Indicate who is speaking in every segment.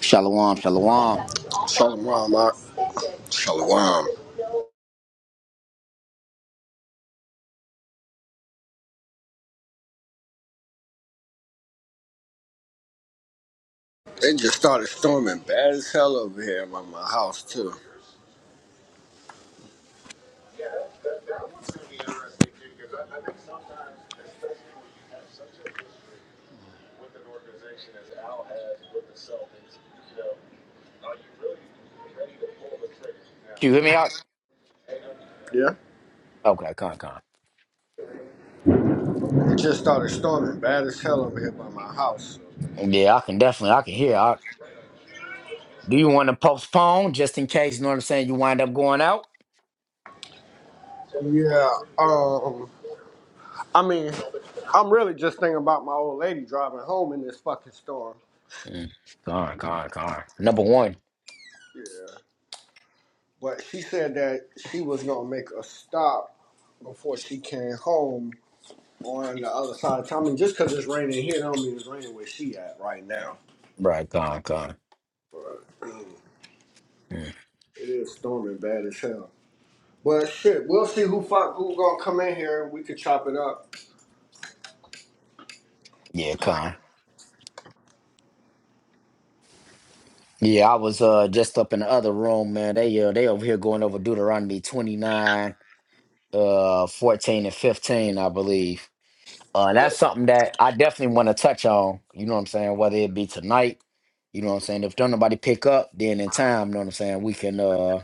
Speaker 1: Shalom, shalom.
Speaker 2: Shalom, I, Shalom. It just started storming bad as hell over here by my house too.
Speaker 1: Can you hear me out?
Speaker 2: Yeah.
Speaker 1: Okay, con, con.
Speaker 2: It just started storming bad as hell over here by my house.
Speaker 1: Yeah, I can definitely, I can hear. I, do you want to postpone just in case, you know what I'm saying, you wind up going out?
Speaker 2: Yeah. Um. I mean, I'm really just thinking about my old lady driving home in this fucking storm.
Speaker 1: Mm. Con, con, con. Number one.
Speaker 2: Yeah. But she said that she was gonna make a stop before she came home on the other side of town. I mean, just 'cause it's raining here don't mean it's raining where she at right now.
Speaker 1: Right, con, con.
Speaker 2: But
Speaker 1: Mm.
Speaker 2: it is storming bad as hell. Well, shit, we'll see who fuck who gonna come in here and we could chop it up.
Speaker 1: Yeah, con. Yeah, I was uh just up in the other room, man. They uh they over here going over Deuteronomy 29, uh 14 and 15, I believe. Uh, and
Speaker 2: Oh,
Speaker 1: that's something that I definitely want to touch on. You know what I'm saying? Whether it be tonight, you know what I'm saying. If don't nobody pick up, then in time, you know what I'm saying. We can, uh,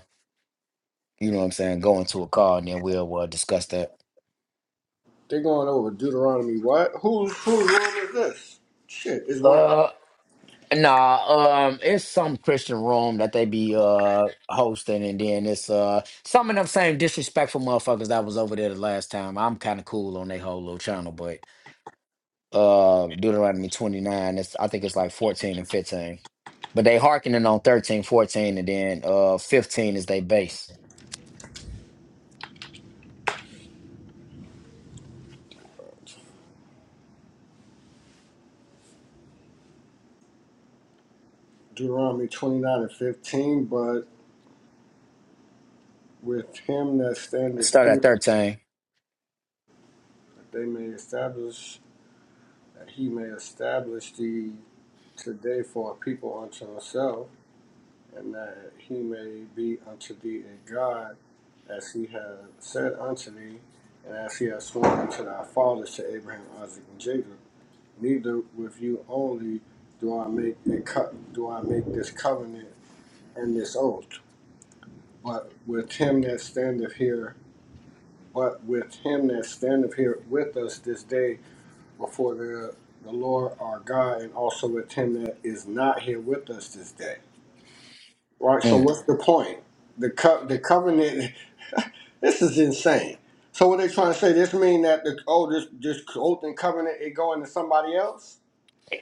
Speaker 1: you know what I'm saying, go into a call and then we'll uh, discuss that.
Speaker 2: they are going over Deuteronomy what? Who's whose room is this? Shit, it's one of
Speaker 1: Uh, nah. Um, it's some Christian room that they be uh hosting, and then it's uh some of them same disrespectful motherfuckers that was over there the last time. I'm kind of cool on their whole little channel, but uh Deuteronomy 29. It's I think it's like 14 and 15. But they hearkening on 13, 14, and then uh 15 is they base.
Speaker 2: Deuteronomy twenty nine and fifteen. But with him that standeth
Speaker 1: Start at
Speaker 2: here,
Speaker 1: 13.
Speaker 2: they may establish that he may establish thee today for a people unto himself, and that he may be unto thee a God, as he hath said unto thee, and as he hath sworn unto thy fathers to Abraham, Isaac, and Jacob. neither with you only do I make a co- do I make this covenant and this oath, but with him that standeth here, but with him that standeth here with us this day before the the Lord our God, and also with him that is not here with us this day. Right. So
Speaker 1: Mm.
Speaker 2: what's the point? The co- the covenant. this is insane. So what they trying to say? This mean that the oh this this oath and covenant it going to somebody else?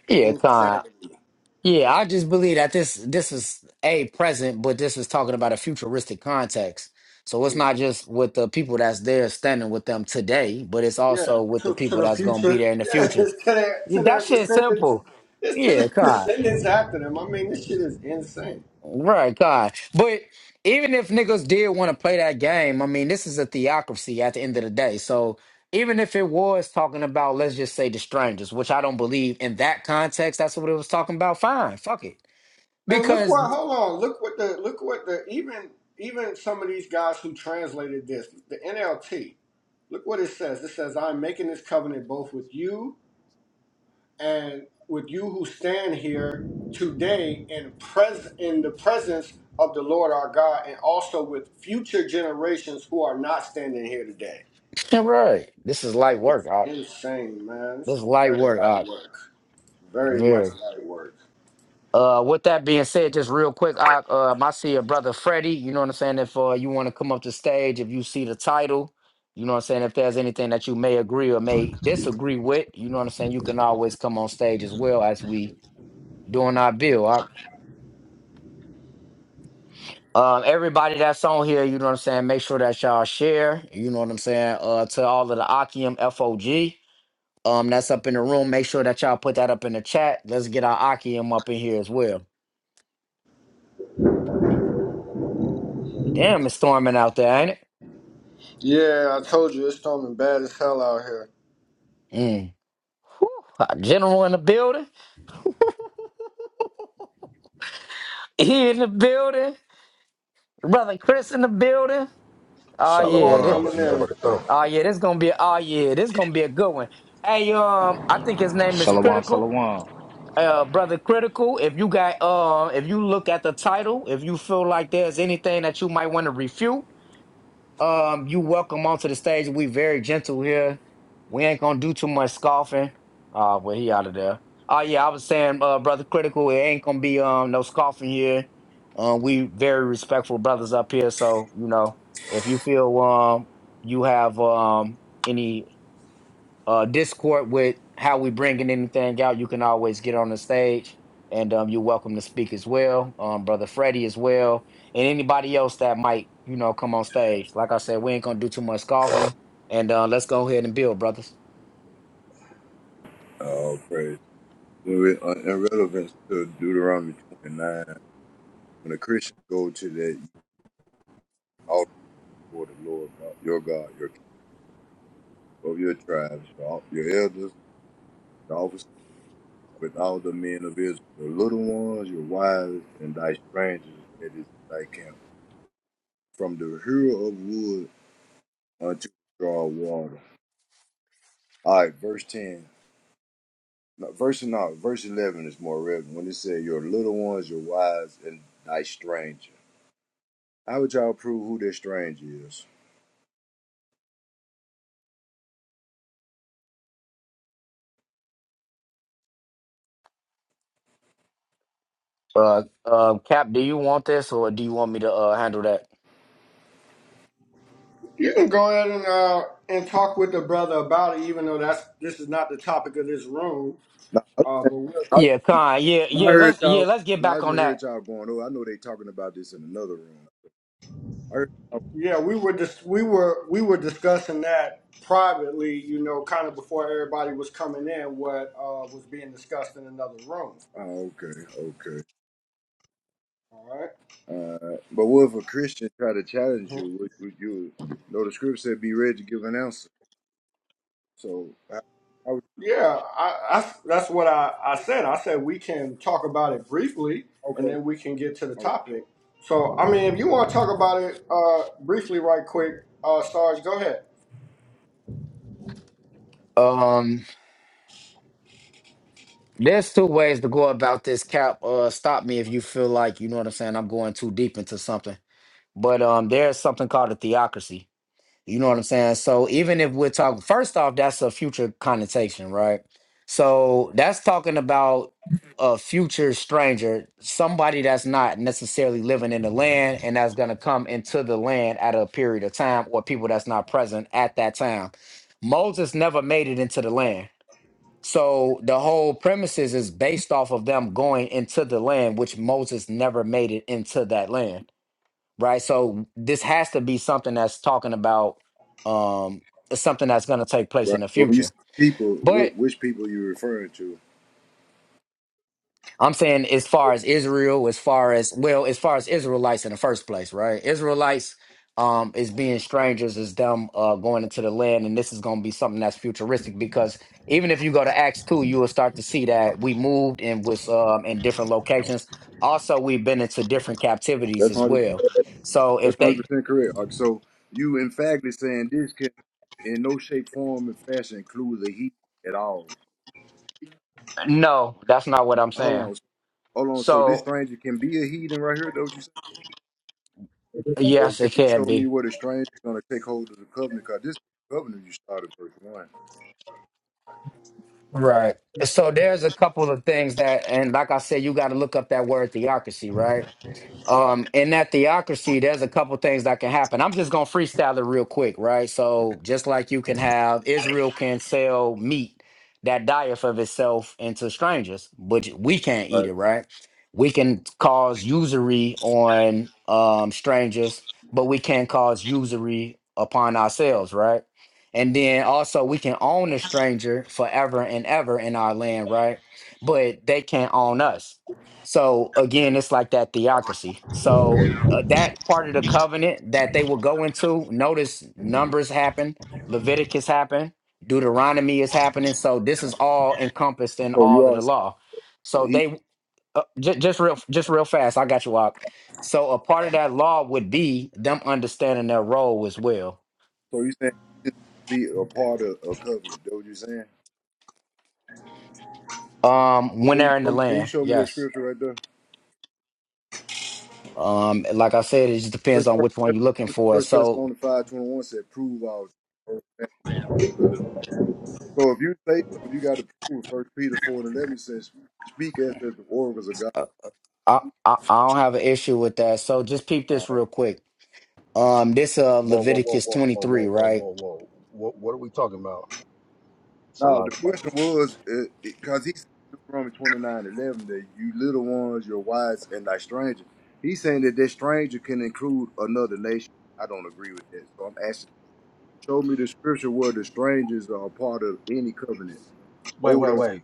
Speaker 1: Yeah, con.
Speaker 2: Insanity.
Speaker 1: Yeah, I just believe that this this is a present, but this is talking about a futuristic context. So it's not just with the people that's there standing with them today, but it's
Speaker 2: Yeah,
Speaker 1: also with the
Speaker 2: to, to
Speaker 1: people
Speaker 2: the
Speaker 1: that's gonna be
Speaker 2: future.
Speaker 1: there in the
Speaker 2: Yeah,
Speaker 1: future.
Speaker 2: it's to their
Speaker 1: Yeah,
Speaker 2: to
Speaker 1: That
Speaker 2: their
Speaker 1: shit's
Speaker 2: descendants.
Speaker 1: simple.
Speaker 2: It's to their
Speaker 1: Yeah, con.
Speaker 2: descendants after them. I mean, this shit is insane.
Speaker 1: Right, God. But even if niggas did want to play that game, I mean, this is a theocracy at the end of the day. So even if it was talking about, let's just say, the strangers, which I don't believe in that context, that's what it was talking about. Fine, fuck it.
Speaker 2: And look
Speaker 1: Because,
Speaker 2: what hold on, look what the look what the even even some of these guys who translated this, the NLT, look what it says. It says, I'm making this covenant both with you and with you who stand here today in pres in the presence of the Lord our God and also with future generations who are not standing here today.
Speaker 1: right, this is light work. Doc.
Speaker 2: Insane, man. This
Speaker 1: This is
Speaker 2: is
Speaker 1: light
Speaker 2: very
Speaker 1: work.
Speaker 2: light
Speaker 1: Doc.
Speaker 2: work. Very much
Speaker 1: Very.
Speaker 2: light work.
Speaker 1: Uh, with that being said, just real quick, I, um, I see your brother Freddie. You know what I'm saying? If uh, you want to come up to stage, if you see the title, you know what I'm saying? If there's anything that you may agree or may disagree with, you know what I'm saying? You can always come on stage as well as we doing our bill. I, um, everybody that's on here, you know what I'm saying? Make sure that y'all share, you know what I'm saying? Uh, to all of the Akium FOG um, that's up in the room, make sure that y'all put that up in the chat. Let's get our Akium up in here as well. Damn, it's storming out there, ain't it?
Speaker 2: Yeah, I told you it's storming bad as hell out here.
Speaker 1: Mm. Whew, our general in the building. He in the building. Brother Chris in the building. Oh
Speaker 2: You
Speaker 3: Shalom.
Speaker 2: all
Speaker 1: yeah, this,
Speaker 2: coming in.
Speaker 3: Barakatuh.
Speaker 1: oh yeah, this gonna be oh yeah, this gonna be a good one. Hey, um, I think his name is
Speaker 4: Shalom,
Speaker 1: Critical.
Speaker 4: shalom.
Speaker 1: Uh, brother Critical. If you got um, if you look at the title, if you feel like there's anything that you might want to refute, Um, you welcome onto the stage. We very gentle here. We ain't gonna do too much scoffing. Uh, well, he out of there. Oh yeah, I was saying, uh, brother, critical. It ain't gonna be um no scoffing here. Um, we very respectful brothers up here. So you know, if you feel um you have um any uh, discord with how we bringing anything out, you can always get on the stage, and um, you're welcome to speak as well, um, brother Freddie as well, and anybody else that might you know come on stage. Like I said, we ain't gonna do too much coughing, and uh, let's go ahead and build, brothers.
Speaker 5: Oh praise. When we, uh, in relevance to Deuteronomy 29, when the Christians go to that altar for the Lord God, your God, your king of your tribes, your, al- your elders, your officers, with all the men of Israel, your little ones, your wives, and thy strangers that is thy camp, from the hero of wood unto the draw of water. All right, verse 10. No, verse no, verse 11 is more relevant when it says, Your little ones, your wives, and thy stranger. How would y'all prove who their stranger is?
Speaker 1: Uh, uh, Cap, do you want this or do you want me to uh, handle that?
Speaker 2: You can go ahead and uh, and talk with the brother about it, even though that's this is not the topic of this room.
Speaker 5: Nah,
Speaker 2: Uh, but we're,
Speaker 5: I,
Speaker 1: Yeah, Con. Yeah,
Speaker 5: nah, I
Speaker 1: yeah.
Speaker 5: heard
Speaker 1: Let's yeah,
Speaker 5: y'all.
Speaker 1: let's get
Speaker 5: Nah, I
Speaker 1: back on
Speaker 5: just heard
Speaker 1: that.
Speaker 5: y'all going. Oh, I know they talking about this in another room. I heard, oh,
Speaker 2: yeah, we were just we were we were discussing that privately, you know, kind of before everybody was coming in, what uh, was being discussed in another room.
Speaker 5: oh, okay, okay.
Speaker 2: All right.
Speaker 5: Uh, but what if a Christian try to challenge you? Would, would you know the script said be ready to give an answer? So, I, I was
Speaker 2: Yeah, I, I- that's what I, I said. I said we can talk about it briefly, and
Speaker 5: okay.
Speaker 2: then we can get to the
Speaker 5: All right.
Speaker 2: topic. So, I mean, if you want to talk about it uh, briefly, right quick, uh, Sarge, go ahead.
Speaker 1: Um, there's two ways to go about this. Cap, uh, stop me if you feel like you know what I'm saying. I'm going too deep into something but um there's something called a theocracy you know what i'm saying so even if we're talking first off that's a future connotation right so that's talking about a future stranger somebody that's not necessarily living in the land and that's going to come into the land at a period of time or people that's not present at that time moses never made it into the land so the whole premises is based off of them going into the land which moses never made it into that land right? So this has to be something that's talking about um something that's going to take place
Speaker 5: right.
Speaker 1: in the
Speaker 5: Well, when you
Speaker 1: future.
Speaker 5: say people,
Speaker 1: But
Speaker 5: wh- which people you referring to?
Speaker 1: I'm saying as far as Israel, as far as well, as far as Israelites in the first place, right? Israelites um is being strangers is them uh going into the land and this is going to be something that's futuristic because even if you go to Acts 2, you will start to see that we moved and was um in different locations. Also, we've been into different captivities
Speaker 5: That's
Speaker 1: as
Speaker 5: hundred.
Speaker 1: well. So
Speaker 5: That's
Speaker 1: if they
Speaker 5: hundred percent correct. All right, So you emphatically saying this can in no shape, form, and fashion include the heat at all.
Speaker 1: no, that's not what I'm
Speaker 5: Hold
Speaker 1: saying.
Speaker 5: on. Hold on. So this
Speaker 1: So
Speaker 5: stranger can be a heathen right here, don't you say?
Speaker 1: yes,
Speaker 5: Can
Speaker 1: it
Speaker 5: you show
Speaker 1: can
Speaker 5: me
Speaker 1: be.
Speaker 5: where the stranger gonna take hold of the covenant? Cause this is the covenant you started verse one,
Speaker 1: Right. So there's a couple of things that, and like I said, you got to look up that word theocracy, right? Um, in that theocracy, there's a couple things that can happen. I'm just gonna freestyle it real quick, right? So just like you can have Israel can sell meat that dieth of itself into strangers, but we can't eat
Speaker 5: right?
Speaker 1: it, right? We can cause usury on um strangers, but we can't cause usury upon ourselves, right? And then also we can own a stranger forever and ever in our land, right? But they can't own us. So again, it's like that theocracy. So uh, that part of the covenant that they will go into, notice Numbers happen, Leviticus happen, Deuteronomy is happening. So this is all encompassed in
Speaker 5: So you
Speaker 1: all of
Speaker 5: are
Speaker 1: the law.
Speaker 5: so
Speaker 1: So
Speaker 5: he
Speaker 1: they uh, j- just real just real fast. I got you up. So a part of that law would be them understanding their role as well.
Speaker 5: so you saying he just be a part of a covenant? don't you saying?
Speaker 1: Um, when
Speaker 5: Can you,
Speaker 1: they're in the
Speaker 5: show- can you
Speaker 1: land,
Speaker 5: show me that
Speaker 1: yes.
Speaker 5: scripture right there?
Speaker 1: Um, like I said, it just depends
Speaker 5: First,
Speaker 1: on
Speaker 5: first,
Speaker 1: which one you're looking
Speaker 5: Thess-
Speaker 1: for.
Speaker 5: first
Speaker 1: So
Speaker 5: Thessalonians five twenty one said, "Prove all things that's good." So if you say something, you got to prove. it. First Peter four and eleven says, "Speak as if the oracles of
Speaker 1: uh, I, I I don't have an issue with that. So just peep
Speaker 5: God."
Speaker 1: this real quick. Um, this uh
Speaker 3: Whoa, whoa, whoa,
Speaker 1: Leviticus
Speaker 3: whoa,
Speaker 1: twenty
Speaker 3: whoa, whoa,
Speaker 1: three,
Speaker 3: whoa,
Speaker 1: right?
Speaker 3: whoa, whoa. What, what are we talking about?
Speaker 5: No, the
Speaker 3: Salaki.
Speaker 5: question was because he said in Deuteronomy twenty nine eleven that you little ones, your wives, and thy stranger. He's saying that that stranger can include another nation. I don't agree with that. So I'm asking, show me the scripture where the strangers are a part of any covenant.
Speaker 3: Wait, wait,
Speaker 5: Older.
Speaker 3: wait.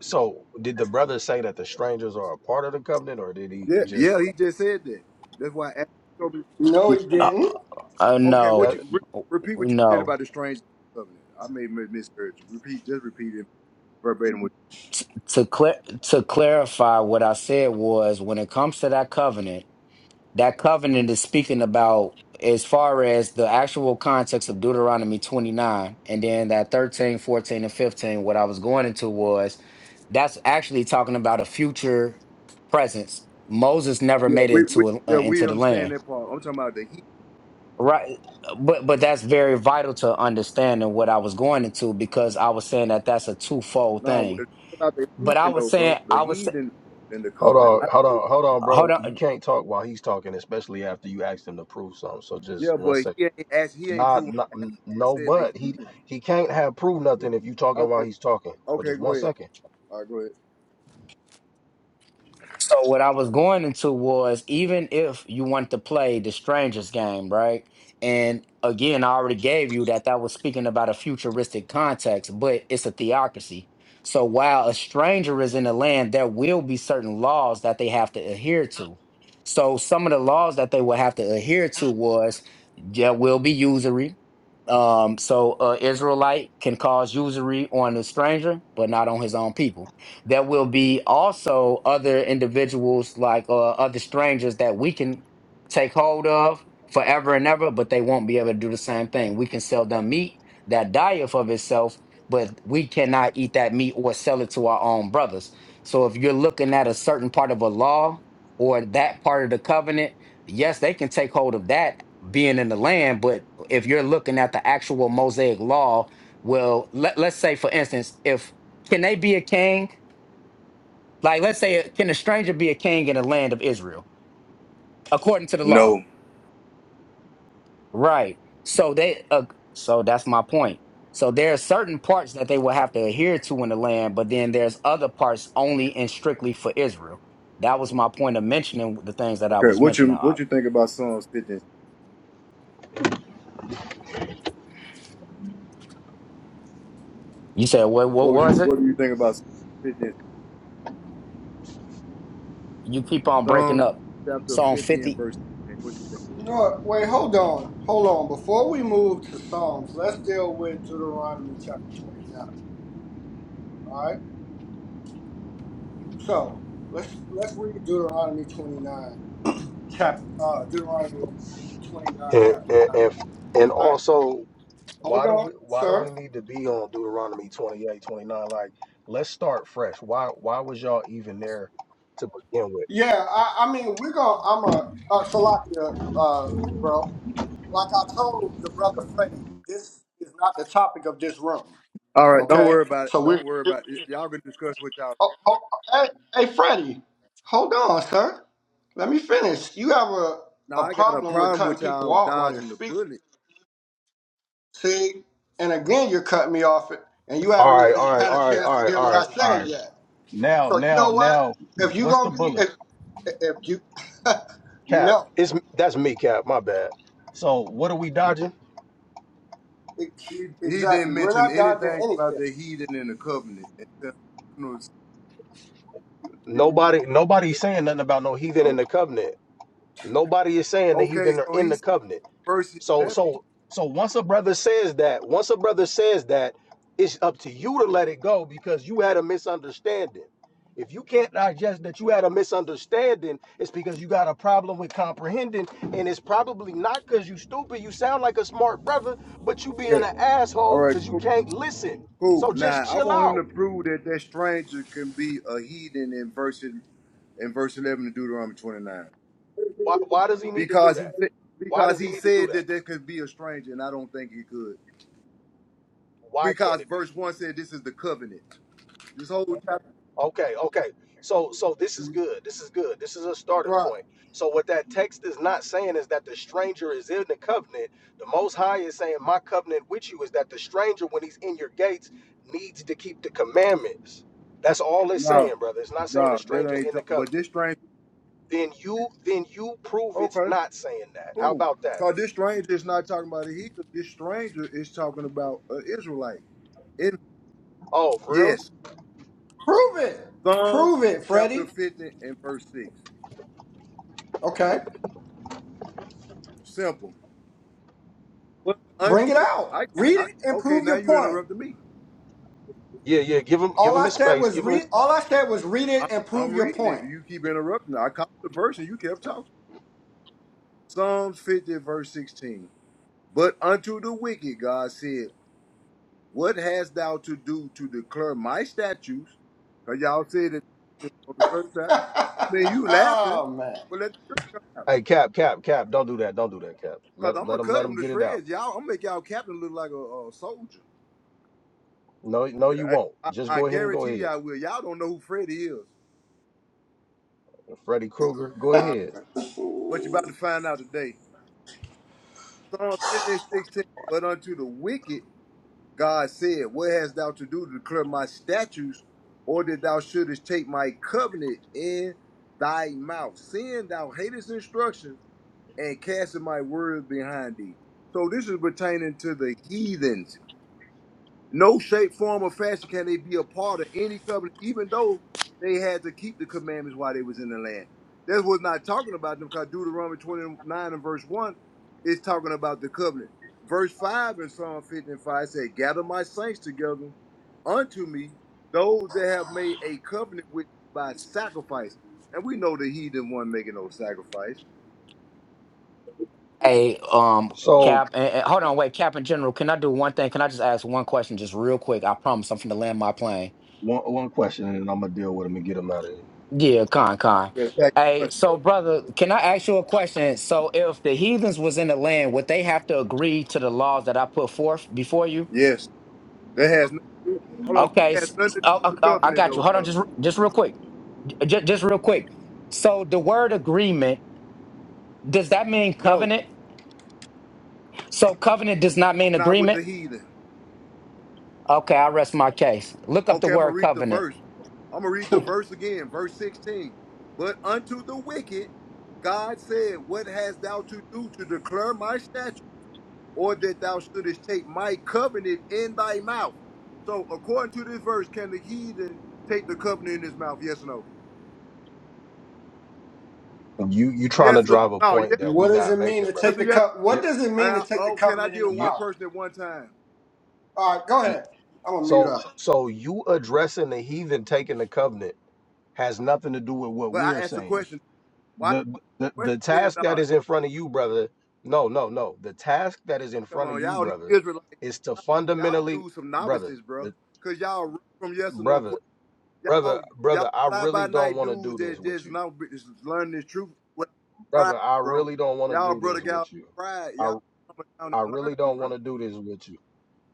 Speaker 3: So, did the brother say that the strangers are a part of the covenant, or did he
Speaker 5: Yeah,
Speaker 3: just
Speaker 5: yeah, he just said that. That's why I asked, show me.
Speaker 2: No, he
Speaker 1: Uh,
Speaker 2: didn't.
Speaker 1: uh
Speaker 5: Okay, what
Speaker 1: no,
Speaker 3: that?
Speaker 5: you re- repeat what you said
Speaker 1: no.
Speaker 5: about the strangers covenant. I may have misheard you. Repeat, just repeat it verbatim. What,
Speaker 1: T- to clear to clarify, what I said was when it comes to that covenant, that covenant is speaking about as far as the actual context of Deuteronomy twenty nine, and then that 13, 14, and fifteen. What I was going into was that's actually talking about a future presence. Moses never
Speaker 5: yeah,
Speaker 1: made
Speaker 5: we,
Speaker 1: it
Speaker 5: we
Speaker 1: to uh,
Speaker 5: yeah we
Speaker 1: into the land
Speaker 5: understand that part. I'm talking about the
Speaker 1: Right. But but that's very vital to understanding what I was going into because I was saying that that's a twofold
Speaker 5: Nah, if you
Speaker 1: thing.
Speaker 5: talk about the
Speaker 1: But I
Speaker 5: heathen
Speaker 1: was
Speaker 5: though,
Speaker 1: saying
Speaker 5: bro. The
Speaker 1: I was sa-
Speaker 5: heathen in the
Speaker 3: Hold
Speaker 5: covenant.
Speaker 3: on,
Speaker 5: I,
Speaker 3: hold on, hold on,
Speaker 1: hold
Speaker 3: bro. You
Speaker 1: on.
Speaker 3: can't talk while he's talking, especially after you asked him to prove something. So,
Speaker 5: yeah,
Speaker 3: just one
Speaker 5: but
Speaker 3: second.
Speaker 5: he ain't asked, he ain't
Speaker 3: Nah,
Speaker 5: proven.
Speaker 3: nah, n-
Speaker 5: I
Speaker 3: no,
Speaker 5: said the
Speaker 3: but he
Speaker 5: heathen.
Speaker 3: he can't have proved nothing if you talking while
Speaker 5: Okay,
Speaker 3: he's talking. So,
Speaker 5: okay,
Speaker 3: just
Speaker 5: go
Speaker 3: one
Speaker 5: ahead.
Speaker 3: second.
Speaker 5: All right, go ahead.
Speaker 1: So what I was going into was even if you want to play the strangers game, right? And again, I already gave you that that was speaking about a futuristic context, but it's a theocracy. So while a stranger is in the land, there will be certain laws that they have to adhere to. So some of the laws that they will have to adhere to was there will be usury. Um, so uh, Israelite can cause usury on the stranger, but not on his own people there will be also other individuals, like uh, other strangers, that we can take hold of forever and ever, but they won't be able to do the same thing. We can sell them meat that dieth of itself, but we cannot eat that meat or sell it to our own brothers. So if you're looking at a certain part of a law or that part of the covenant, yes, they can take hold of that being in the land, but if you're looking at the actual Mosaic law, well, let, let's say for instance, if can they be a king? Like, let's say, can a stranger be a king in the land of Israel according to the law?
Speaker 5: No.
Speaker 1: Right. So they, uh, so that's my point. So there are certain parts that they will have to adhere to in the land, but then there's other parts only and strictly for Israel. That was my point of mentioning the things that I
Speaker 5: Okay,
Speaker 1: was
Speaker 5: what
Speaker 1: mentioning.
Speaker 5: you what
Speaker 1: Op.
Speaker 5: you think about Psalms 15?
Speaker 1: You said what? What
Speaker 5: What was you
Speaker 1: was it?
Speaker 5: what do you think about Psalms 15?
Speaker 1: You keep on breaking
Speaker 5: Psalms
Speaker 1: up.
Speaker 5: chapter
Speaker 1: Psalm
Speaker 5: 50 and
Speaker 1: fifty.
Speaker 5: verse 15. What you think?
Speaker 2: No, wait, hold on, hold on. Before we move to Psalms, let's deal with Deuteronomy chapter twenty-nine. All right. So let's let's read Deuteronomy twenty-nine, chap, uh, Deuteronomy twenty-nine,
Speaker 3: And
Speaker 2: chapter
Speaker 3: and
Speaker 2: nine.
Speaker 3: and, and
Speaker 2: All right.
Speaker 3: also
Speaker 2: Hold
Speaker 3: why do
Speaker 2: on,
Speaker 3: we why do
Speaker 2: sir.
Speaker 3: we need to be on Deuteronomy 28, 29? Like, let's start fresh. Why why was y'all even there to begin with?
Speaker 2: Yeah, I, I mean, we're going to, I'm a, uh, Salakia, uh, bro. Like I told the brother Freddie, this is not the topic of this room,
Speaker 5: All right, don't
Speaker 2: okay?
Speaker 5: worry about it.
Speaker 2: So
Speaker 5: Don't
Speaker 2: we're,
Speaker 5: worry about it. Y'all can discuss what y'all
Speaker 2: oh,
Speaker 5: about.
Speaker 2: oh, hey, hey, Freddie, hold on, sir. Let me finish. You have a,
Speaker 5: Now
Speaker 2: a
Speaker 5: I got a
Speaker 2: problem with
Speaker 5: problem
Speaker 2: cutting
Speaker 5: with
Speaker 2: people
Speaker 5: y'all
Speaker 2: off while they're
Speaker 5: dodging the
Speaker 2: speaking.
Speaker 5: bullet.
Speaker 2: See? And again, you're cutting me off, and you
Speaker 3: All
Speaker 2: haven't
Speaker 3: right, all
Speaker 2: even
Speaker 3: right,
Speaker 2: had a
Speaker 3: all right,
Speaker 2: chance
Speaker 3: all
Speaker 2: to
Speaker 3: right,
Speaker 2: hear
Speaker 3: all
Speaker 2: what I
Speaker 3: right, all
Speaker 2: said
Speaker 3: right.
Speaker 2: yet.
Speaker 3: Now,
Speaker 2: So you
Speaker 3: now,
Speaker 2: know what?
Speaker 3: now,
Speaker 2: If you're
Speaker 3: what's the
Speaker 2: going to be,
Speaker 3: bullet?
Speaker 2: if, if you,
Speaker 3: Cap.
Speaker 2: no.
Speaker 3: It's that's me, Cap, my bad. So what are we dodging?
Speaker 2: Ex-
Speaker 5: He, he didn't
Speaker 2: Exactly. We're
Speaker 5: mention
Speaker 2: not dodging
Speaker 5: anything about
Speaker 2: anything.
Speaker 5: the heathen in the covenant. Except,
Speaker 3: Nobody nobody's saying nothing about no heathen in the covenant. Nobody is saying the
Speaker 5: Okay,
Speaker 3: heathen are
Speaker 5: so
Speaker 3: in
Speaker 5: he
Speaker 3: the
Speaker 5: said
Speaker 3: covenant.
Speaker 5: verse
Speaker 3: So
Speaker 5: 11.
Speaker 3: so so once a brother says that, once a brother says that, it's up to you to let it go because you had a misunderstanding. If you can't digest that you had a misunderstanding, it's because you got a problem with comprehending, and it's probably not because you stupid. You sound like a smart brother, but you being
Speaker 5: Okay.
Speaker 3: an
Speaker 5: All
Speaker 3: asshole
Speaker 5: right.
Speaker 3: because you
Speaker 5: Cool.
Speaker 3: can't listen.
Speaker 5: Cool.
Speaker 3: So just
Speaker 5: Now I
Speaker 3: chill
Speaker 5: want him to
Speaker 3: out.
Speaker 5: prove that that stranger can be a heathen in verse in verse eleven of Deuteronomy twenty nine
Speaker 3: Why, why does he need to do
Speaker 5: because he
Speaker 3: that?
Speaker 5: said
Speaker 3: Why
Speaker 5: because
Speaker 3: does he
Speaker 5: he
Speaker 3: need to do
Speaker 5: said
Speaker 3: that?
Speaker 5: that there could be a stranger, and I don't think he could
Speaker 3: Why can't
Speaker 5: because
Speaker 3: it be?
Speaker 5: verse one said this is the covenant. This whole chapter.
Speaker 3: Okay, okay. So so this is good. This is good. This is a starting
Speaker 2: Right.
Speaker 3: point. So what that text is not saying is that the stranger is in the covenant. The most high is saying my covenant with you is that the stranger when he's in your gates needs to keep the commandments. That's all it's
Speaker 5: No,
Speaker 3: saying, brother. It's not saying the
Speaker 5: no, that
Speaker 3: stranger's
Speaker 5: ain't.
Speaker 3: in the
Speaker 5: ta- But
Speaker 3: covenant.
Speaker 5: this stranger.
Speaker 3: Then you then you prove it's
Speaker 5: Okay.
Speaker 3: not saying that. How
Speaker 5: Cool.
Speaker 3: about that?
Speaker 5: Because this stranger is not talking about a heathen. This stranger is talking about an Israelite. It,
Speaker 3: Oh, for
Speaker 5: yes.
Speaker 3: real?
Speaker 2: Prove it.
Speaker 5: Psalms
Speaker 2: Prove it,
Speaker 5: chapter
Speaker 2: Freddie.
Speaker 5: 50 and verse 6.
Speaker 2: Okay.
Speaker 5: Simple. But
Speaker 2: Bring
Speaker 5: unto,
Speaker 2: it out.
Speaker 5: I,
Speaker 2: Read
Speaker 5: I
Speaker 2: it and
Speaker 5: okay,
Speaker 2: prove
Speaker 5: now
Speaker 2: your
Speaker 5: you
Speaker 2: point.
Speaker 5: interrupted me.
Speaker 3: Yeah, yeah, give him give
Speaker 2: All
Speaker 3: him
Speaker 2: I
Speaker 3: his
Speaker 2: said
Speaker 3: space.
Speaker 2: was
Speaker 3: Give him his...
Speaker 2: read. All I said was read
Speaker 5: I,
Speaker 2: it and prove
Speaker 5: I'm
Speaker 2: your
Speaker 5: reading it.
Speaker 2: point.
Speaker 5: You keep interrupting. I caught the verse and you kept talking. Psalms 50 verse 16. But unto the wicked, God said, What hast thou to do to declare my statutes? Because y'all said it for the first time. I mean, you laughing,
Speaker 2: oh
Speaker 5: but let the truth come out.
Speaker 3: Hey, Cap, Cap, Cap, don't do that. Don't do that, Cap.
Speaker 5: Because
Speaker 3: Let
Speaker 5: I'm
Speaker 3: let
Speaker 5: going to
Speaker 3: him
Speaker 5: cut
Speaker 3: let him
Speaker 5: them to
Speaker 3: get it out.
Speaker 5: shreds. Y'all, I'm going to make y'all captain look like a, a soldier.
Speaker 3: No, no, you
Speaker 5: I,
Speaker 3: won't.
Speaker 5: I,
Speaker 3: Just
Speaker 5: I
Speaker 3: go ahead and go
Speaker 5: guarantee you
Speaker 3: ahead.
Speaker 5: I will. Y'all don't know who Freddie is.
Speaker 3: Freddy Krueger, go
Speaker 5: Uh,
Speaker 3: ahead.
Speaker 5: but you're about to find out today. Psalm 15:16. But unto the wicked, God said, What hast thou to do to declare my statutes, or that thou shouldest take my covenant in thy mouth? Seeing thou hatest instruction and casting my word behind thee. So this is pertaining to the heathens. No shape, form, or fashion can they be a part of any covenant, even though they had to keep the commandments while they was in the land. That's what's not talking about them because Deuteronomy 29 and verse 1 is talking about the covenant. Verse 5 in Psalm 55 said, Gather my saints together unto me, those that have made a covenant with me by sacrifice. And we know the heathen one making no sacrifice.
Speaker 1: Hey, um,
Speaker 3: So
Speaker 1: Cap, and, and- hold on, wait, Cap in general. Can I do one thing? Can I just ask one question, just real quick? I promise I'm finna land my plane.
Speaker 3: one one question, and then I'm gonna deal with him and get him out of here.
Speaker 1: Yeah, con con.
Speaker 5: Matter of fact,
Speaker 1: Hey, so brother, can I ask you a question? So if the heathens was in the land, would they have to agree to the laws that I put forth before you?
Speaker 5: Yes, that has nothing to do. Hold on,
Speaker 1: Okay,
Speaker 5: that has
Speaker 1: s-
Speaker 5: nothing
Speaker 1: s-
Speaker 5: to do
Speaker 1: oh,
Speaker 5: with
Speaker 1: oh,
Speaker 5: the
Speaker 1: oh, I
Speaker 5: covenant
Speaker 1: got you.
Speaker 5: though,
Speaker 1: Hold on,
Speaker 5: brother.
Speaker 1: just re- just real quick, just, just real quick. So the word agreement does that mean
Speaker 5: No.
Speaker 1: covenant? So covenant does not mean
Speaker 5: not with
Speaker 1: agreement.
Speaker 5: the heathen.
Speaker 1: Okay, I rest my case. Look up the
Speaker 5: Okay, I'm gonna
Speaker 1: word
Speaker 5: read the
Speaker 1: covenant.
Speaker 5: verse. I'm gonna read the
Speaker 2: man.
Speaker 5: verse again, verse 16. But unto the wicked, God said, What hast thou to do to declare my statute, or that thou shouldest take my covenant in thy mouth? So, according to this verse, can the heathen take the covenant in his mouth? Yes or no?
Speaker 3: You you trying to
Speaker 5: Yes or
Speaker 3: drive a
Speaker 5: no?
Speaker 3: point
Speaker 5: Yes.
Speaker 3: that we
Speaker 2: what does
Speaker 3: not
Speaker 2: it mean
Speaker 3: making,
Speaker 2: to
Speaker 3: brother?
Speaker 5: That's
Speaker 2: take
Speaker 5: a
Speaker 2: the
Speaker 5: yes.
Speaker 2: cup? What
Speaker 3: You
Speaker 2: does it mean to
Speaker 5: I,
Speaker 2: take the
Speaker 5: oh, can I
Speaker 2: covenant in
Speaker 5: deal
Speaker 2: the
Speaker 5: with
Speaker 3: you,
Speaker 5: one
Speaker 2: mouth?
Speaker 5: person at one time?
Speaker 2: All right, go
Speaker 3: you
Speaker 2: ahead. I'm gonna mute
Speaker 3: so
Speaker 2: up.
Speaker 3: so you addressing the heathen taking the covenant has nothing to do with what
Speaker 5: But I
Speaker 3: we're
Speaker 5: asked a
Speaker 3: saying.
Speaker 5: question. Why?
Speaker 3: The
Speaker 5: Why is
Speaker 3: the
Speaker 5: the question
Speaker 3: the
Speaker 5: being
Speaker 3: task that
Speaker 5: dodged?
Speaker 3: is in front of you, brother. No, no, no. The task that is in
Speaker 5: Come
Speaker 3: front of
Speaker 5: on,
Speaker 3: you,
Speaker 5: y'all new
Speaker 3: brother,
Speaker 5: Israelites.
Speaker 3: is to
Speaker 5: Y'all
Speaker 3: fundamentally,
Speaker 5: do some
Speaker 3: brother,
Speaker 5: novices, bro.
Speaker 3: the,
Speaker 5: Cause y'all run from yes or no
Speaker 3: brother.
Speaker 5: questions. Y'all
Speaker 3: brother,
Speaker 5: y'all
Speaker 3: brother, I
Speaker 5: fly by
Speaker 3: really don't
Speaker 5: night
Speaker 3: want to
Speaker 5: dudes
Speaker 3: do this
Speaker 5: that
Speaker 3: with
Speaker 5: just
Speaker 3: you,
Speaker 5: now be- just learn this truth with pride,
Speaker 3: brother. I
Speaker 5: bro.
Speaker 3: really don't want to
Speaker 5: Y'all
Speaker 3: do
Speaker 5: brother
Speaker 3: this
Speaker 5: got
Speaker 3: with you.
Speaker 5: pride. Y'all
Speaker 3: I
Speaker 5: humble down
Speaker 3: I
Speaker 5: and
Speaker 3: really
Speaker 5: learn,
Speaker 3: don't
Speaker 5: bro.
Speaker 3: want to do this with you.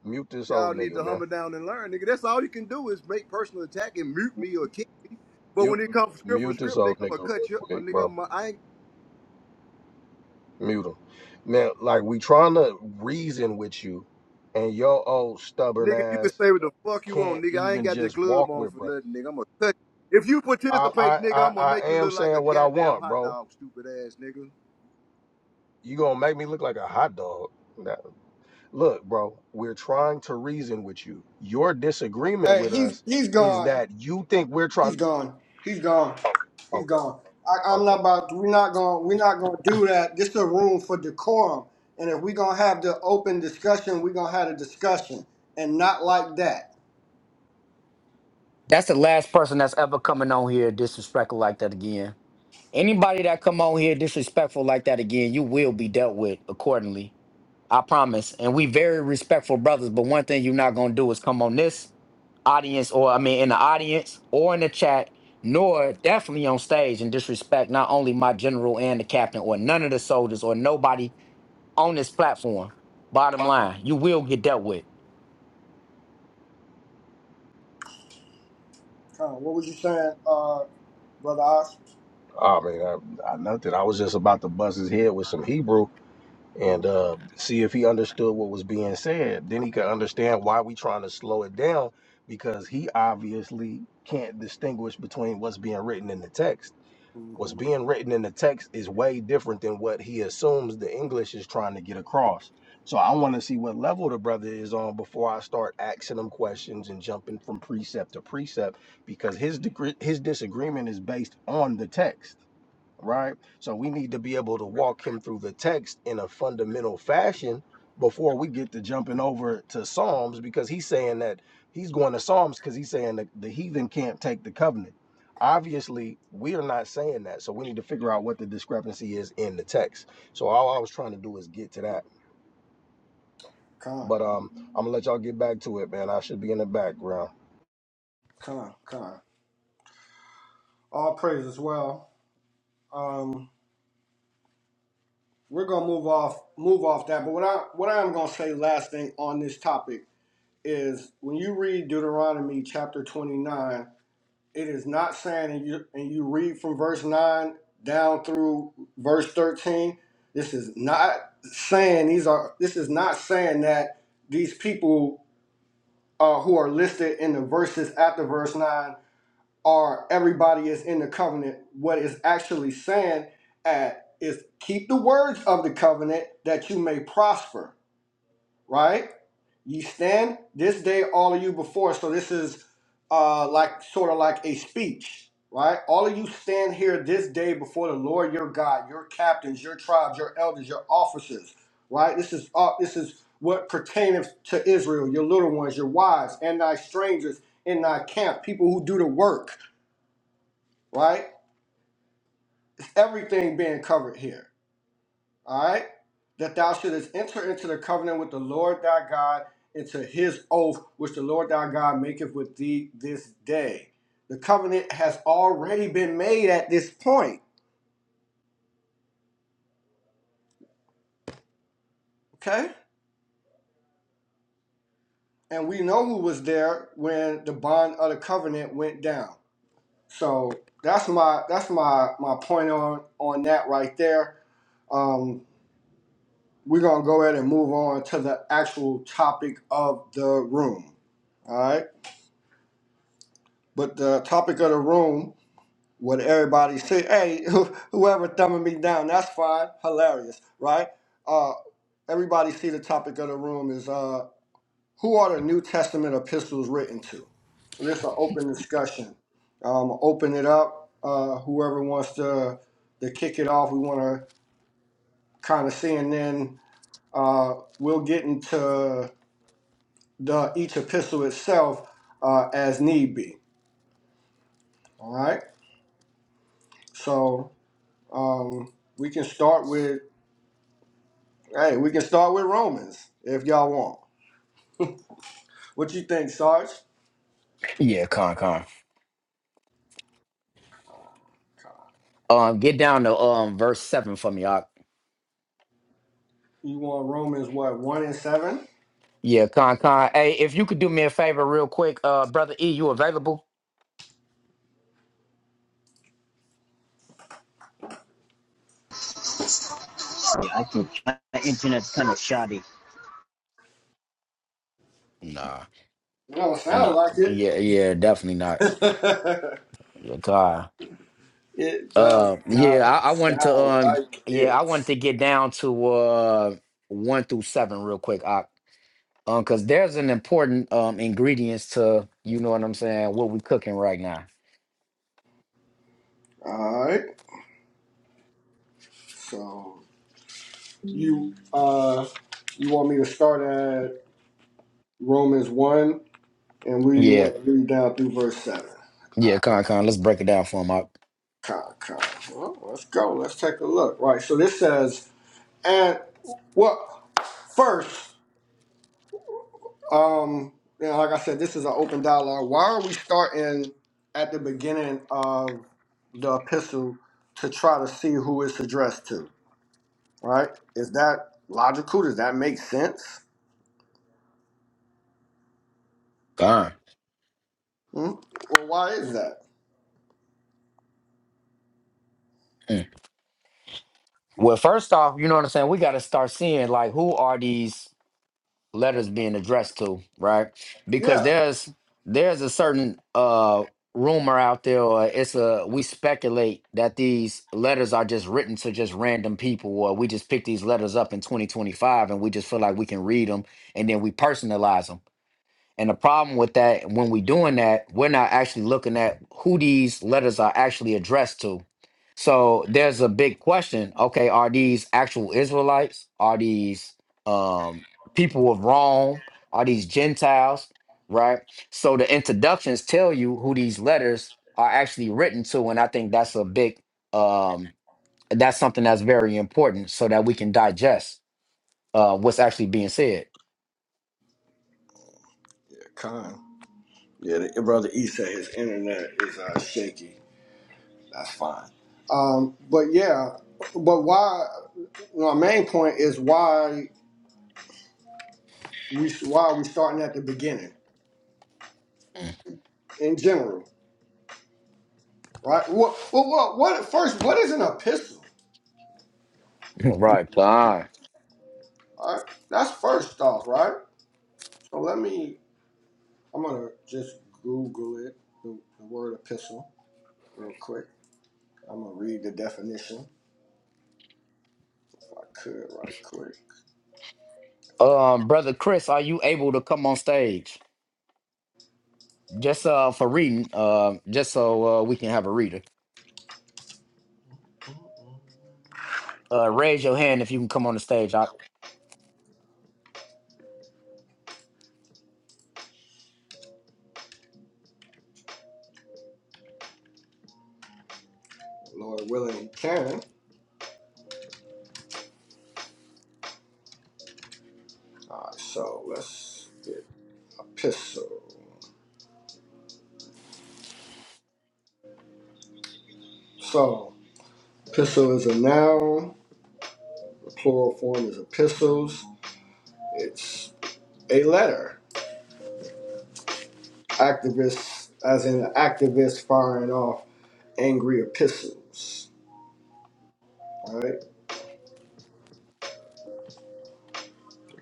Speaker 3: Mute this
Speaker 5: Y'all
Speaker 3: old
Speaker 5: need
Speaker 3: nigga,
Speaker 5: to
Speaker 3: man.
Speaker 5: humble down and learn, nigga. That's all you can do is make personal attack and mute me or kick me. But when
Speaker 3: You
Speaker 5: it comes script for
Speaker 3: mute this
Speaker 5: script, nigga,
Speaker 3: old nigga
Speaker 5: I'ma
Speaker 3: real
Speaker 5: cut you.
Speaker 3: quick,
Speaker 5: Nigga,
Speaker 3: bro.
Speaker 5: I'm, I ain't
Speaker 3: Mute him, man. Like we trying to reason with you, and your old stubborn
Speaker 5: Nigga, you can
Speaker 3: ass
Speaker 5: say what the fuck you want,
Speaker 3: can't
Speaker 5: nigga. I ain't
Speaker 3: even
Speaker 5: got this
Speaker 3: just
Speaker 5: glove
Speaker 3: walk
Speaker 5: on
Speaker 3: with
Speaker 5: for
Speaker 3: brother.
Speaker 5: nothing, nigga. I'm gonna touch. If you
Speaker 3: I I
Speaker 5: participate, nigga,
Speaker 3: I,
Speaker 5: I'm gonna
Speaker 3: I
Speaker 5: make you
Speaker 3: am
Speaker 5: look like a
Speaker 3: saying what I
Speaker 5: goddamn
Speaker 3: want,
Speaker 5: hot
Speaker 3: bro.
Speaker 5: dog, stupid ass nigga.
Speaker 3: You gonna make me look like a hot dog. Look, bro, we're trying to reason with you. Your disagreement
Speaker 2: Hey,
Speaker 3: with
Speaker 2: he's
Speaker 3: us
Speaker 2: he's
Speaker 3: is
Speaker 2: gone.
Speaker 3: that you think we're
Speaker 2: He's
Speaker 3: trying.
Speaker 2: gone. He's gone. He's
Speaker 3: Okay,
Speaker 2: gone. I, I'm
Speaker 3: okay.
Speaker 2: not about. We're not going. to We're not going to do that. This is a room for decorum, and if we're gonna have the open discussion, we're gonna have a discussion, and not like that.
Speaker 1: That's the last person that's ever coming on here disrespectful like that again. Anybody that come on here disrespectful like that again, you will be dealt with accordingly. I promise. And we very respectful brothers, but one thing you're not gonna do is come on this audience or I mean in the audience or in the chat, nor definitely on stage and disrespect not only my general and the captain or none of the soldiers or nobody on this platform. Bottom line, you will get dealt with.
Speaker 2: Con, what was you saying, uh, brother Oz?
Speaker 3: Oh man, I, I nothing. I was just about to buzz his head with some Hebrew and uh, see if he understood what was being said. Then he could understand why we trying to slow it down because he obviously can't distinguish between what's being written in the text. What's
Speaker 2: Mm-hmm.
Speaker 3: being written in the text is way different than what he assumes the English is trying to get across. So I want to see what level the brother is on before I start asking him questions and jumping from precept to precept because his degree, his disagreement is based on the text right? So we need to be able to walk him through the text in a fundamental fashion before we get to jumping over to Psalms because he's saying that he's going to Psalms because he's saying that the heathen can't take the covenant. Obviously, we are not saying that. So we need to figure out what the discrepancy is in the text. So all I was trying to do is get to that.
Speaker 2: Con,
Speaker 3: But um, I'm gonna let y'all get back to it, man. I should be in the background.
Speaker 2: con, con. All praise as well. Um, we're gonna move off, move off that. But what I what I am gonna say last thing on this topic is when you read Deuteronomy chapter 29. it is not saying and you and you read from verse 9 down through verse 13 this is not saying these are this is not saying that these people uh, who are listed in the verses after verse 9 are everybody is in the covenant what is actually saying at is keep the words of the covenant that you may prosper right Ye stand this day, all of you before. So this is uh, like sort of like a speech, right? All of you stand here this day before the Lord your God, your captains, your tribes, your elders, your officers, right? This is uh, this is what pertaineth to Israel, your little ones, your wives, and thy strangers in thy camp, people who do the work, right? It's everything being covered here all right? That thou shouldest enter into the covenant with the Lord thy God, into his oath, which the Lord thy God maketh with thee this day. The covenant has already been made at this point, okay? And we know who was there when the bond of the covenant went down. So that's my that's my my point on on that right there. Um, we're gonna go ahead and move on to the actual topic of the room. All right. But the topic of the room what everybody say, hey, whoever thumbing me down, that's fine, hilarious, right? Uh, everybody see the topic of the room is uh, who are the New Testament epistles written to? So this is an open discussion. Um, open it up. Uh, whoever wants to to kick it off, we want to kind of see, and then uh, we'll get into the each epistle itself uh, as need be. All right. So um, we can start with. Hey, we can start with Romans if y'all want. What you think, Sarge?
Speaker 1: Yeah, con con. Um, get down to um verse seven for me. I,
Speaker 2: You want Romans what one and seven?
Speaker 1: yeah, con con. Hey, if you could do me a favor real quick, uh, brother E, you available?
Speaker 6: Yeah, I think my internet's kind of shoddy.
Speaker 1: Nah,
Speaker 2: It don't sound
Speaker 1: nah,
Speaker 2: like it.
Speaker 1: yeah, yeah, definitely not your car.
Speaker 2: it does
Speaker 1: Uh, yeah,
Speaker 2: not
Speaker 1: I, I wanted to,
Speaker 2: sound
Speaker 1: um,
Speaker 2: like
Speaker 1: yeah,
Speaker 2: it.
Speaker 1: I wanted to get down to uh one through seven real quick, Ock. um, because there's an important um ingredients to you know what I'm saying, what we cooking right now.
Speaker 2: All right. So you uh you want me to start at Romans one, and we
Speaker 1: Yeah,
Speaker 2: want to read down through verse seven.
Speaker 1: yeah, con con, let's break it down for him, Ock.
Speaker 2: Con, con. Well, let's go. Let's take a look. Right. So this says, and well, first. Um, and like I said, this is an open dialogue. Why are we starting at the beginning of the epistle to try to see who it's addressed to? Right? Is that logical? Does that make sense?
Speaker 1: Con.
Speaker 2: Hmm? Well, why is that?
Speaker 1: Mm. Well, first off, you know what I'm saying. We got to start seeing like who are these. letters being addressed to, right? Because
Speaker 2: Yeah.
Speaker 1: there's there's a certain uh rumor out there or it's a we speculate that these letters are just written to just random people or we just pick these letters up in 2025 and we just feel like we can read them and then we personalize them and the problem with that, when we're doing that, we're not actually looking at who these letters are actually addressed to. So there's a big question. Okay, are these actual Israelites? Are these um, people of Rome? Are these Gentiles? Right? So the introductions tell you who these letters are actually written to. And I think that's a big, um, that's something that's very important so that we can digest uh, what's actually being said.
Speaker 2: Con. Yeah, the, brother E said his internet is uh, shaky. That's fine. Um, but yeah, but why? My main point is why we why are we starting at the beginning in general? right? What, well, what, what, first, what is an epistle?
Speaker 1: right, Khan.
Speaker 2: All right, that's first off, right? So let me, I'm gonna just Google it, the, the word epistle, real quick. I'm gonna read the definition if I could, right quick. If I,
Speaker 1: Um, brother Chris, are you able to come on stage? Just uh for reading, uh, just so uh we can have a reader. Uh, raise your hand if you can come on the stage. I,
Speaker 2: Lord willing, can. All right, so let's get epistle. So, epistle is a noun, the plural form is epistles, it's a letter. Activists, as in an activist firing off angry epistles. All right, it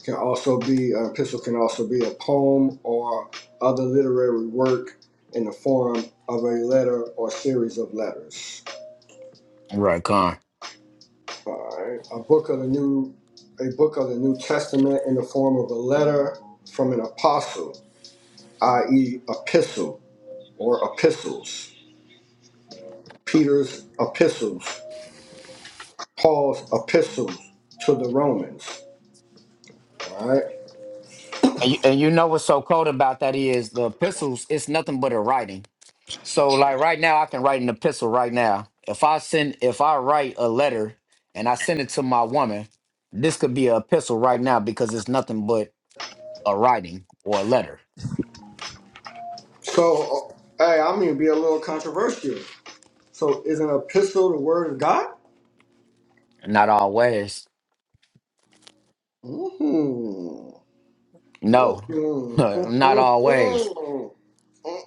Speaker 2: can also be an epistle can also be a poem or other literary work in the form of a letter or series of letters.
Speaker 1: right, con.
Speaker 2: All right, a book of the new a book of the New Testament in the form of a letter from an apostle, i.e., epistle or epistles, Peter's epistles, Paul's epistles to the Romans. All right,
Speaker 1: And you, and you know what's so cold about that is the epistles. It's nothing but a writing. So like right now, I can write an epistle right now. If I send, if I write a letter and I send it to my woman, this could be an epistle right now because it's nothing but a writing or a letter.
Speaker 2: so uh, hey, I'm gonna be a little controversial. So is an epistle the word of God?
Speaker 1: Not always.
Speaker 2: hmm
Speaker 1: No, not always.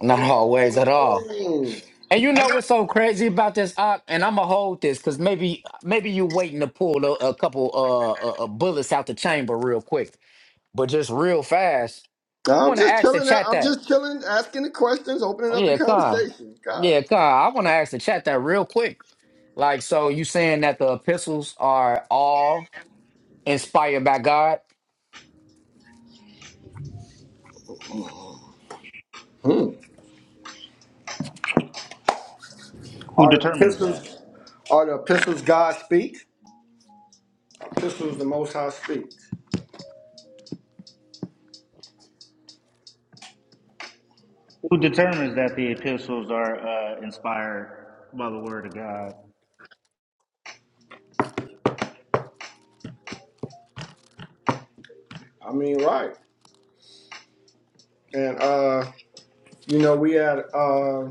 Speaker 1: Not always at all. And you know what's so crazy about this op? And I'm gonna hold this because maybe maybe you waiting to pull a, a couple uh, uh uh, bullets out the chamber real quick, but just real fast. I
Speaker 2: I'm
Speaker 1: want to
Speaker 2: just
Speaker 1: ask the
Speaker 2: chilling out.
Speaker 1: chat
Speaker 2: I'm
Speaker 1: that.
Speaker 2: just chilling, asking the questions, opening
Speaker 1: Oh,
Speaker 2: up the
Speaker 1: yeah, Khan.
Speaker 2: conversation. God.
Speaker 1: Yeah, Khan. I want to ask the chat that real quick. Like, so you saying that the epistles are all inspired by God?
Speaker 4: Who
Speaker 2: Are the
Speaker 4: determines
Speaker 2: epistles
Speaker 4: that?
Speaker 2: are the epistles God speaks? Epistles the most high speaks.
Speaker 4: Who determines that the epistles are uh, inspired by the word of God?
Speaker 2: I mean, right. And uh, you know, we had uh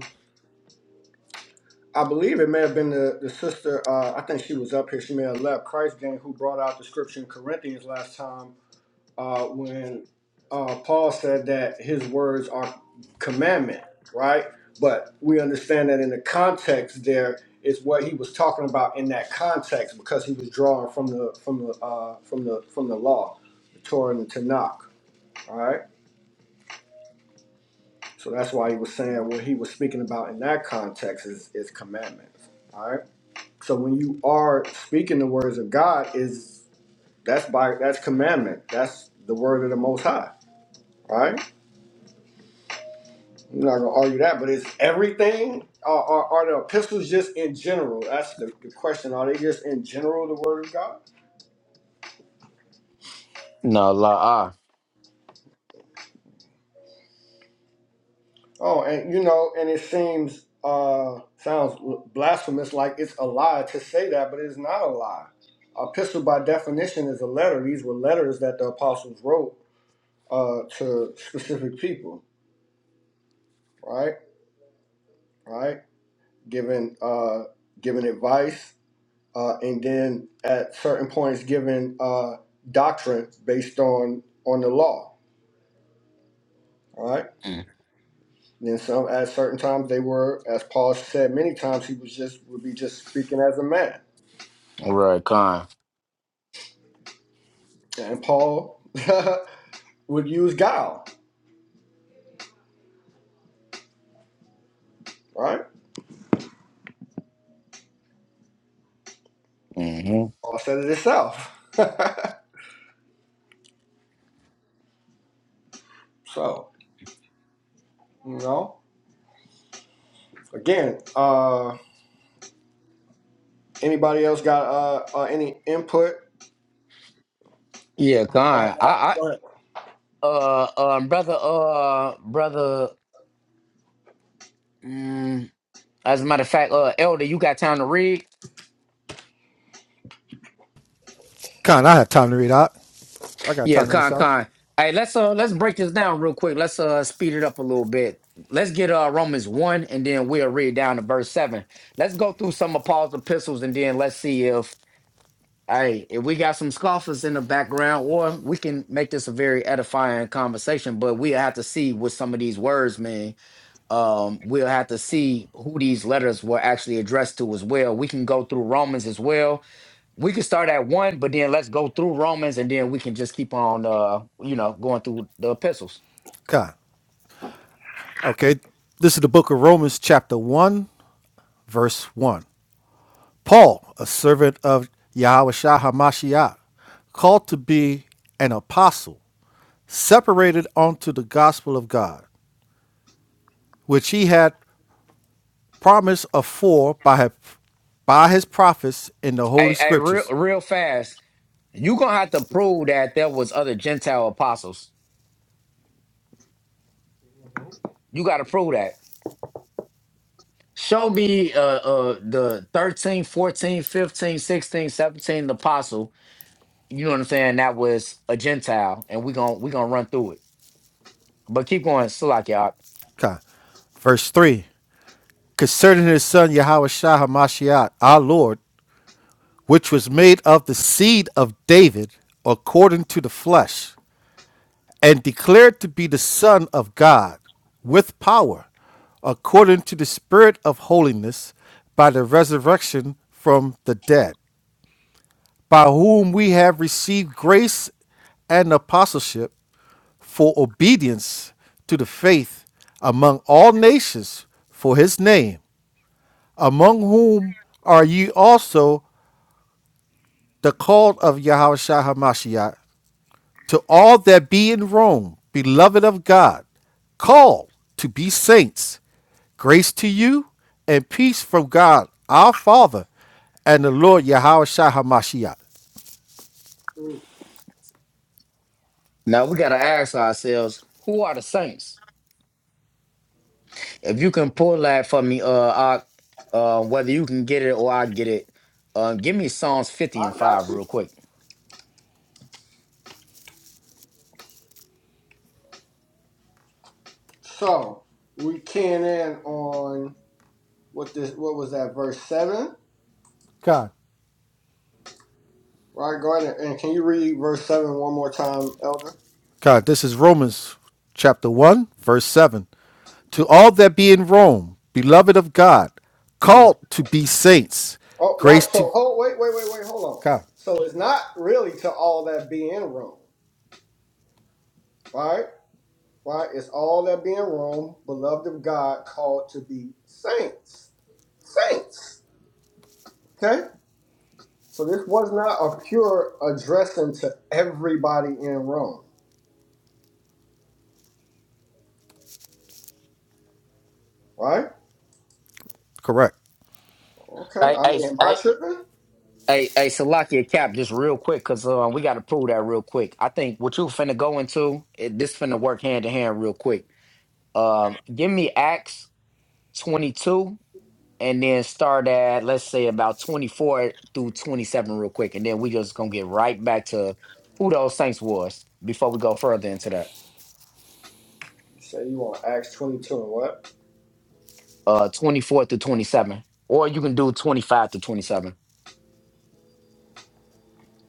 Speaker 2: I believe it may have been the, the sister, uh, I think she was up here, she may have left Christ gang who brought out the scripture in Corinthians last time uh, when uh, Paul said that his words are commandment, right? But we understand that in the context there is what he was talking about in that context because he was drawing from the from the uh, from the from the law, the Torah and the Tanakh. All right, so that's why he was saying what he was speaking about in that context is is commandments. All right, so when you are speaking the words of God, is that's by that's commandment. That's the word of the Most High. Right I'm not gonna argue that, but is everything are are, are the epistles just in general? That's the, the question. Are they just in general the word of God?
Speaker 1: No, la
Speaker 2: Oh, and you know, and it seems uh sounds blasphemous, like it's a lie to say that, but it's not a lie. Epistle by definition is a letter. These were letters that the apostles wrote uh to specific people, right? Right? Giving uh giving advice uh, and then at certain points given uh, doctrine based on on the law. All right.
Speaker 1: ah. Mm.
Speaker 2: And Then some at certain times they were, as Paul said many times, he was just would be just speaking as a man,
Speaker 1: Right, Khan.
Speaker 2: and Paul would use guile. Right.
Speaker 1: hmm
Speaker 2: Paul said it himself. so you know, again, uh, anybody else got uh, uh, any input
Speaker 1: Yeah,
Speaker 2: on
Speaker 1: Khan.
Speaker 2: that?
Speaker 1: I,
Speaker 2: Go ahead.
Speaker 1: I, uh, um, brother, uh, brother. Mm, as a matter of fact, uh, Elder, you got time to read?
Speaker 7: Con, I have time to read out. I got
Speaker 1: Yeah,
Speaker 7: time to read this
Speaker 1: con
Speaker 7: out.
Speaker 1: con. Hey, let's uh let's break this down real quick. Let's uh speed it up a little bit. Let's get uh Romans one, and then we'll read down to verse seven. Let's go through some of Paul's epistles, and then let's see if hey if we got some scoffers in the background, or we can make this a very edifying conversation. But we'll have to see what some of these words mean. Um, we'll have to see who these letters were actually addressed to as well. We can go through Romans as well we could start at one, but then let's go through Romans, and then we can just keep on, uh, you know, going through the epistles.
Speaker 7: Con. Okay. This is the book of Romans, chapter 1, verse 1. Paul, a servant of Yahweh Shah HaMashiach, called to be an apostle, separated unto the gospel of God, which he had promised afore by his, by his prophets in the holy
Speaker 1: Hey, hey, real,
Speaker 7: scriptures.
Speaker 1: real fast. You gonna have to prove that there was other Gentile apostles. You got to prove that. Show me uh, uh, the 13, 14, 15, 16, 17 apostle. You know what I'm saying? That was a Gentile, and we gonna we gonna run through it. But keep going, Salak, y'all.
Speaker 7: Con. Verse 3 Concerning his son Yahweh Shah HaMashiach, our Lord, which was made of the seed of David according to the flesh, and declared to be the Son of God with power, according to the Spirit of holiness, by the resurrection from the dead, by whom we have received grace and apostleship for obedience to the faith among all nations for his name, among whom are ye also the called of Yahweh to all that be in Rome, beloved of God, called to be saints, grace to you and peace from God our Father and the Lord Yahweh Shai HaMashiach.
Speaker 2: Mm,
Speaker 1: Now we gotta ask ourselves, who are the saints? If you can pull that for me, uh, I, uh, whether you can get it or I get it, uh, give me Psalms fifty and
Speaker 2: I got
Speaker 1: five
Speaker 2: you.
Speaker 1: real quick.
Speaker 2: So we can in on. What this? What was that? Verse seven,
Speaker 7: God,
Speaker 2: right, Gardner? And can you read verse seven one more time, Elder?
Speaker 7: God, this is Romans chapter 1, verse 7. To all that be in Rome, beloved of God,
Speaker 2: Mm.
Speaker 7: called to be saints,
Speaker 2: Oh, right.
Speaker 7: grace to
Speaker 2: So, oh, wait, wait, wait, wait. Hold on.
Speaker 7: God,
Speaker 2: So it's not really to all that be in Rome, right? Right. It's all that be in Rome, beloved of God, called to be saints. Saints. Okay. So this was not a pure addressing to everybody in Rome, right?
Speaker 7: correct.
Speaker 2: Okay.
Speaker 1: I,
Speaker 2: I
Speaker 1: I,
Speaker 2: mean, am I
Speaker 1: I,
Speaker 2: tripping?
Speaker 1: I, I Salakia Cap just real quick, cause uh, we got to prove that real quick. I think what you finna go into, it, this finna work hand to hand real quick. Um, give me Acts twenty two, and then start at let's say about twenty four through twenty seven real quick, and then we just gonna get right back to who those saints was before we go further into that.
Speaker 2: You say you want Acts twenty-two and what?
Speaker 1: uh 24 to 27 or you can do 25 to 27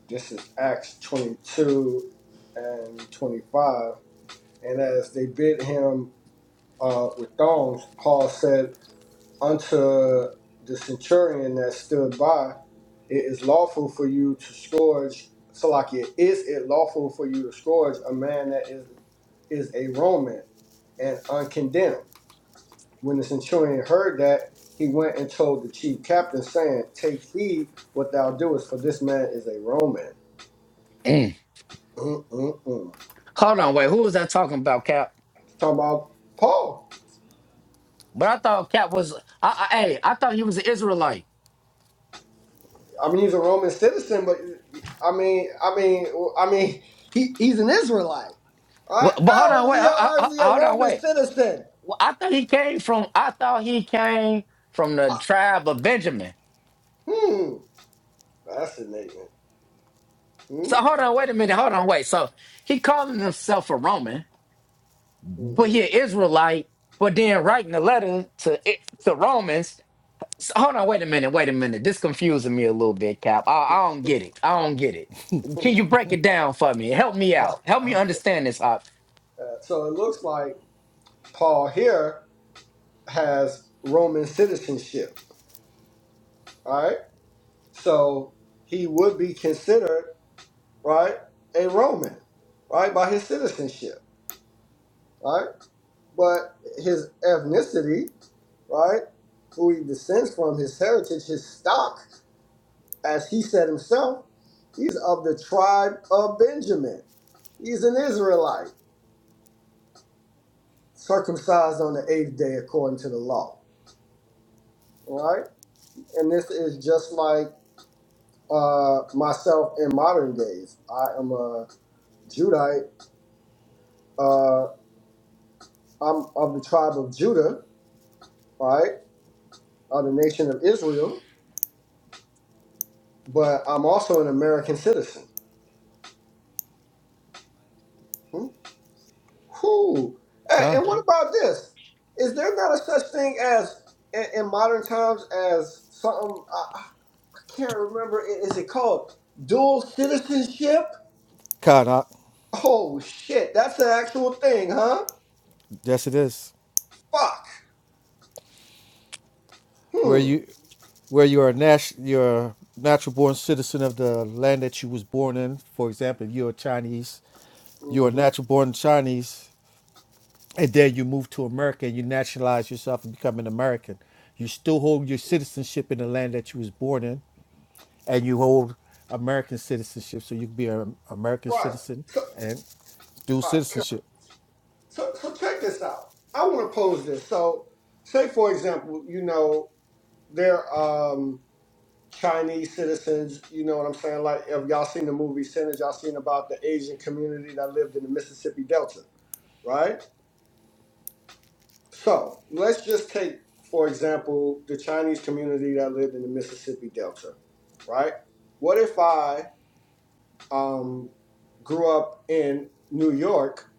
Speaker 2: This is Acts 22 and 25. And as they bid him uh, with thongs, Paul said unto the centurion that stood by, It is lawful for you to scourge, Salakia, is it lawful for you to scourge a man that is, is a Roman and uncondemned? When the centurion heard that, he went and told the chief captain, saying, Take heed what thou doest, for this man is a Roman.
Speaker 1: Mm.
Speaker 2: Mm-mm-mm.
Speaker 1: hold on wait who was that talking about cap
Speaker 2: Talking about Paul.
Speaker 1: but i thought cap was i i, hey, I thought he was an israelite
Speaker 2: I mean, he's a Roman citizen, but I mean, I mean, I mean, he, he's an Israelite. All right?
Speaker 1: but, but hold
Speaker 2: No,
Speaker 1: on
Speaker 2: is
Speaker 1: wait
Speaker 2: he a,
Speaker 1: I,
Speaker 2: or
Speaker 1: I,
Speaker 2: is he a
Speaker 1: I- hold on
Speaker 2: Roman
Speaker 1: wait
Speaker 2: citizen?
Speaker 1: well, i thought he came from i thought he came from the tribe of benjamin
Speaker 2: Hmm. Fascinating. Hmm.
Speaker 1: so hold on wait a minute hold on wait so he calling himself a roman but
Speaker 2: hmm
Speaker 1: he an israelite but then writing a letter to to romans So, hold on, wait a minute, wait a minute. This confusing me a little bit, Cap. I, I don't get it. I don't get it. Can you break it down for me? Help me out. Help me
Speaker 2: okay.
Speaker 1: understand this. Op.
Speaker 2: Uh, so it looks like Paul here has Roman citizenship. All right. So he would be considered right a Roman, right by his citizenship. Right. but his ethnicity, right, who he descends from, his heritage, his stock, as he said himself, he's of the tribe of Benjamin. He's an Israelite, circumcised on the eighth day according to the law, right? And this is just like uh, myself in modern days. I am a Judite. Uh, I'm of the tribe of Judah, right, of the nation of Israel, but I'm also an American citizen. Hmm? Cool. Hey,
Speaker 7: God,
Speaker 2: and what about this? Is there not a such thing as in, in modern times as something I, I can't remember? i- Is it called dual citizenship?
Speaker 7: God, I,
Speaker 2: Oh shit, that's an actual thing, huh?
Speaker 7: yes, it is.
Speaker 2: Fuck.
Speaker 7: where
Speaker 2: Hmm.
Speaker 7: you where you're a nat- you're a natural born citizen of the land that you was born in. For example, if you're a Chinese, you're a
Speaker 2: hmm
Speaker 7: natural born Chinese, and then you move to America and you nationalize yourself and become an American. You still hold your citizenship in the land that you was born in, and you hold American citizenship. So you can be an American
Speaker 2: Right.
Speaker 7: citizen
Speaker 2: So,
Speaker 7: and dual
Speaker 2: fuck.
Speaker 7: citizenship.
Speaker 2: so, so check this out. I want to pose this. So, say for example, you know, there. Um, Chinese citizens, you know what I'm saying? Like, if y'all seen the movie Sinners, y'all seen about the Asian community that lived in the Mississippi Delta, right? So, let's just take, for example, the Chinese community that lived in the Mississippi Delta, right? What if I um, grew up in New York,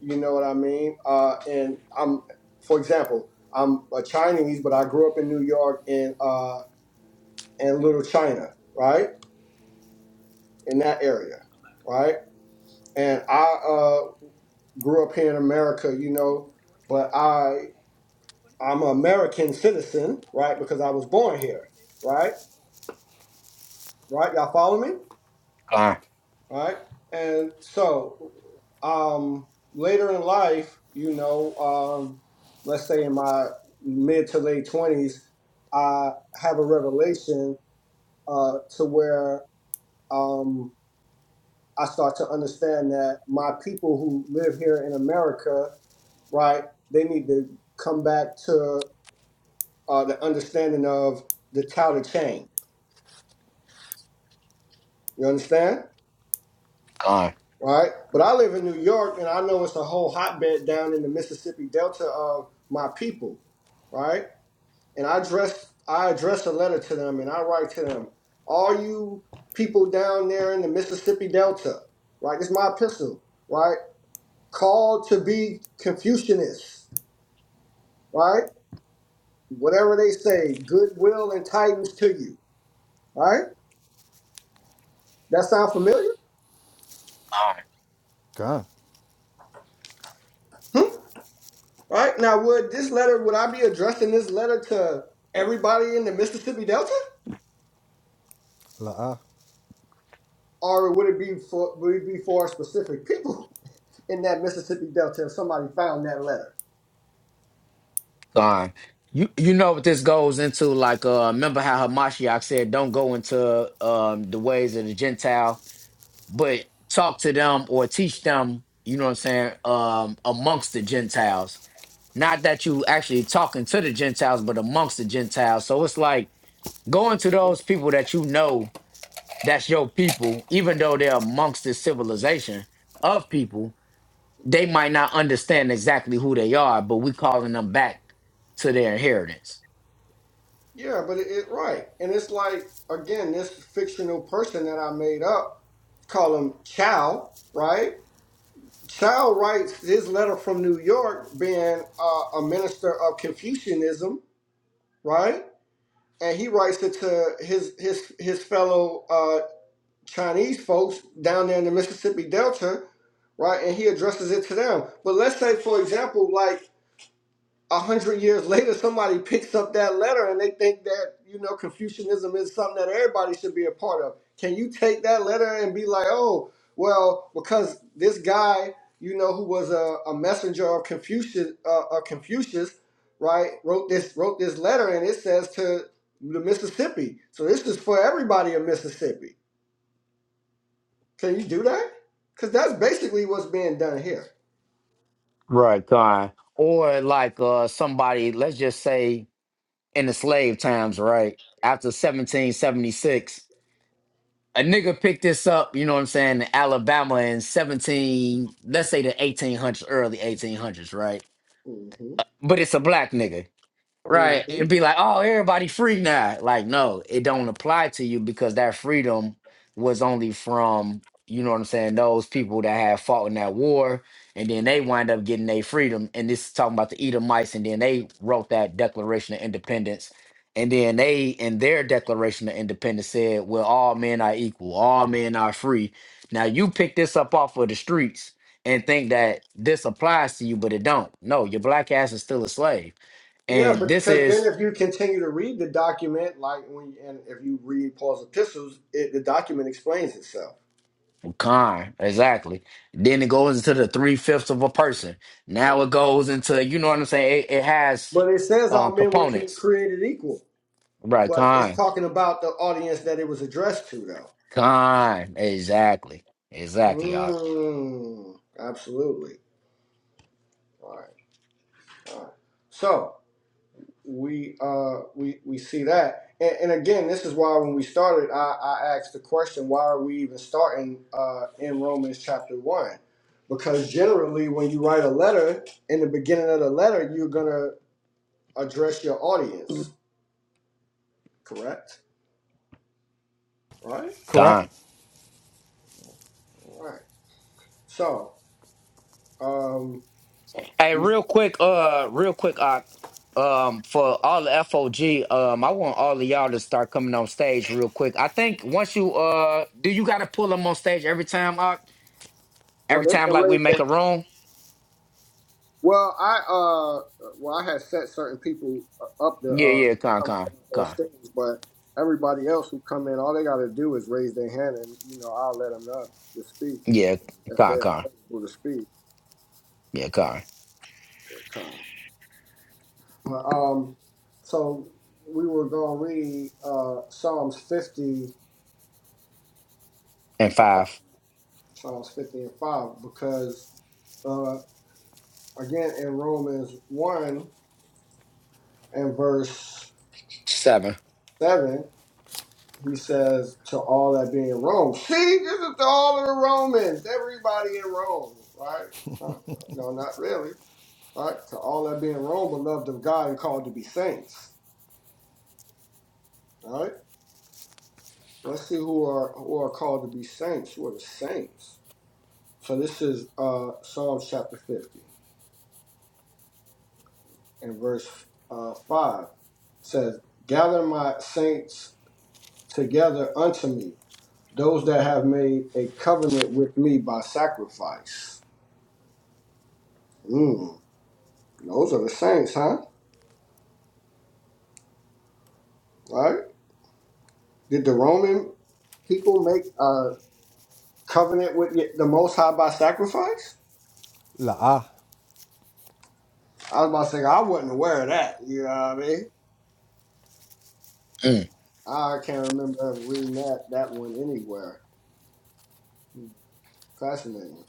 Speaker 2: you know what I mean? Uh, and I'm, for example, I'm a Chinese, but I grew up in New York in, uh, in Little China, right? In that area, right? and I uh, grew up here in America, you know, but I I'm an American citizen, right? Because I was born here, right? Right? Y'all follow me,
Speaker 1: Gone,
Speaker 2: right? And so, um, later in life, you know, um, let's say in my mid to late twenties, I have a revelation uh, to where. Um, I start to understand that my people who live here in America, right, they need to come back to uh, the understanding of the touted chain. You understand?
Speaker 1: gone,
Speaker 2: Right? But I live in New York and I know it's a whole hotbed down in the Mississippi Delta of my people, right? And I address I address a letter to them and I write to them, all you people down there in the Mississippi Delta, right? This is my epistle, right? Called to be Confucianists right? Whatever they say, goodwill entitles to you, right? That sound familiar?
Speaker 1: gone,
Speaker 7: Gone.
Speaker 2: Hmm? Right? Now, would this letter, would I be addressing this letter to everybody in the Mississippi Delta?
Speaker 7: La'a.
Speaker 2: Or would it be for, would it be for specific people in that Mississippi Delta if somebody found that letter?
Speaker 1: gone. You you know what this goes into? Like, uh, remember how Hamashiach said, "Don't go into um the ways of the Gentile, but talk to them or teach them." You know what I'm saying? Um, amongst the Gentiles, not that you actually talking to the Gentiles, but amongst the Gentiles. So it's like going to those people that you know that's your people, even though they're amongst this civilization of people, they might not understand exactly who they are, but we calling them back to their inheritance.
Speaker 2: Yeah, but it, it right. And it's like, again, this fictional person that I made up, call him Chow, right? Child writes his letter from New York, being uh, a minister of Confucianism, right? And he writes it to his his his fellow uh, Chinese folks down there in the Mississippi Delta, right? And he addresses it to them. But let's say, for example, like a hundred years later, somebody picks up that letter and they think that you know Confucianism is something that everybody should be a part of. Can you take that letter and be like, oh, well, because this guy, you know, who was a, a messenger of Confucius, uh, of Confucius, right, wrote this wrote this letter and it says to the Mississippi. So this is for everybody in Mississippi. Can you do that? Because that's basically what's being done here.
Speaker 1: Right, Khan? Or like uh somebody, let's just say in the slave times, right? After 1776, a nigga picked this up, you know what I'm saying, in Alabama in 17, let's say the 1800s, early 1800s, right?
Speaker 2: hmm
Speaker 1: But it's a black nigga Right. And be like, oh, everybody free now. Like, no, it don't apply to you because that freedom was only from, you know what I'm saying, those people that had fought in that war. And then they wind up getting their freedom. And this is talking about the Edomites. And then they wrote that Declaration of Independence. And then they, in their Declaration of Independence, said, well, all men are equal, all men are free. Now, you pick this up off of the streets and think that this applies to you, but it don't. No, your black ass is still a slave
Speaker 2: Yeah,
Speaker 1: and
Speaker 2: but
Speaker 1: this
Speaker 2: because then
Speaker 1: is
Speaker 2: if you continue to read the document, like when and if you read Paul's epistles, it, the document explains itself.
Speaker 1: con, exactly. Then it goes into the three fifths of a person. Now
Speaker 2: Right.
Speaker 1: it goes into, you know what I'm saying? It, it has
Speaker 2: But it says all
Speaker 1: um
Speaker 2: men were cre-
Speaker 1: components.
Speaker 2: created equal.
Speaker 1: Right,
Speaker 2: But it's
Speaker 1: con.
Speaker 2: talking about the audience that it was addressed to, though.
Speaker 1: Con. Exactly. Exactly, y'all.
Speaker 2: Mm, absolutely. All right. All right. So we uh we we see that and, and again this is why when we started i i asked the question why are we even starting uh in romans chapter one because generally when you write a letter in the beginning of the letter you're gonna address your audience correct right?
Speaker 7: Correct.
Speaker 1: Con.
Speaker 2: right so um
Speaker 1: Hey,
Speaker 2: we
Speaker 1: real quick, uh, real quick, uh, um, for all the FOG, um, I want all of y'all to start coming on stage real quick. I think once you uh do you gotta pull them on stage every time, uh,
Speaker 2: or
Speaker 1: every
Speaker 2: they
Speaker 1: time
Speaker 2: can
Speaker 1: like we
Speaker 2: raise
Speaker 1: make
Speaker 2: their
Speaker 1: a room?
Speaker 2: Well, I uh, well, I had set certain people up to
Speaker 1: Yeah,
Speaker 2: uh,
Speaker 1: yeah, con,
Speaker 2: come
Speaker 1: con,
Speaker 2: right on
Speaker 1: con.
Speaker 2: stage, but everybody else who come in, all they got to do is raise their hand, and you know, I'll let them up to speak
Speaker 1: Yeah,
Speaker 2: if
Speaker 1: car,
Speaker 2: they're
Speaker 1: car.
Speaker 2: able to speak.
Speaker 1: Yeah, car.
Speaker 2: But, um, so we were gonna read uh, Psalms fifty,
Speaker 1: And five,
Speaker 2: Psalms fifty and five, because uh, again in Romans one and verse
Speaker 1: seven.
Speaker 2: seven he says to all that be in Rome. See, this is to all of the Romans, everybody in Rome, right? Huh? No, not really. Right? To all that be in Rome, beloved of God and called to be saints. All right? Well, Let's see who are who are called to be saints. Who are the saints? So this is uh Psalm chapter fifty and verse uh five It says, Gather my saints together unto me, those that have made a covenant with me by sacrifice. Mm. Those are the saints, huh? Right? Did the Roman people make a covenant with the Most High by sacrifice?
Speaker 7: La'a.
Speaker 2: I was about to say I wasn't aware of that. You know what I mean?
Speaker 1: Mm.
Speaker 2: I can't remember ever reading that that one anywhere. Hmm. Fascinating,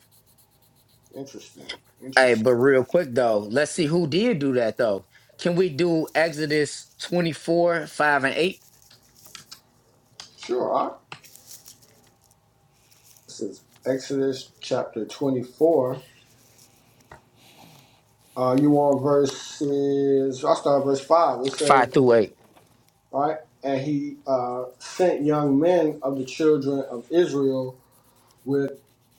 Speaker 2: interesting,
Speaker 1: Hey,
Speaker 2: interesting.
Speaker 1: but real quick though, let's see who did do that though. Can we do Exodus 24, 5 and 8?
Speaker 2: Sure. All right. This is Exodus chapter twenty-four. Uh, you on verses? I will start at verse five. It
Speaker 1: 5
Speaker 2: says,
Speaker 1: through 8.
Speaker 2: "All right, and he uh, sent young men of the children of Israel." with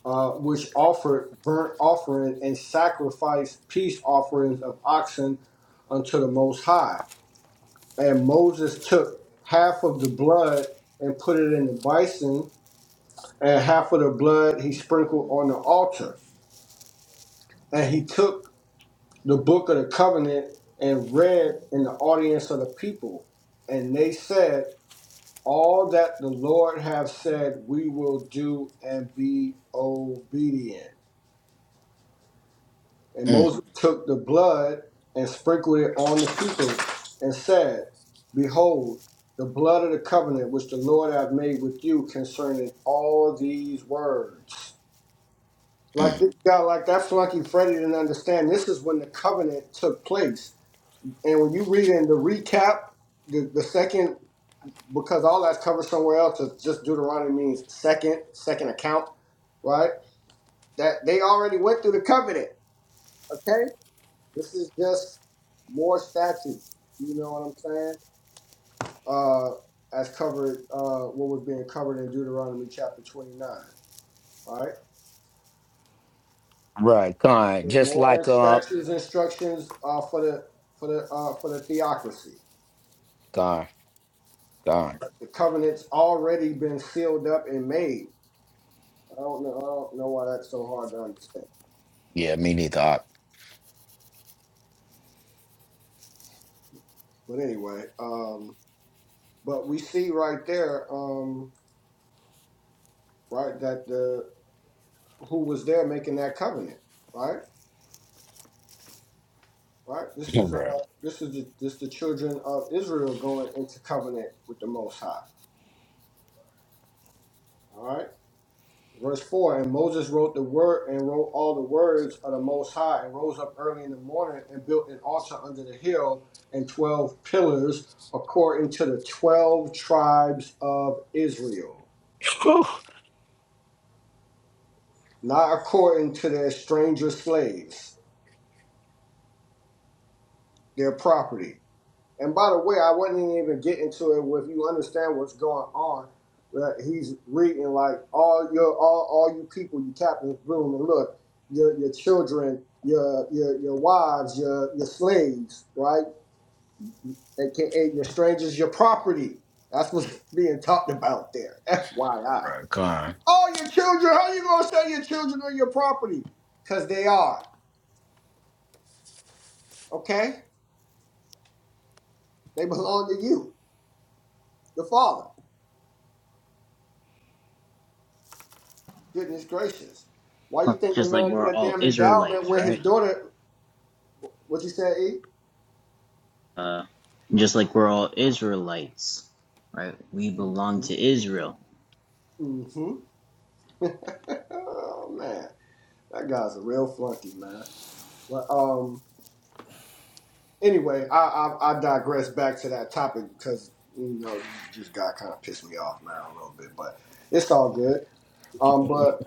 Speaker 2: uh, which offered burnt offering and sacrificed peace offerings of oxen unto the Most High. And Moses took half of the blood and put it in the bison, and half of the blood he sprinkled on the altar. And he took the book of the covenant and read in the audience of the people. And they said, All that the Lord hath said, we will do and be obedient. And
Speaker 1: Mm,
Speaker 2: Moses took the blood and sprinkled it on the people and said, Behold, the blood of the covenant which the Lord hath made with you concerning all these words. Like
Speaker 1: mm.
Speaker 2: this guy, like that flunky Freddie didn't understand. This is when the covenant took place. And when you read in the recap, the, the second, because all that's covered somewhere else, it's just Deuteronomy means second, second account, right? That they already went through the covenant, okay? This is just more statute. You know what I'm saying? Uh, as covered, uh, what was being covered in Deuteronomy chapter 29. Right?
Speaker 1: Right, con. Just
Speaker 2: More
Speaker 1: like uh
Speaker 2: statutes, instructions uh, for the for the uh, for the theocracy.
Speaker 1: con, con.
Speaker 2: The covenant's already been sealed up and made. I don't know. I don't know why that's so hard to understand.
Speaker 1: Yeah, me neither. I-
Speaker 2: But anyway, um, but we see right there, um, right, that the who was there making that covenant, right? Right? This is uh
Speaker 1: Right.
Speaker 2: this is the, this the children of Israel going into covenant with the Most High. All right. Verse four, and Moses wrote the word and wrote all the words of the Most High, and rose up early in the morning and built an altar under the hill and twelve pillars, according to the twelve tribes of Israel,
Speaker 1: Whew.
Speaker 2: not according to their stranger slaves, their property. And by the way, I wasn't even getting to it. If you understand what's going on, that he's reading like all your all all you people, you captains, bloom and look, your your children, your your your wives, your your slaves, right? AKA your strangers, your property. That's what's being talked about there. FYI.
Speaker 1: Right, con.
Speaker 2: All your children. How you gonna sell your children or your property? Cause they are okay. They belong to you, the father. Goodness gracious. Why you think the
Speaker 6: Just like
Speaker 2: man
Speaker 6: we're
Speaker 2: get a
Speaker 6: all
Speaker 2: damn endowment
Speaker 6: Israelites,
Speaker 2: when his
Speaker 6: right?
Speaker 2: daughter, what you said, E?
Speaker 6: Uh, just like we're all Israelites, right? We belong
Speaker 2: Mm-hmm.
Speaker 6: to Israel.
Speaker 2: hmm oh, man. That guy's a real flunky, man. But um, anyway, I, I, I digress back to that topic because, you know, this guy kind of pissed me off now a little bit, but it's all good. Um, but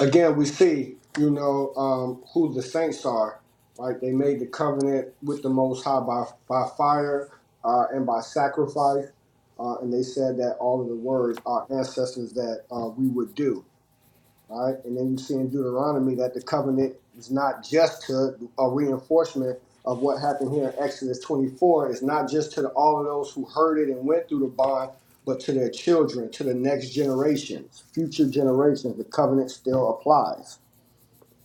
Speaker 2: again, we see, you know, um, who the saints are, right? They made the covenant with the Most High by, by fire uh, and by sacrifice. Uh, and they said that all of the words our ancestors that uh, we would do. All right. And then you see in Deuteronomy that the covenant is not just to a reinforcement of what happened here in Exodus 24. It's not just to the, all of those who heard it and went through the bond, but to their children, to the next generations, future generations. The covenant still applies,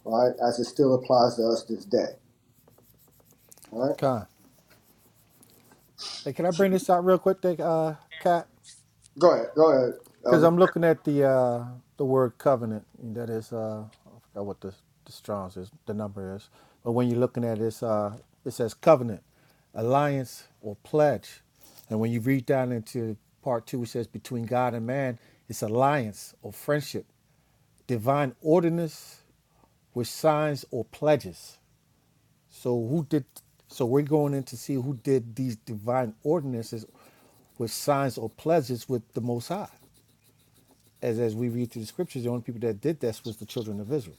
Speaker 2: right? As it still applies to us this day. All right.
Speaker 7: Con. Hey, can I
Speaker 2: So
Speaker 7: bring this out real quick, Dick, uh, Cat?
Speaker 2: go ahead. Go ahead,
Speaker 7: Because
Speaker 2: Elder.
Speaker 7: I'm looking at the uh, the word covenant. and That is, uh, I forgot what the the Strong's is, the number is. But when you're looking at this, uh, it says covenant, alliance, or pledge. And when you read down into part two, it says between God and man, it's alliance or friendship, divine ordinance with signs or pledges. So who did? So we're going in to see who did these divine ordinances with signs or pledges with the Most High as as we read through the scriptures, the only people that did this was the children of Israel.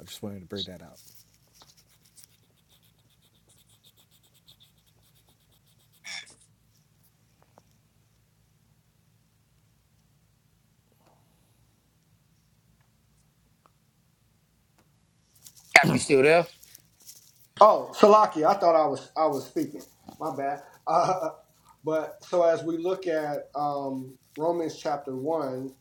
Speaker 7: I just wanted to bring that out.
Speaker 1: Cap, you still there?
Speaker 2: Oh, Salaki, I thought I was I was speaking. My bad. Uh, but so as we look at um, Romans chapter 1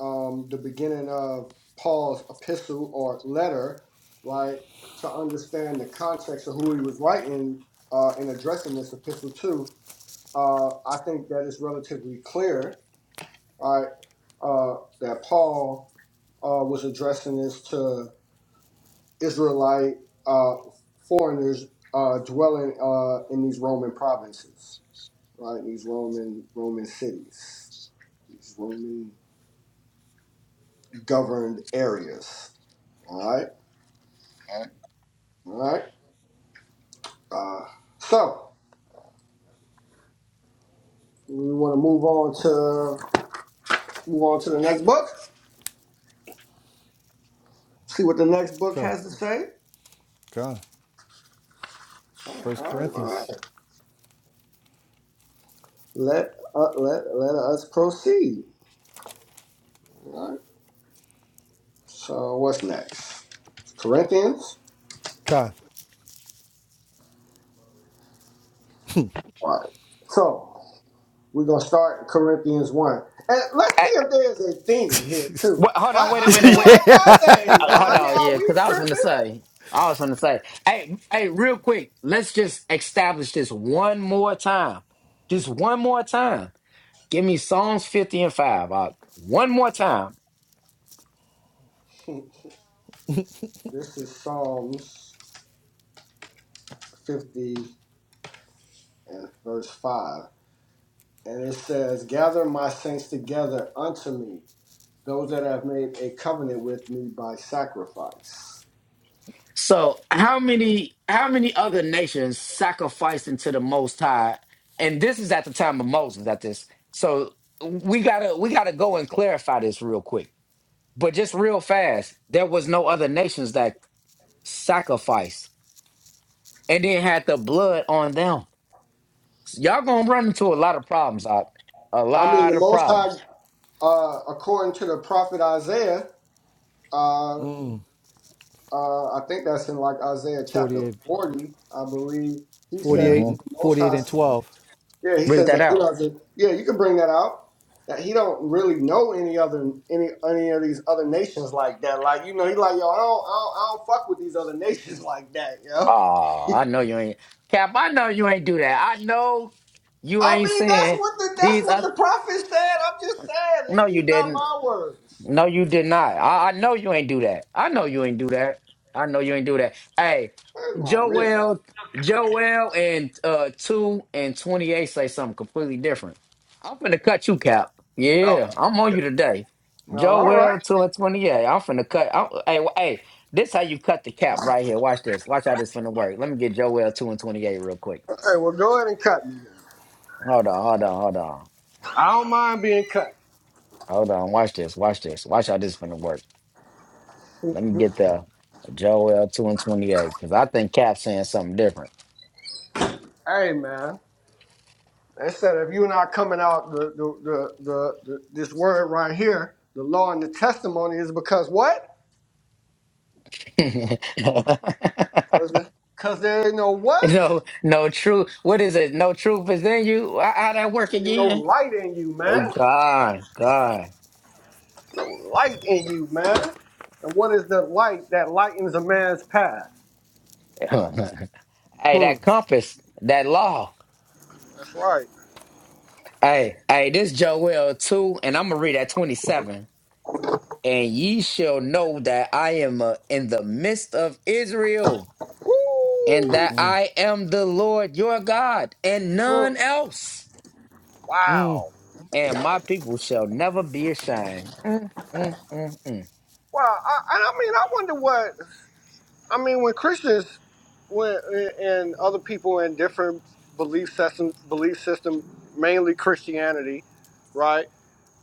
Speaker 2: um, the beginning of Paul's epistle or letter, right, to understand the context of who he was writing uh, in addressing this epistle to, uh, I think that it's relatively clear, right, uh, that Paul uh, was addressing this to Israelite uh, foreigners uh, dwelling uh, in these Roman provinces, right, these Roman Roman cities, these Roman governed areas, all right. All right. Uh, so we want to move on to move on to the next book. See what the next book
Speaker 7: Okay.
Speaker 2: has to say.
Speaker 7: Okay.
Speaker 2: All
Speaker 7: First
Speaker 2: right, all right.
Speaker 7: Corinthians
Speaker 2: Let uh, let let us proceed. All right. So what's next? Corinthians.
Speaker 7: Okay.
Speaker 2: All right. So we're gonna start Corinthians one, and let's
Speaker 1: Mm.
Speaker 2: see if there's a theme here
Speaker 1: What,
Speaker 2: too.
Speaker 1: hold on,
Speaker 2: Right?
Speaker 1: wait a
Speaker 2: I
Speaker 1: minute,
Speaker 2: mean,
Speaker 1: wait. A,
Speaker 2: like
Speaker 7: Yeah.
Speaker 2: God
Speaker 1: what,
Speaker 2: dang,
Speaker 1: uh,
Speaker 2: man.
Speaker 1: hold
Speaker 2: I mean,
Speaker 1: on,
Speaker 2: are
Speaker 1: yeah, because
Speaker 2: we
Speaker 1: I was going to
Speaker 2: tripping?
Speaker 1: say, I was going to say, hey, hey, real quick, let's just establish this one more time, just one more time. Give me Psalms fifty and five, uh, one more time.
Speaker 2: this is Psalms fifty and verse five. And it says, Gather my saints together unto me, those that have made a covenant with me by sacrifice.
Speaker 1: So, how many, how many other nations sacrificed into the Most High? And this is at the time of Moses, at this. So we gotta, we gotta go and clarify this real quick. But just real fast, there was no other nations that sacrificed and then had the blood on them. So y'all gonna run into a lot of problems, Op. A
Speaker 2: I mean,
Speaker 1: lot
Speaker 2: the
Speaker 1: of
Speaker 2: Most High,
Speaker 1: problems.
Speaker 2: uh, according to the prophet Isaiah, uh, uh, I think that's in like Isaiah chapter
Speaker 7: 48, 48,
Speaker 2: 40, I believe. He says
Speaker 7: forty-eight
Speaker 2: that
Speaker 1: hmm
Speaker 7: and-
Speaker 2: the Most High,
Speaker 7: 12.
Speaker 2: yeah, he
Speaker 1: Read
Speaker 2: says
Speaker 1: that
Speaker 2: that he
Speaker 1: out.
Speaker 2: doesn't, yeah, you can bring that out. That he don't really know any other any any of these other nations like that. Like you know, he like yo, I don't I don't, I don't fuck with these other nations like that, yo.
Speaker 1: Oh, I know you ain't Cap. I know you ain't do that. I know you
Speaker 2: I
Speaker 1: ain't
Speaker 2: mean, that's
Speaker 1: saying
Speaker 2: what the that's
Speaker 1: these
Speaker 2: what
Speaker 1: other.
Speaker 2: the prophet said. I'm just
Speaker 1: No,
Speaker 2: saying
Speaker 1: you
Speaker 2: these, are not
Speaker 1: didn't.
Speaker 2: my words.
Speaker 1: No, you did not. I, I know you ain't do that. I know you ain't do that. I know you ain't do that. Hey,
Speaker 2: Where's my rib?
Speaker 1: Joel, Joel, and uh, two and twenty eight say something completely different. I'm finna cut you, Cap.
Speaker 2: No,
Speaker 1: Yeah, I'm on you today.
Speaker 2: no. All
Speaker 1: Joel,
Speaker 2: right.
Speaker 1: two and twenty eight. I'm finna cut. I'm, hey, wh- hey, this how you cut the cap right here. Watch this. Watch how this finna work. Let me get Joel two and twenty eight real quick.
Speaker 2: Hey, well, go ahead and cut me.
Speaker 1: Hold on, hold on, hold on,
Speaker 2: I don't mind being cut.
Speaker 1: hold on. Watch this. Watch this. Watch how this finna work. Let me get the Joel 2 and 28, because I think Cap's saying something different.
Speaker 2: Hey, man. They said if you're not coming out the the the, the, the this word right here, the law and the testimony is because what? Because there ain't no what?
Speaker 1: no, no truth. What is it? No truth is in you. How how that work
Speaker 2: There ain't no
Speaker 1: again?
Speaker 2: light in you,
Speaker 1: Hey,
Speaker 2: man.
Speaker 1: God, God.
Speaker 2: No light in you, man. And what is the light that lightens a man's path?
Speaker 1: hey,
Speaker 2: Hmm.
Speaker 1: that compass, that law.
Speaker 2: That's right.
Speaker 1: Hey, hey, this Joel 2, and I'm going to read at 27. And ye shall know that I am uh, in the midst of Israel, and
Speaker 2: Woo!
Speaker 1: that I am the Lord your God, and
Speaker 2: Mm,
Speaker 1: none else.
Speaker 2: Wow.
Speaker 1: and my people shall never be ashamed. Mm, mm, mm, mm,
Speaker 2: Wow. I, and I mean, I wonder what, I mean, when Christians when, and other people in different belief system, belief system, mainly Christianity, right?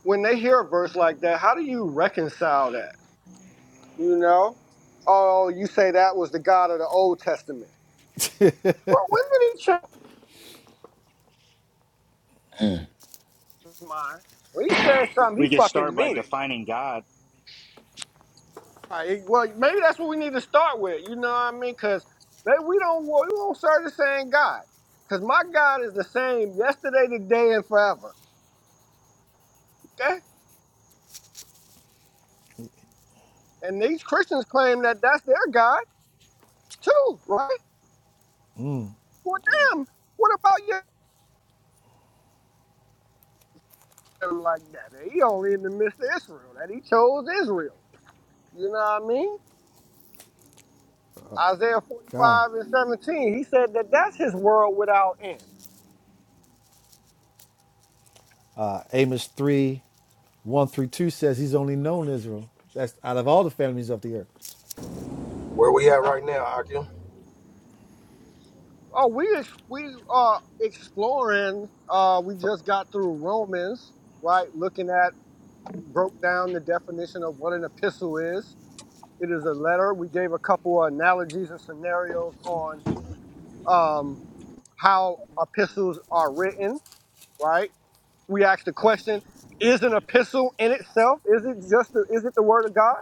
Speaker 2: When they hear a verse like that, how do you reconcile that? You know? Oh, you say that was the God of the Old Testament. Well, when did he change
Speaker 1: mm.
Speaker 2: his mind? When he said something, he
Speaker 4: We can
Speaker 2: fucking
Speaker 4: start by
Speaker 2: meant it.
Speaker 4: defining God.
Speaker 2: Right, well, maybe that's what we need to start with. You know what I mean? Because maybe we don't wa- we won't serve the same God. Because my God is the same yesterday, today, and forever. Okay. And these Christians claim that that's their God too, right? For them, what about you? Like that, he only in the midst of Israel. That he chose Israel. You know what I mean? Isaiah
Speaker 7: God,
Speaker 2: 45 and 17, he said that that's his world without end.
Speaker 7: Uh, Amos 3, 1 through 2 says he's only known Israel. That's out of all the families of the earth.
Speaker 3: Where we
Speaker 2: You
Speaker 3: at
Speaker 2: know?
Speaker 3: right now,
Speaker 2: Oh, we we are exploring. Uh, we
Speaker 7: For-
Speaker 2: just got through Romans, right? Looking at broke down the definition of what an epistle is. It is a letter. We gave a couple of analogies and scenarios on um, how epistles are written, right? We asked the question: Is an epistle in itself? Is it just? The, is it the word of God?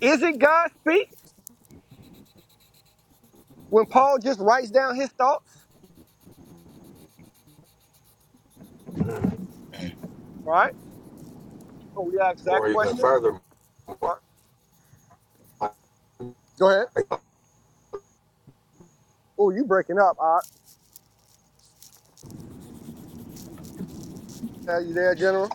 Speaker 2: Is it God speak when Paul just writes down his thoughts,
Speaker 3: Akim?
Speaker 2: right? So we asked that
Speaker 3: Or even
Speaker 2: question.
Speaker 3: further.
Speaker 2: All right, Go ahead. Oh, you breaking up? All right. Are you there, General?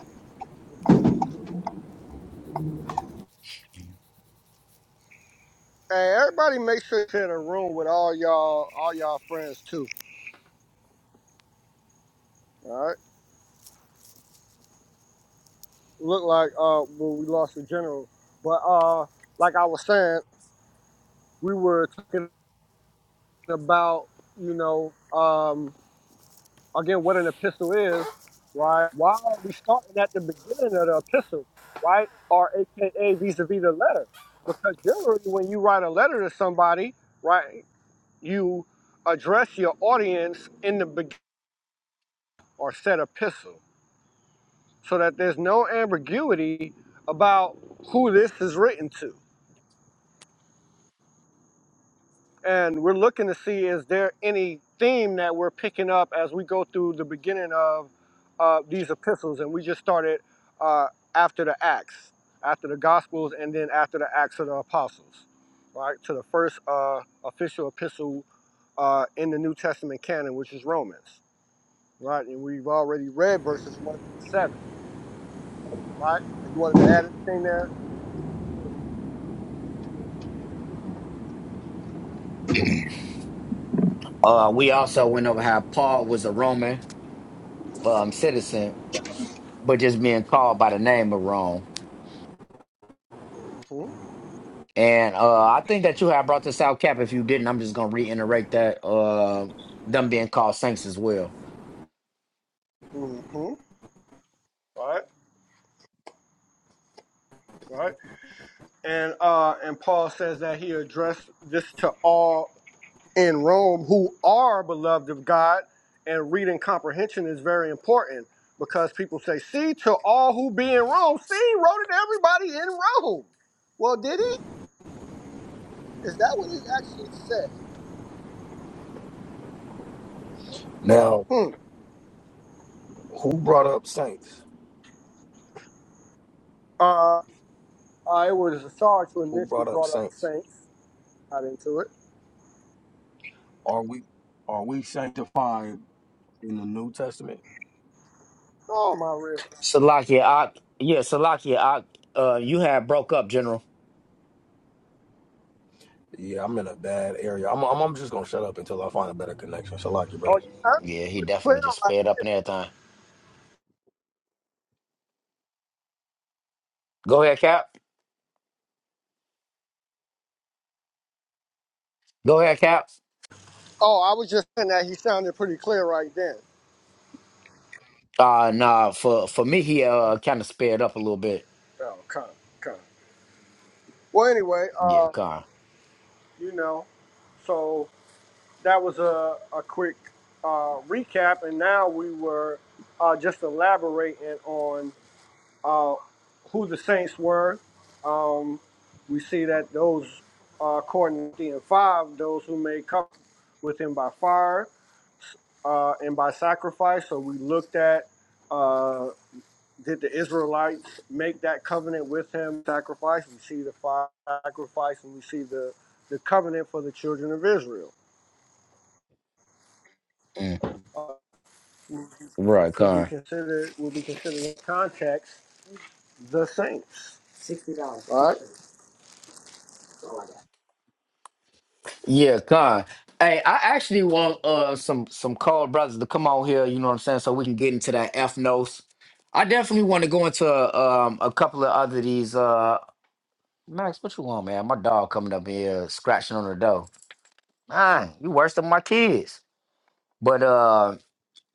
Speaker 2: Hey, everybody, make sure you're in a room with all y'all, all y'all friends too. All right. Look like uh, well, we lost the general, but uh, like I was saying, we were talking about you know um again what an epistle is, right? Why are we starting at the beginning of the epistle, right? Or AKA vis-a-vis the letter, because generally when you write a letter to somebody, right, you address your audience in the beginning or said epistle so that there's no ambiguity about who this is written to. And we're looking to see is there any theme that we're picking up as we go through the beginning of uh, these epistles. And we just started uh, after the Acts, after the Gospels, and then after the Acts of the Apostles, right? To the first uh, official epistle uh, in the New Testament canon, which is Romans, right? And we've already read verses 1 through 7, right? You wanted to add anything there?
Speaker 1: Uh, we also went over how Paul was a Roman um, citizen, but just being called by the name of Rome.
Speaker 2: hmm
Speaker 1: And uh, I think that you had brought this out, Cap. If you didn't, I'm just going to reiterate that uh, them being called saints as well.
Speaker 2: hmm right? Right? And uh and Paul says that he addressed this to all in Rome who are beloved of God, and reading comprehension is very important because people say, see to all who be in Rome. See, he wrote it to everybody in Rome. Well, did he? Is that what it actually said?
Speaker 3: Now,
Speaker 2: Hmm.
Speaker 3: who brought up saints?
Speaker 2: Uh, uh it was a Sarge who
Speaker 3: Who
Speaker 2: initially
Speaker 3: brought up
Speaker 2: brought up the
Speaker 3: saints?
Speaker 2: Saints. Got into it.
Speaker 3: Are we are we sanctified in the New Testament?
Speaker 2: Oh my rib.
Speaker 1: Salakia, I, yeah, Salakia, I, uh, you had broke up, General.
Speaker 3: Yeah, I'm in a bad area. I'm I'm, I'm just gonna shut up until I find a better connection. So like you,
Speaker 2: Oh,
Speaker 3: brothers.
Speaker 2: you sounded
Speaker 1: Yeah, he
Speaker 2: pretty
Speaker 1: definitely
Speaker 2: clear
Speaker 1: just
Speaker 2: right
Speaker 1: sped up
Speaker 2: there.
Speaker 1: and everything. Go ahead, Cap. Go ahead, Cap.
Speaker 2: Oh, I was just saying that he sounded pretty clear right then.
Speaker 1: Uh, nah, for for me, he uh kind of sped up a little bit.
Speaker 2: Oh, kind. come. Well, anyway,
Speaker 1: Yeah,
Speaker 2: uh,
Speaker 1: Con.
Speaker 2: you know, so that was a, a quick uh, recap, and now we were uh, just elaborating on uh, who the Saints were. Um, we see that those, uh, according to Corinthians 5, those who made covenant with him by fire uh, and by sacrifice. So we looked at uh, did the Israelites make that covenant with him? Sacrifice. We see the sacrifice, and we see the the covenant for the children of Israel.
Speaker 1: Mm.
Speaker 2: Uh,
Speaker 1: Right,
Speaker 2: could be
Speaker 1: Con.
Speaker 2: considered will be considered in context the saints. All right,
Speaker 1: Yeah, Con. Hey, I actually want uh some some called brothers to come on here. You know what I'm saying? So we can get into that F notes. I definitely want to go into um a couple of other these. Uh, Max, what you want, man? My dog coming up here scratching on the door. Man, you worse than my kids. But uh.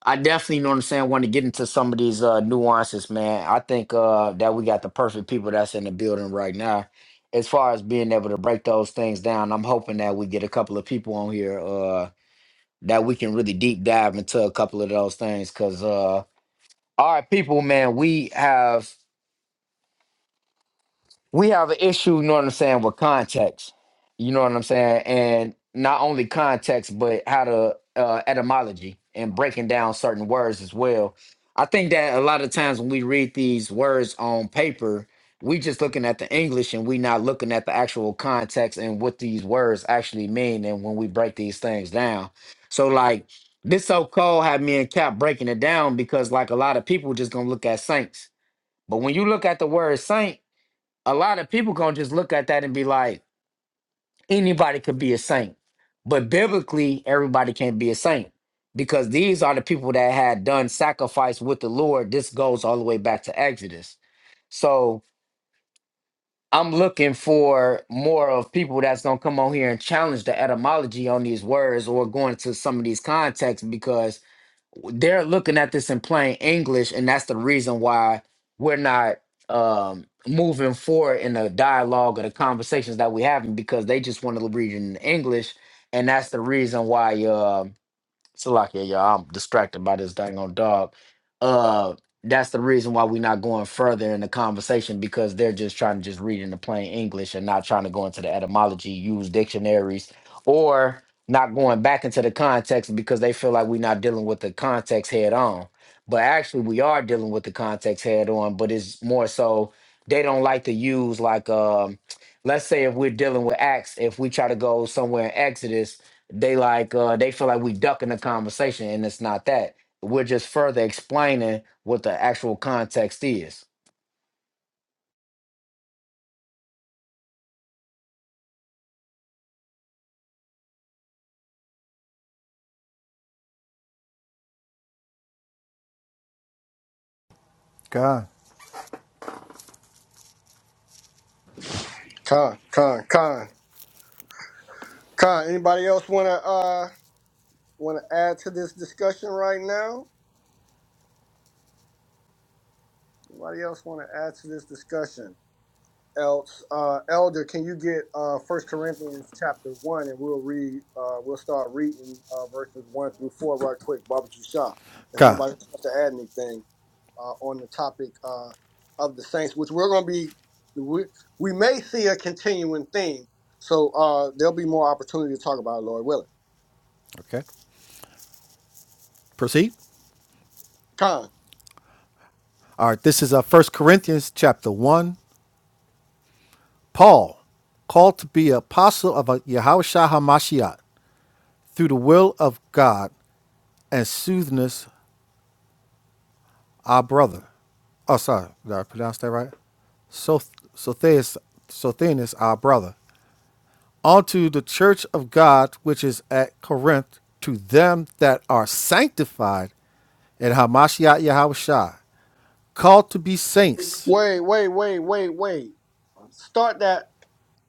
Speaker 1: I definitely you know what I'm saying. Want to get into some of these uh, nuances, man. I think uh, that we got the perfect people that's in the building right now. As far as being able to break those things down, I'm hoping that we get a couple of people on here uh, that we can really deep dive into a couple of those things. Cause uh, all right, people, man, we have we have an issue, you know what I'm saying, with context. You know what I'm saying? And not only context, but how to uh, etymology and breaking down certain words as well. I think that a lot of times when we read these words on paper, we just looking at the English and we not looking at the actual context and what these words actually mean and when we break these things down. So like this so called had me and Cap breaking it down because like a lot of people just gonna look at saints. But when you look at the word saint, a lot of people gonna just look at that and be like, anybody could be a saint. But biblically, everybody can't be a saint because these are the people that had done sacrifice with the Lord. This goes all the way back to Exodus. So I'm looking for more of people that's gonna come on here and challenge the etymology on these words or going to some of these contexts because they're looking at this in plain English, and that's the reason why we're not um, moving forward in the dialogue or the conversations that we're having because they just want to read it in English, and that's the reason why. um, Salakia, y'all. I'm distracted by this dang on dog. Uh, that's the reason why we're not going further in the conversation because they're just trying to just read into plain English and not trying to go into the etymology, use dictionaries, or not going back into the context because they feel like we're not dealing with the context head on. But actually, we are dealing with the context head on. But it's more so they don't like to use like um, let's say if we're dealing with Acts, if we try to go somewhere in Exodus they like uh they feel like we ducking the conversation and it's not that we're just further explaining what the actual context is
Speaker 7: God.
Speaker 2: con, con, con, con. Anybody else want to uh want to add to this discussion right now? Anybody else want to add to this discussion? else. Uh, Elder, can you get uh, 1 Corinthians chapter 1 and we'll read, uh, we'll start reading uh, verses 1 through 4 right quick, barbecue shop. If
Speaker 7: Okay.
Speaker 2: nobody else wants to add anything uh, on the topic uh, of the saints, which we're going to be, we, we may see a continuing theme. So uh, there'll be more opportunity to talk about it, Lord willing.
Speaker 7: Okay. Proceed.
Speaker 2: Con,
Speaker 7: All right. This is uh, First Corinthians chapter 1. Paul, called to be apostle of uh, Yahweh Shah through the will of God and soothness our brother. Oh, sorry, did I pronounce that right? So, Sotheus, Sothenes, our brother. Unto the church of God which is at Corinth, to them that are sanctified in Hamashiach Yahushua, called to be saints.
Speaker 2: wait, wait, wait, wait, wait. Start that,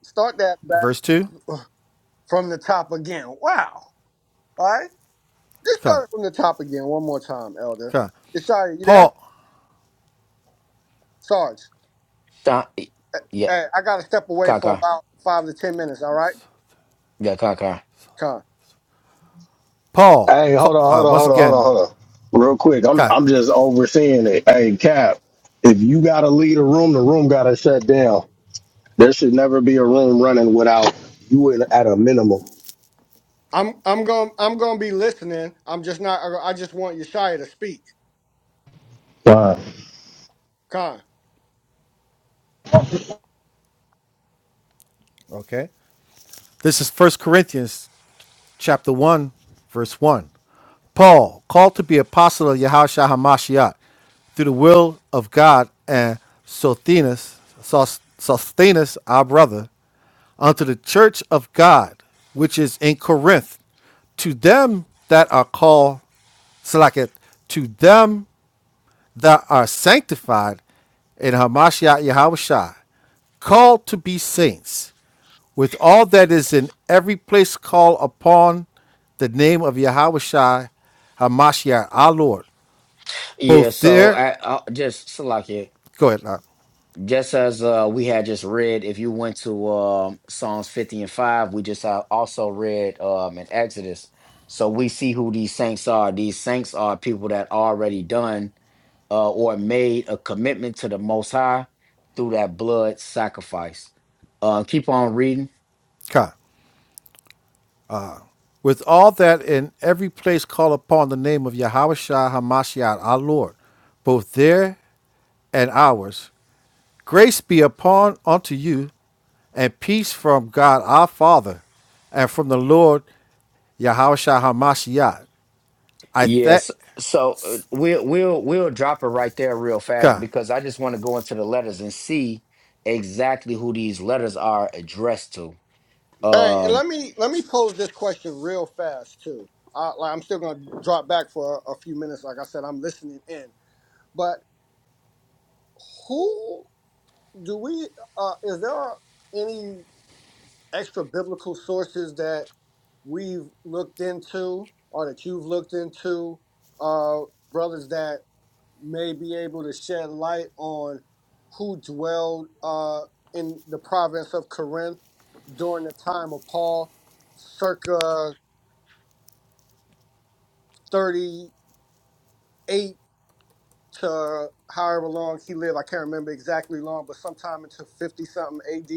Speaker 2: start that back
Speaker 7: Verse 2.
Speaker 2: from the top again. Wow. All right. Just
Speaker 7: Come,
Speaker 2: start from the top again, one more time, Elder.
Speaker 7: come.
Speaker 2: Sorry, you there?
Speaker 7: Paul,
Speaker 2: Sarge.
Speaker 1: Th- yeah
Speaker 2: Hey, I gotta step away for
Speaker 1: kaka
Speaker 2: about five to ten minutes. All right,
Speaker 1: yeah kaka
Speaker 2: Con.
Speaker 7: Paul,
Speaker 3: Hey, hold on, hold
Speaker 7: uh,
Speaker 3: on,
Speaker 7: once
Speaker 3: hold on, hold on,
Speaker 7: again,
Speaker 3: hold on. Real quick, I'm
Speaker 7: come.
Speaker 3: I'm just overseeing it. Hey, Cap, if you gotta leave a room, the room gotta shut down. There should never be a room running without you in, at a minimum.
Speaker 2: I'm I'm going I'm gonna be listening. I'm just not. I I just want Yeshaya to speak,
Speaker 3: Fine.
Speaker 2: Con.
Speaker 7: Okay. This is First Corinthians chapter 1, verse 1. Paul, called to be apostle of Yahushua HaMashiach through the will of God and Sothenes, Sos- Sosthenes, our brother, unto the church of God, which is in Corinth, to them that are called, Selak to them that are sanctified in Hamashiach Yahawashai, called to be saints, with all that is in every place call upon the name of Yahawashai Hamashiach, our Lord,
Speaker 1: yeah
Speaker 7: both
Speaker 1: so
Speaker 7: there,
Speaker 1: I, I just Salakia,
Speaker 7: go ahead, uh,
Speaker 1: just as uh we had just read if you went to um psalms 50 and 5 we just uh, also read um in exodus so we see who these saints are these saints are people that already done uh, or made a commitment to the Most High through that blood sacrifice. Uh, keep on reading.
Speaker 7: Khan. With all that in every place call upon the name of Yahawashai Hamashiach, our Lord, both there and ours, Grace be upon unto you, and peace from God our Father, and from the Lord Yahushua Hamashiach. I thank
Speaker 1: Yes. So uh, we'll we'll we'll drop it right there real fast
Speaker 7: God.
Speaker 1: because I just want to go into the letters and see exactly who these letters are addressed to.
Speaker 2: Hey, and
Speaker 1: Um,
Speaker 2: let me let me pose this question real fast too. I, like, I'm still gonna drop back for a, a few minutes. Like I said, I'm listening in. But who do we? Uh, is there any? extra biblical sources that we've looked into or that you've looked into, uh, brothers that may be able to shed light on who dwelled uh, in the province of Corinth during the time of Paul, circa 38 to however long he lived. I can't remember exactly long, but sometime into 50 something AD.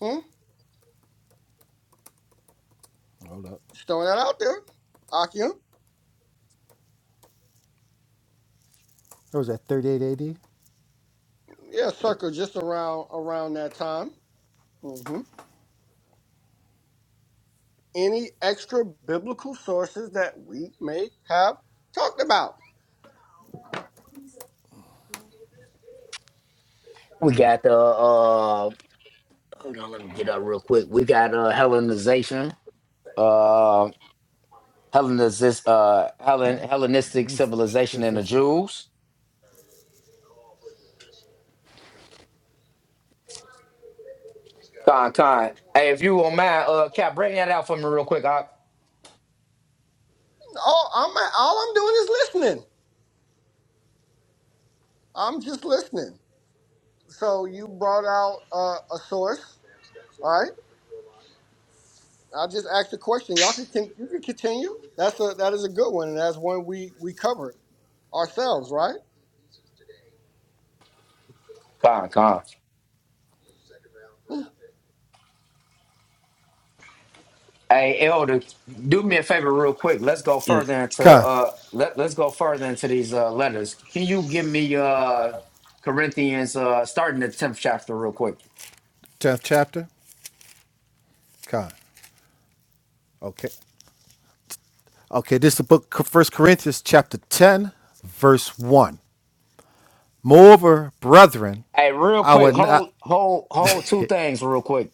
Speaker 2: Hmm?
Speaker 7: Hold up.
Speaker 2: Just throwing that out there. Akim.
Speaker 7: What was that? 38 AD.
Speaker 2: Yeah, circa just around around that time. hmm any extra biblical sources that we may have talked about.
Speaker 1: we got the uh, hold on, let me get up real quick. We got uh, Hellenization, uh, Hellenizis, uh, Hellen, Hellenistic
Speaker 7: Mm, this
Speaker 1: civilization and the
Speaker 7: PlayStation.
Speaker 1: Jews Con, con. Hey, if you won't mind, uh, Cap, bring that out for me real quick. I,
Speaker 2: All I'm all I'm doing is listening. I'm just listening. So you brought out uh, a source. All right, I just asked a question. Y'all can, can you can continue. That's a that is a good one, and that's one we we covered ourselves, right?
Speaker 1: con, con. Hey, Elder, do me a favor real quick. Let's go
Speaker 6: If
Speaker 1: further into
Speaker 7: Con,
Speaker 1: uh, let let's go further into these uh letters. Can you give me uh Corinthians uh starting the tenth chapter real quick?
Speaker 7: 10th chapter. Con. Okay. Okay, this is the book of 1 Corinthians, chapter 10, verse 1. Moreover, brethren,
Speaker 1: Hey, real
Speaker 7: I
Speaker 1: quick,
Speaker 7: would not.
Speaker 1: hold hold hold two things real quick.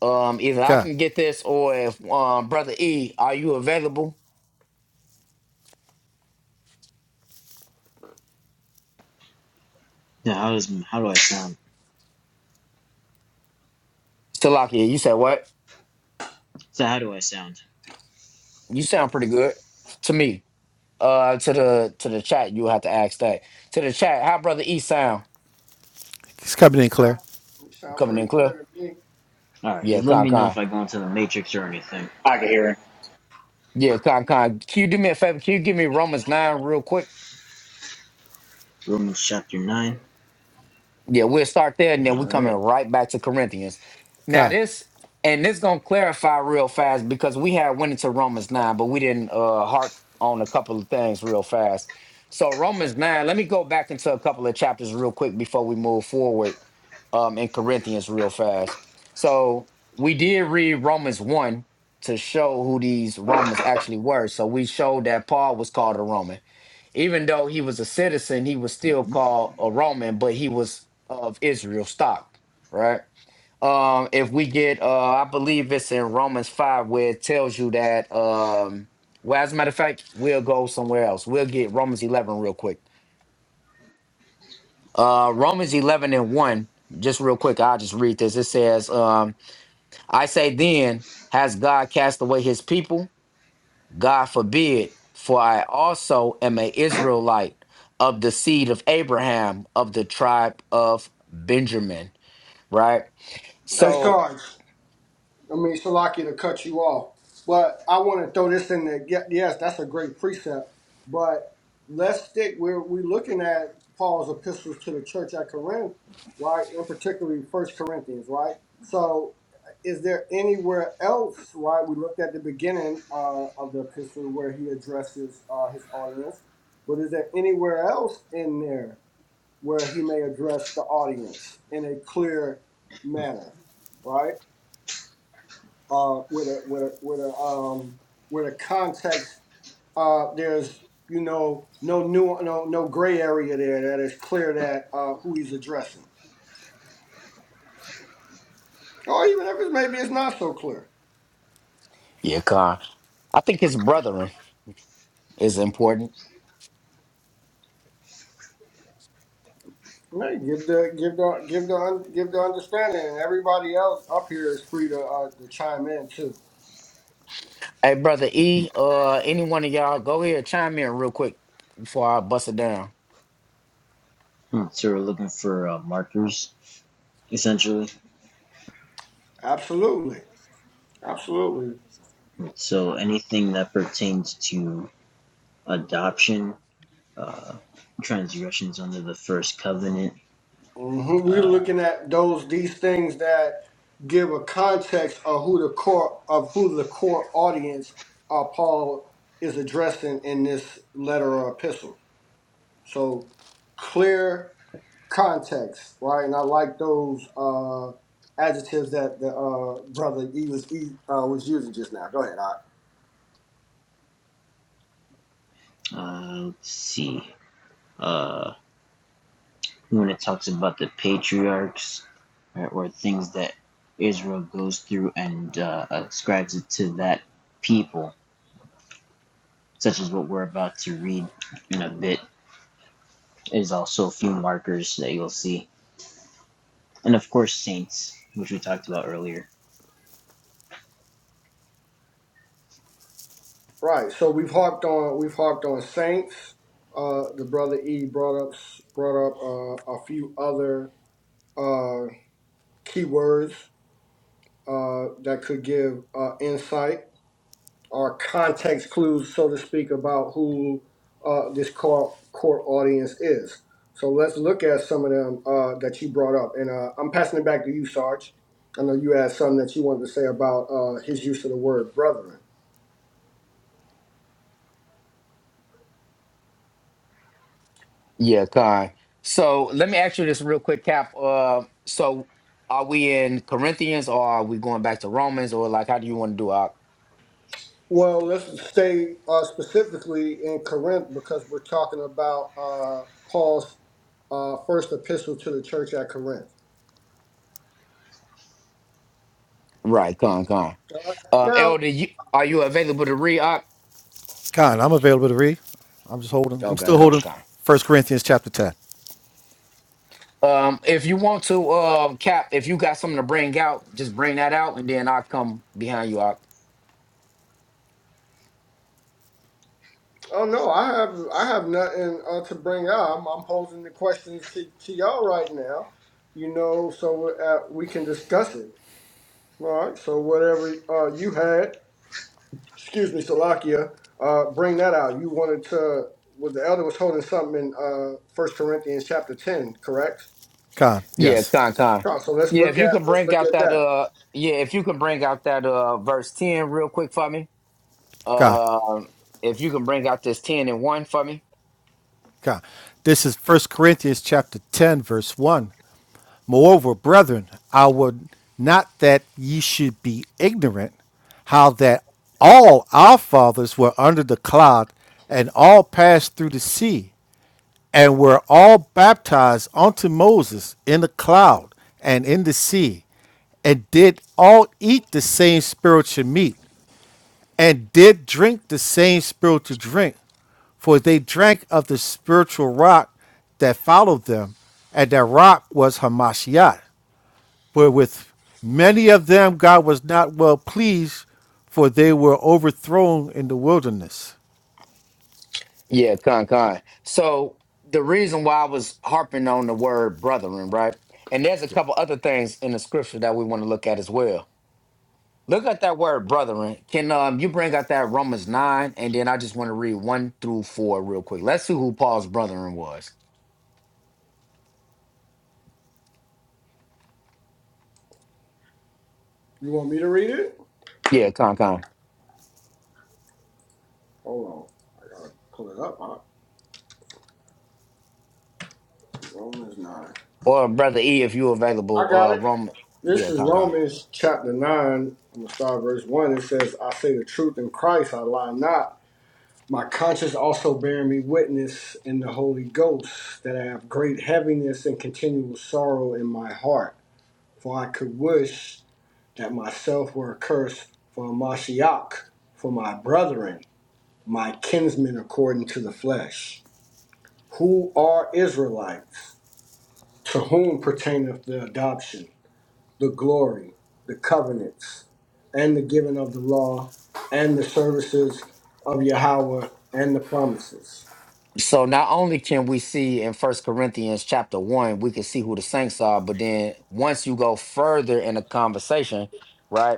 Speaker 1: Um, either I
Speaker 7: Con.
Speaker 1: can get this or if um brother E, are you available?
Speaker 6: now, how does how do I sound?
Speaker 1: Still out here. You said what?
Speaker 6: So how do I sound?
Speaker 1: You sound pretty good to me. Uh, to the to the chat, you have to ask that. To the chat, how brother E sound
Speaker 7: It's coming in
Speaker 2: Yeah,
Speaker 7: clear.
Speaker 2: sound
Speaker 1: coming
Speaker 2: pretty
Speaker 1: in clear?
Speaker 2: clear to me.
Speaker 6: All right,
Speaker 1: Yeah,
Speaker 6: just let
Speaker 1: con
Speaker 6: me know if
Speaker 1: con.
Speaker 6: I go into the matrix or anything.
Speaker 4: I can hear him.
Speaker 1: Yeah, con con. Can you do me a favor? Can you give me Romans nine real quick?
Speaker 6: Romans chapter nine.
Speaker 1: Yeah, we'll start there and then we're
Speaker 6: All
Speaker 1: coming
Speaker 6: right.
Speaker 1: right back to Corinthians. Now
Speaker 7: Con.
Speaker 1: this and this gonna clarify real fast because we had went into Romans 9, but we didn't uh harp on a couple of things real fast. So Romans 9, let me go back into a couple of chapters real quick before we move forward um in Corinthians real fast. So we did read Romans 1 to show who these Romans actually were. So we showed that Paul was called a Roman. Even though he was a citizen, he was still
Speaker 6: Mhm.
Speaker 1: called a Roman, but he was of Israel stock, right? Um, if we get, uh, I believe it's in Romans 5 where it tells you that, um, well, as a matter of fact, we'll go somewhere else. We'll get Romans 11 real quick. Uh, Romans 11 and 1, just real quick, I'll just read this. It says, um, I say then, has God cast away his people? God forbid, for I also am a Israelite of the seed of Abraham, of the tribe of Benjamin. Right?
Speaker 2: Hey,
Speaker 1: So,
Speaker 2: Sarge. I mean, Salaki to cut you off. But I want to throw this in there. Ye- Yes, that's a great precept. But let's stick where we're looking at Paul's epistles to the church at Corinth, right? And particularly First Corinthians, right? So is there anywhere else, right? We looked at the beginning uh, of the epistle where he addresses uh, his audience. But is there anywhere else in there where he may address the audience in a clear manner, right? uh, with a with a with a um, with a context. Uh, there's you know no new no no gray area there that is clear that uh, who he's addressing, or even if it's maybe it's not so clear.
Speaker 1: yeah, God. I think his brethren is important.
Speaker 2: Right, give the give the give the un, give the understanding, and everybody else up here is free to uh, to chime in too.
Speaker 1: Hey, brother E, uh, any one of y'all, go ahead, chime in real quick before I bust it down.
Speaker 6: Hmm. So we're looking for uh, markers, essentially.
Speaker 2: Absolutely, absolutely.
Speaker 6: So anything that pertains to adoption, uh, transgressions under the first covenant
Speaker 2: hmm We're
Speaker 6: Uh,
Speaker 2: looking at those these things that give a context of who the core of who the core audience uh, Paul is addressing in this letter or epistle. So clear context, right? And I like those uh, adjectives that the uh, brother E was E uh, was using just now. Go ahead, I.
Speaker 6: uh, let's see. Uh, when it talks about the patriarchs right, or things that Israel goes through and uh, ascribes it to that people, such as what we're about to read in a bit, is also a few markers that you'll see. And of course, saints, which we talked about earlier.
Speaker 2: Right. So we've harped on we've harped on saints. Uh, the brother E brought up brought up uh, a few other. keywords uh, that could give uh, insight or context clues, so to speak, about who uh, this core, core audience is. So let's look at some of them uh, that you brought up. And uh, I'm passing it back to you, Sarge. I know you had something that you wanted to say about uh, his use of the word brethren.
Speaker 1: Yeah, Kai. So let me ask you this real quick, Cap. Uh, so are we in Corinthians or are we going back to Romans or like how do you want to do our
Speaker 2: Well, let's stay uh, specifically in Corinth because we're talking about uh, Paul's uh, first epistle to the church at Corinth.
Speaker 1: right? Come, come.
Speaker 2: All
Speaker 1: Um,
Speaker 2: right?
Speaker 1: Elder, you, are you available to read? I,
Speaker 7: Con, I'm available to read. I'm just holding. I'm
Speaker 1: okay,
Speaker 7: still
Speaker 1: come,
Speaker 7: holding
Speaker 1: come.
Speaker 7: First Corinthians chapter 10.
Speaker 1: Um, if you want to, um, Cap, if you got something to bring out, just bring that out, and then I'll come behind you. Out.
Speaker 2: Oh no, I have I have nothing uh, to bring up. I'm, posing the questions to, to y'all right now, you know, so uh, we can discuss it. All right. So whatever uh, you had, excuse me, Salakia, uh, bring that out. You wanted to. Well, the elder was holding something in uh, First Corinthians chapter ten, correct?
Speaker 7: Con,
Speaker 1: Yeah, con,
Speaker 7: yes.
Speaker 1: con.
Speaker 2: Come on, So let's
Speaker 1: Yeah,
Speaker 2: look
Speaker 1: if you
Speaker 2: at
Speaker 1: can
Speaker 2: let's
Speaker 1: bring
Speaker 2: look
Speaker 1: out
Speaker 2: at
Speaker 1: that,
Speaker 2: that.
Speaker 1: uh, yeah, if you can bring out that, uh, verse ten real quick for me.
Speaker 7: Con,
Speaker 1: Um, if you can bring out this ten and one for me.
Speaker 7: Con. This is First Corinthians chapter 10, verse 1. Moreover, brethren, I would not that ye should be ignorant how that all our fathers were under the cloud and all passed through the sea and were all baptized unto Moses in the cloud and in the sea, and did all eat the same spiritual meat, and did drink the same spiritual drink, for they drank of the spiritual rock that followed them, and that rock was Hamashiach. But with many of them God was not well pleased, for they were overthrown in the wilderness.
Speaker 1: Yeah, con, con. So the reason why I was harping on the word brethren, right? And there's a
Speaker 7: Okay.
Speaker 1: couple other things in the scripture that we want to look at as well Look at that word, brethren. Can um you bring out that Romans nine, and then I just want to read one through four real quick. Let's see who Paul's brethren was.
Speaker 2: You want me to read it?
Speaker 1: Yeah, con con.
Speaker 2: Hold on, I gotta pull it up. Uh, Romans nine.
Speaker 1: Or brother E, if you available.
Speaker 2: I got
Speaker 1: Uh,
Speaker 2: it.
Speaker 1: Roman. Yeah,
Speaker 2: This is
Speaker 1: con con.
Speaker 2: Romans chapter 9, I'm going to start verse 1. It says, I say the truth in Christ, I lie not. My conscience also bearing me witness in the Holy Ghost that I have great heaviness and continual sorrow in my heart. For I could wish that myself were accursed for Mashiach, for my brethren, my kinsmen according to the flesh, who are Israelites, to whom pertaineth the adoption the glory, the covenants, and the giving of the law, and the services of Yahweh, and the promises.
Speaker 1: So not only can we see in First Corinthians chapter one, we can see who the saints are, but then once you go further in the conversation, right?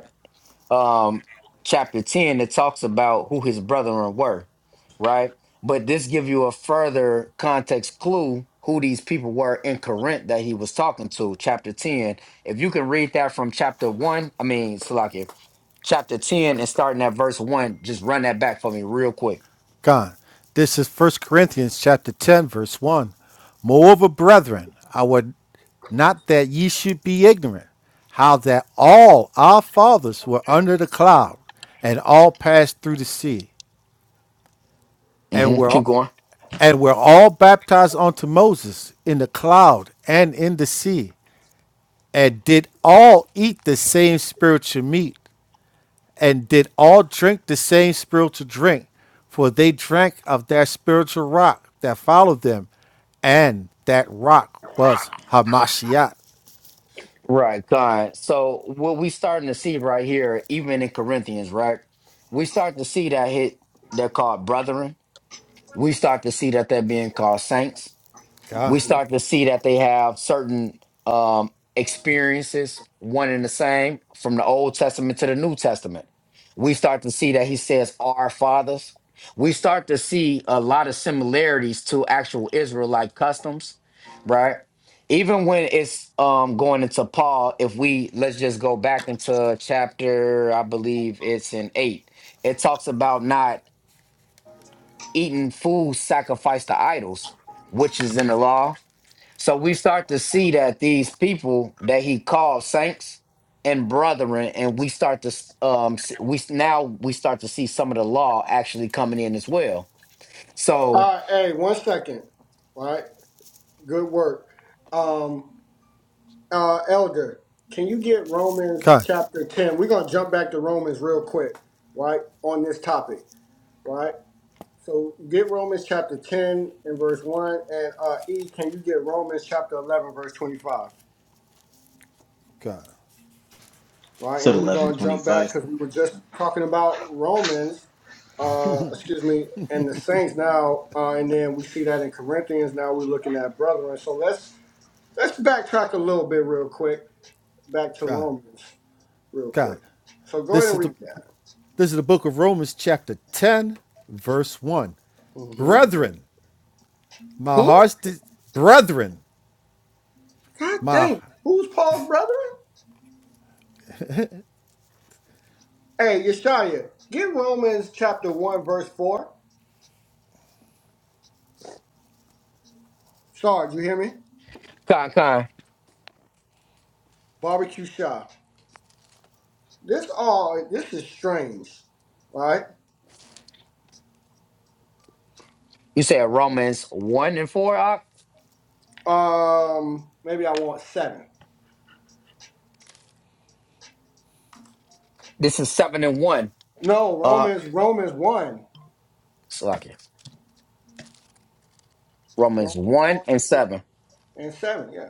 Speaker 1: um, chapter 10 that talks about who his brethren were, right? But this give you a further context clue who these people were in Corinth that he was talking to, chapter 10. If you can read that from chapter 1, I mean, Salakia, chapter 10 and starting at verse 1, just run that back for me real quick.
Speaker 7: God. This is First Corinthians chapter 10 verse 1. Moreover, brethren, I would not that ye should be ignorant how that all our fathers were under the cloud and all passed through the sea and
Speaker 1: hmm
Speaker 7: were
Speaker 1: Keep going.
Speaker 7: and were all baptized unto Moses in the cloud and in the sea and did all eat the same spiritual meat and did all drink the same spiritual drink, for they drank of that spiritual rock that followed them, and that rock was Hamashiach.
Speaker 1: Right, God. So what we starting to see right here, even in Corinthians, right? We start to see that hit they're called brethren we start to see that they're being called saints. We
Speaker 7: God,
Speaker 1: start to see that they have certain um, experiences, one and the same, from the Old Testament to the New Testament. We start to see that he says, Our fathers. We start to see a lot of similarities to actual Israelite customs, right? Even when it's um, going into Paul, if we let's just go back into chapter, I believe it's in eight, it talks about not eating food sacrificed to idols, which is in the law. So we start to see that these people that he called saints and brethren, and we start to s- um s- we s- now we start to see some of the law actually coming in as well.
Speaker 2: All
Speaker 1: So
Speaker 2: right, hey, one second. All right, good work. Um, uh, Elder, can you get Romans
Speaker 7: God,
Speaker 2: chapter 10? We're going to jump back to Romans real quick, right, on this topic, right? So get Romans chapter 10 and verse 1, and uh, E, can you get Romans chapter 11, verse 25?
Speaker 7: God,
Speaker 2: right?
Speaker 6: So
Speaker 2: And then we're going to jump back
Speaker 6: 1125.
Speaker 2: because we were just talking about Romans, uh, excuse me, and the saints now, uh, and then we see that in Corinthians. Now we're looking at brethren. So let's let's backtrack a little bit real quick back to
Speaker 7: God,
Speaker 2: Romans real
Speaker 7: God.
Speaker 2: quick. So go ahead
Speaker 7: This
Speaker 2: and
Speaker 7: is the
Speaker 2: read that.
Speaker 7: this is the book of Romans, chapter ten, verse one.
Speaker 2: hmm
Speaker 7: Brethren, my
Speaker 2: Who?
Speaker 7: heart's de- brethren,
Speaker 2: God
Speaker 7: my
Speaker 2: dang! Who's Paul's brethren? Hey, Yeshaya, get Romans chapter one verse four. Sarge, you hear me?
Speaker 1: Con Con,
Speaker 2: Barbecue shop. This all this is strange, right?
Speaker 1: you said Romans one and four. Ak?
Speaker 2: Um, maybe I want seven.
Speaker 1: This is seven and one.
Speaker 2: No,
Speaker 1: Uh,
Speaker 2: Romans, Romans one,
Speaker 1: Slovakia. Romans
Speaker 2: Romans
Speaker 1: one
Speaker 2: one
Speaker 1: and seven.
Speaker 2: and seven. Yeah.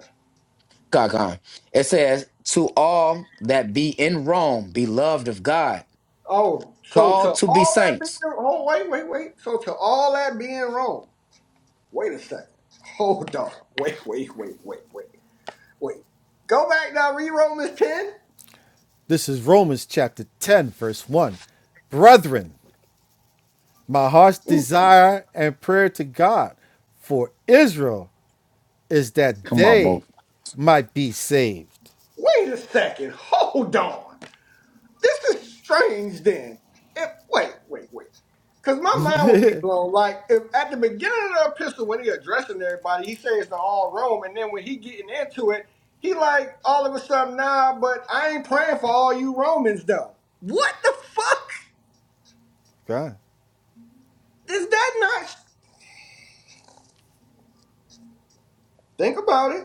Speaker 1: Con Con. It says to all that be in Rome, beloved of God.
Speaker 2: Oh, so
Speaker 1: Called
Speaker 2: to
Speaker 1: to be
Speaker 2: all that being
Speaker 1: saints.
Speaker 2: oh wait wait wait. So to all that being Rome. Wait a second. Hold on. Wait wait wait wait wait wait. Go back now. Read Romans ten.
Speaker 7: this is Romans chapter ten, verse one. Brethren, My heart's desire and prayer to God for Israel is that
Speaker 1: Come on, Mo.
Speaker 7: they might be saved.
Speaker 2: Wait a second. Hold on. This is strange then. If, wait, wait, wait. Because my mind would be blown. Like, if at the beginning of the epistle, when he addressing everybody, he says to all Rome, and then when he getting into it, he like, all of a sudden, nah, but I ain't praying for all you Romans, though. What the fuck?
Speaker 7: God,
Speaker 2: Is that not... Think about it.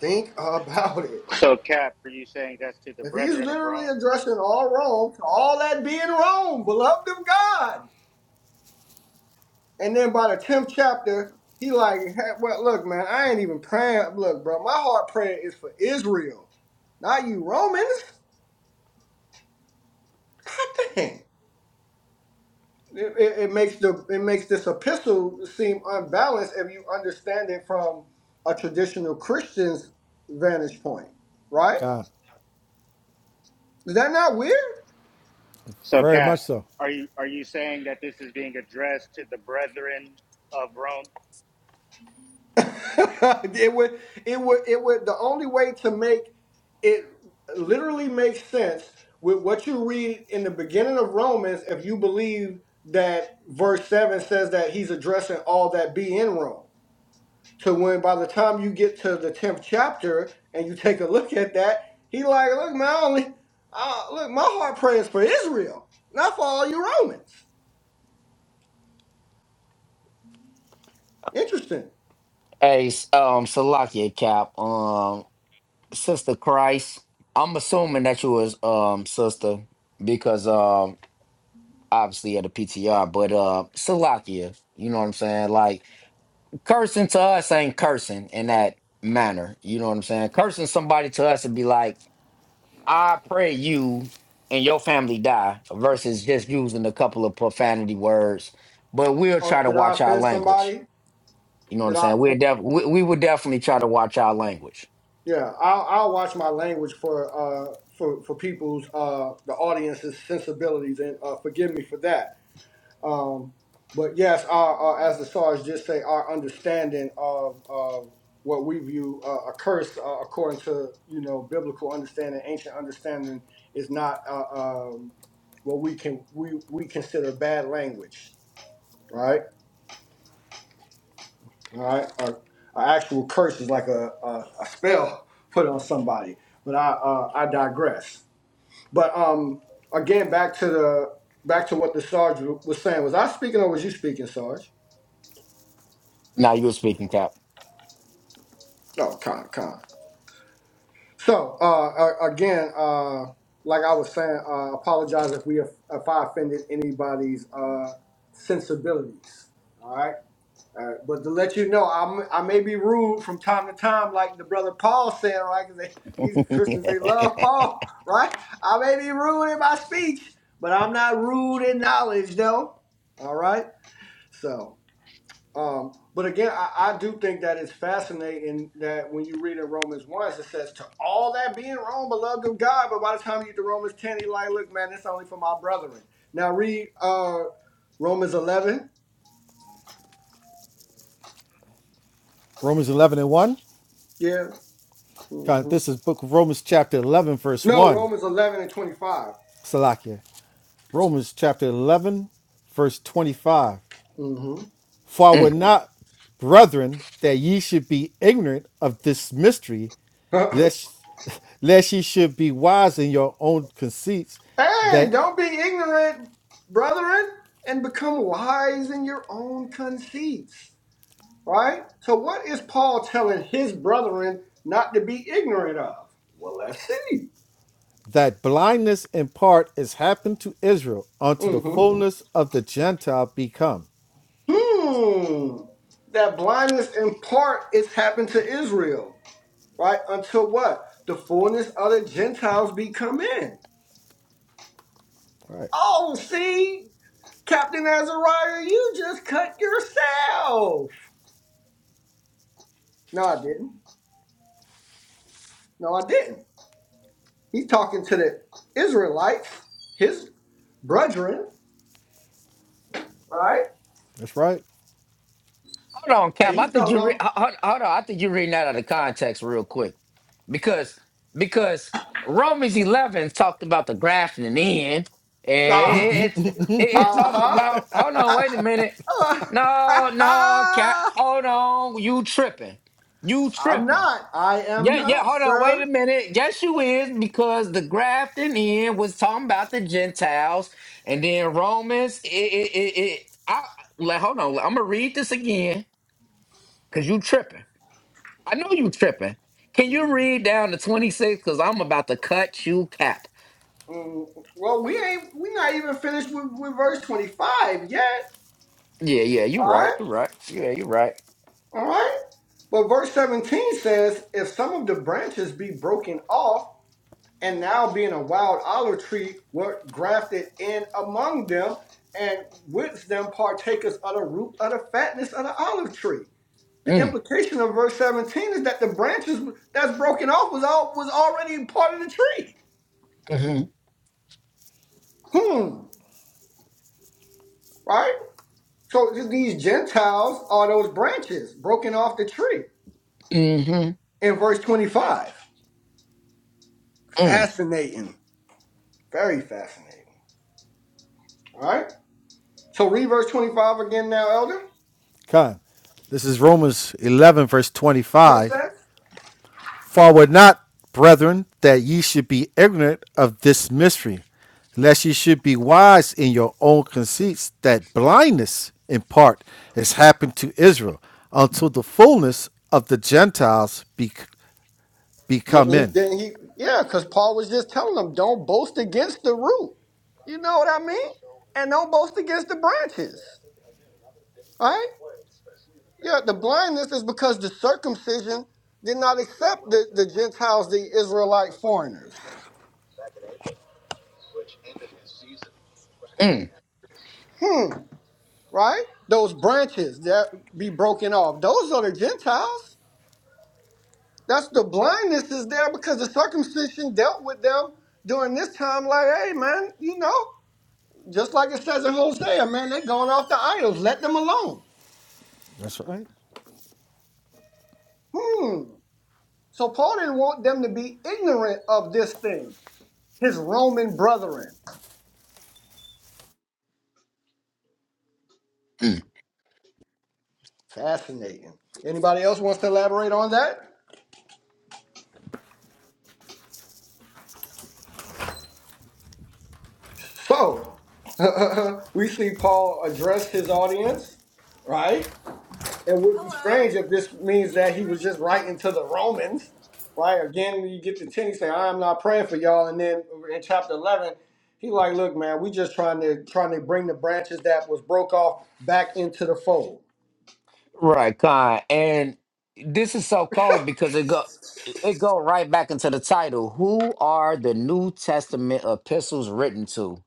Speaker 2: Think about it.
Speaker 4: So, Cap, are you saying that's to the
Speaker 2: If he's
Speaker 4: brethren of Rome?
Speaker 2: literally addressing all Rome, to all that be in Rome, beloved of God. And then by the tenth chapter, he like, hey, well, look, man, I ain't even praying. Look, bro, my heart prayer is for Israel, not you Romans. God dang. It, it, it makes the it makes this epistle seem unbalanced if you understand it from a traditional Christian's vantage point, right?
Speaker 7: God,
Speaker 2: Is that not weird?
Speaker 4: So,
Speaker 7: very much
Speaker 4: Cap,
Speaker 7: so.
Speaker 4: are you are you saying that this is being addressed to the brethren of Rome?
Speaker 2: it would it would it would the only way to make it literally make sense with what you read in the beginning of Romans if you believe that verse 7 says that he's addressing all that be in Rome. So when by the time you get to the 10th chapter and you take a look at that, he like, look, man, I only uh, look, my heart prays for Israel, not for all you Romans. Interesting.
Speaker 1: Hey, s- um, Salakia Cap, um, Sister Christ. I'm assuming that you was um sister because um obviously at the PTR, but uh Salakia, you know what I'm saying? Like cursing to us ain't cursing in that manner. You know what I'm saying? Cursing somebody to us would be like, I pray you and your family die versus just using a couple of profanity words. But we'll
Speaker 2: Or
Speaker 1: try to
Speaker 2: did I
Speaker 1: watch our
Speaker 2: offend
Speaker 1: language.
Speaker 2: somebody?
Speaker 1: You know what
Speaker 2: Did
Speaker 1: I'm
Speaker 2: I?
Speaker 1: saying?
Speaker 2: offend?
Speaker 1: We're def- we, we would definitely try to watch our language.
Speaker 2: Yeah, I'll, I'll watch my language for uh for for people's uh the audience's sensibilities and uh, forgive me for that. Um, but yes, our, uh, as the stars just say, our understanding of of what we view uh, a curse uh, according to you know biblical understanding, ancient understanding is not uh, um what we can we we consider bad language, right? All right, an actual curse is like a, a, a spell put on somebody. But I uh, I digress. But um, again, back to the back to what the Sarge w- was saying. Was I speaking or was you speaking, Sarge?
Speaker 1: Now you're speaking, Cap.
Speaker 2: Oh, con con. So uh, a- again, uh, like I was saying, uh, apologize if we if I offended anybody's uh sensibilities. All right. All right, but to let you know, I'm, I may be rude from time to time, like the brother Paul said, right? Because these Christians, they love Paul, right? I may be rude in my speech, but I'm not rude in knowledge, though. All right? So, um, but again, I, I do think that it's fascinating that when you read in Romans 1, it says, To all that being wrong, beloved of God. But by the time you get to Romans 10, you're like, Look, man, it's only for my brethren. Now read uh, Romans 11.
Speaker 7: Romans 11 and 1.
Speaker 2: Yeah.
Speaker 7: God,
Speaker 2: hmm
Speaker 7: this is book of Romans chapter 11, verse
Speaker 2: No,
Speaker 7: 1.
Speaker 2: Romans 11 and 25.
Speaker 7: Salakia. Romans chapter 11, verse 25.
Speaker 2: Mm hmm
Speaker 7: For I would
Speaker 1: Mm.
Speaker 7: not, brethren, that ye should be ignorant of this mystery, lest lest ye should be wise in your own conceits,
Speaker 2: hey,
Speaker 7: that
Speaker 2: don't be ignorant, brethren, and become wise in your own conceits. Right? So, what is Paul telling his brethren not to be ignorant of? Well, let's see.
Speaker 7: that blindness in part is happened to Israel unto the
Speaker 2: Mm
Speaker 7: fullness of the Gentile become.
Speaker 2: hmm Hmm. That blindness in part is happened to Israel, right? Until what? The fullness of the Gentiles be come in.
Speaker 7: All right,
Speaker 2: Oh, see? Captain Azariah, you just cut yourself. No, I didn't. No, I didn't. He's talking to the Israelites, his brethren, right?
Speaker 7: that's right.
Speaker 1: Hold on,
Speaker 2: And
Speaker 1: Cap. I
Speaker 2: he's
Speaker 1: think
Speaker 2: telling
Speaker 1: you re-
Speaker 2: them,
Speaker 1: ho- ho- hold on. I think you're reading that out of context real quick because because Romans 11 talked about the grafting in, and it, it,
Speaker 2: ah,
Speaker 1: it's- it, it talked
Speaker 2: uh-huh,
Speaker 1: about. Hold on, wait a minute.
Speaker 2: uh
Speaker 1: No, no, Cap.
Speaker 2: huh. uh
Speaker 1: Hold on, you tripping? You
Speaker 2: i am
Speaker 1: tripping?
Speaker 2: not. I am
Speaker 1: Yeah, yeah,
Speaker 2: not,
Speaker 1: hold on, wait
Speaker 2: sir.
Speaker 1: a minute. Yes, you is, because the grafting in was talking about the Gentiles, and then Romans. It, it, it, it I like, hold on. I'm gonna read this again, cause you tripping. I know you tripping. Can you read down to 26? Cause I'm about to cut you cap.
Speaker 2: Mm, well, we ain't. we not even finished with, with verse 25 yet.
Speaker 1: Yeah, yeah, you
Speaker 2: All
Speaker 1: right,
Speaker 2: right,
Speaker 1: you right. Yeah, you right.
Speaker 2: all right. But verse 17 says, if some of the branches be broken off and now being a wild olive tree were grafted in among them, and with them partakers of the root of the fatness of the olive tree. The
Speaker 1: Mm,
Speaker 2: implication of verse 17 is that the branches that's broken off was all was already part of the tree.
Speaker 1: mm-hmm,
Speaker 2: Hmm. Right? So these Gentiles are those branches broken off the tree
Speaker 1: mm-hmm,
Speaker 2: in verse 25.
Speaker 1: mm, mm,
Speaker 2: Fascinating. Very fascinating. All right. So read verse 25 again now, Elder.
Speaker 7: Come, This is Romans 11, verse 25.
Speaker 2: Princess?
Speaker 7: Forward not, brethren, that ye should be ignorant of this mystery, lest ye should be wise in your own conceits, that blindness in part is happened to Israel until the fullness of the Gentiles be,
Speaker 2: Didn't
Speaker 7: become
Speaker 2: he?
Speaker 7: in.
Speaker 2: Didn't he? Yeah, because Paul was just telling them, don't boast against the root. You know what I mean? And don't boast against the branches. All right? Yeah, the blindness is because the circumcision did not accept the, the Gentiles, the Israelite foreigners.
Speaker 1: mm.
Speaker 2: Hmm, right? Those branches that be broken off, those are the Gentiles. That's the blindness is there because the circumcision dealt with them during this time, like, hey, man, you know. Just like it says in Hosea, man, they're going off the idols. Let them alone.
Speaker 7: That's right.
Speaker 2: Hmm. So Paul didn't want them to be ignorant of this thing, his Roman brethren. Fascinating. Anybody else wants to elaborate on that? So, we see Paul address his audience, right? It would be strange if this means that he was just writing to the Romans, right? Again, you get to 10, he say, I'm not praying for y'all. And then in chapter 11, he like, look, man, we just trying to trying to bring the branches that was broke off back into the fold.
Speaker 1: Right, Con. And this is so cold because it go it go right back into the title. Who are the New Testament epistles written to?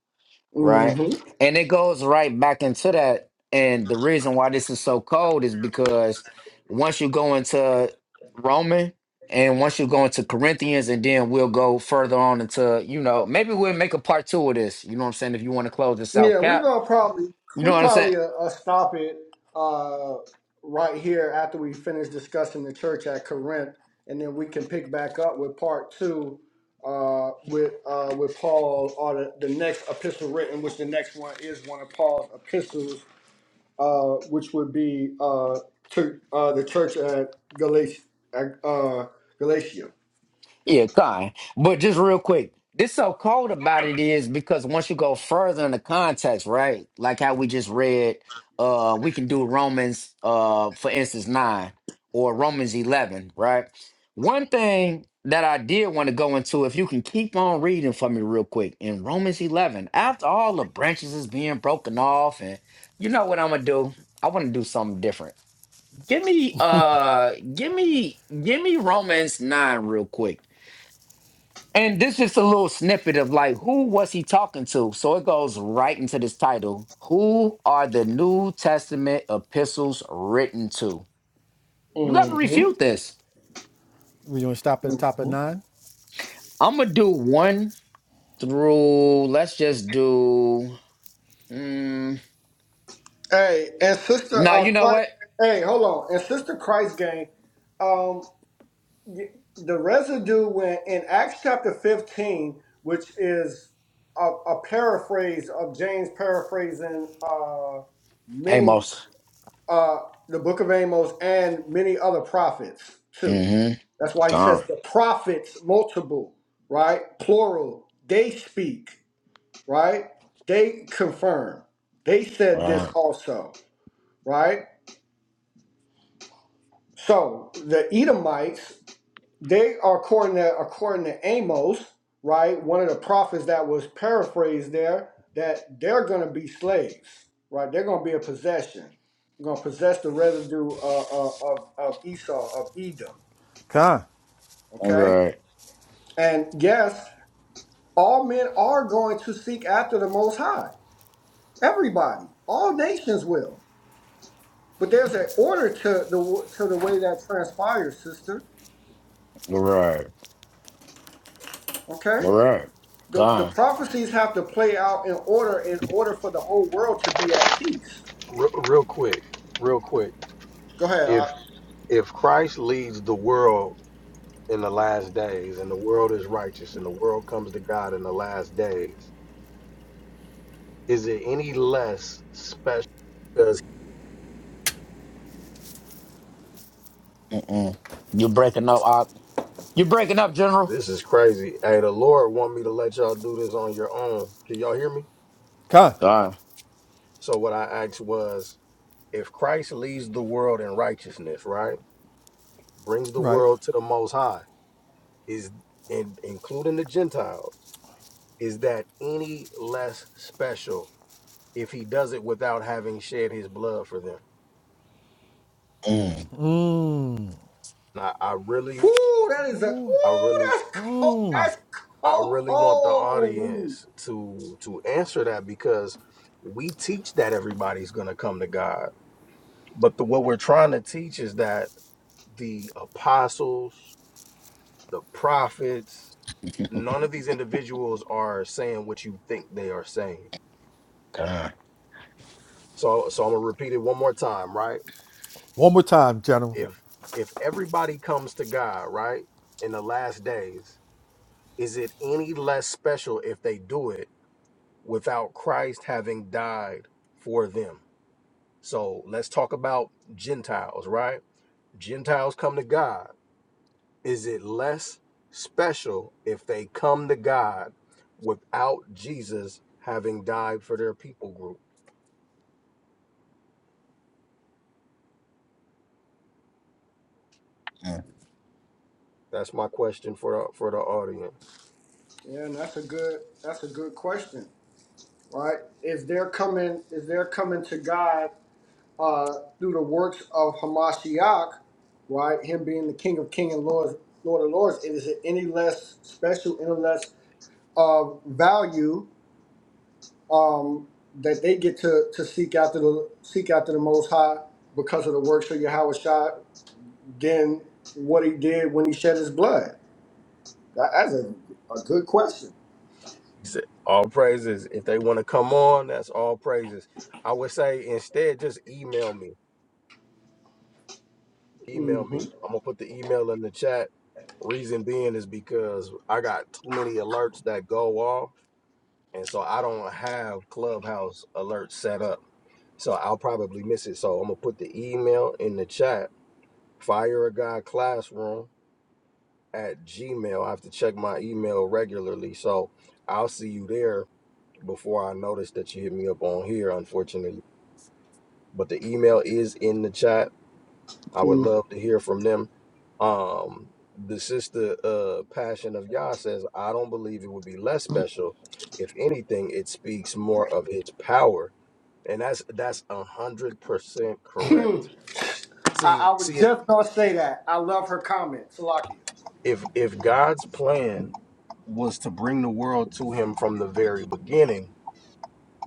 Speaker 1: Right?
Speaker 2: Mm-hmm.
Speaker 1: And it goes right back into that. And the reason why this is so cold is because once you go into Roman and once you go into Corinthians, and then we'll go further on into, you know, maybe we'll make a part two of this. You know what I'm saying? If you want to close this out,
Speaker 2: Yeah, we're
Speaker 1: Cap.
Speaker 2: gonna probably
Speaker 1: You know
Speaker 2: we
Speaker 1: what I'm saying?
Speaker 2: probably uh, uh, stop it uh, right here after we finish discussing the church at Corinth, and then we can pick back up with part two uh, with uh, with Paul or the, the next epistle written, which the next one is one of Paul's epistles, uh, which would be uh, to uh, the church at Galatia. At, uh, Galatia.
Speaker 1: Yeah, kind. But just real quick, this so cold about it is because once you go further in the context, right? Like how we just read, uh, we can do Romans, uh, for instance, nine or Romans eleven, right? One thing that I did want to go into, if you can keep on reading for me real quick, in Romans eleven, after all the branches is being broken off, and you know what I'm gonna do? I want to do something different. Give me, uh, give me, give me Romans nine real quick and this is a little snippet of like who was he talking to? So it goes right into this title. Who are the New Testament epistles written to? You gotta
Speaker 2: hmm
Speaker 1: refute this.
Speaker 7: We going to stop at the top of nine?
Speaker 1: I'm gonna do one through let's just do mm,
Speaker 2: Hey, and sister
Speaker 1: no,
Speaker 2: uh,
Speaker 1: you know
Speaker 2: Christ.
Speaker 1: what?
Speaker 2: Hey, hold on. And sister Christ gang. Um, y- the residue when in Acts chapter fifteen, which is a, a paraphrase of James paraphrasing uh many
Speaker 1: Amos.
Speaker 2: uh the book of Amos and many other prophets too.
Speaker 1: Mm-hmm.
Speaker 2: That's why he says
Speaker 1: Gone.
Speaker 2: the prophets multiple, right? Plural. They speak, right? They confirm. They
Speaker 1: All
Speaker 2: said this
Speaker 1: right.
Speaker 2: also, right? So the Edomites, they are according to according to Amos, right? One of the prophets that was paraphrased there, that they're going to be slaves, right? They're going to be a possession. They're going to possess the residue uh, uh, of of Esau of Edom.
Speaker 7: Come.
Speaker 1: All
Speaker 2: Okay,
Speaker 1: right.
Speaker 2: and yes, all men are going to seek after the Most High. Everybody, all nations will. But there's an order to the to the way that transpires, sister.
Speaker 1: All right.
Speaker 2: Okay.
Speaker 1: All right.
Speaker 2: the, the
Speaker 1: Gone.
Speaker 2: prophecies have to play out in order in order for the whole world to be at peace.
Speaker 3: Real, real quick, real quick.
Speaker 2: Go ahead. Ak.
Speaker 3: If if Christ leads the world in the last days, and the world is righteous, and the world comes to God in the last days. Is it any less special? Because
Speaker 1: Mm-mm. You're breaking up, Op. You're breaking up, General.
Speaker 3: this is crazy. Hey, the Lord want me to let y'all do this on your own. Can y'all hear me?
Speaker 7: Con.
Speaker 1: Gone.
Speaker 3: So what I asked was, if Christ leads the world in righteousness, right, brings the
Speaker 7: Right.
Speaker 3: world to the Most High, is in, including the Gentiles, is that any less special if He does it without having shed His blood for them?
Speaker 1: Mm.
Speaker 3: And I, I really,
Speaker 2: Woo, that is a
Speaker 3: I
Speaker 2: ooh,
Speaker 3: really.
Speaker 2: that's cold.
Speaker 3: I,
Speaker 2: That's
Speaker 3: I really want the
Speaker 2: cold.
Speaker 3: audience to to answer that because we teach that everybody's going to come to God, but the, what we're trying to teach is that the apostles, the prophets, none of these individuals are saying what you think they are saying.
Speaker 1: Gone.
Speaker 3: So so I'm going to repeat it one more time, right?
Speaker 7: One more time, General.
Speaker 3: If if everybody comes to God, right, in the last days, is it any less special if they do it without Christ having died for them? So let's talk about Gentiles, right? Gentiles come to God. Is it less special if they come to God without Jesus having died for their people group? That's my question for the, for the audience.
Speaker 2: Yeah, and that's a good that's a good question, right? Is they're coming is they're coming to God uh, through the works of Hamashiach, right? Him being the King of King and Lord Lord of Lords. Is it any less special, any less of value um, that they get to to seek after the seek after the Most High because of the works of Yahweh Shai than what he did when he shed his blood? That- That's a, a good question.
Speaker 3: Is it- All praises. If they want to come on, that's all praises. I would say instead, just email me.
Speaker 2: hmm
Speaker 3: Email me. I'm gonna put the email in the chat. Reason being is because I got too many alerts that go off and so I don't have Clubhouse alerts set up. So I'll probably miss it. So I'm gonna put the email in the chat. Fire a guy classroom at Gmail. I have to check my email regularly. So I'll see you there before I notice that you hit me up on here, unfortunately. But the email is in the chat. I would
Speaker 2: Hmm.
Speaker 3: love to hear from them. Um the sister uh passion of Yah says, I don't believe it would be less special. If anything, it speaks more of its power and that's that's a hundred percent correct.
Speaker 2: I, I
Speaker 3: See,
Speaker 2: was
Speaker 3: see,
Speaker 2: just gonna say that. I love her comment, Salakia.
Speaker 3: if if God's plan was to bring the world to Him from the very beginning,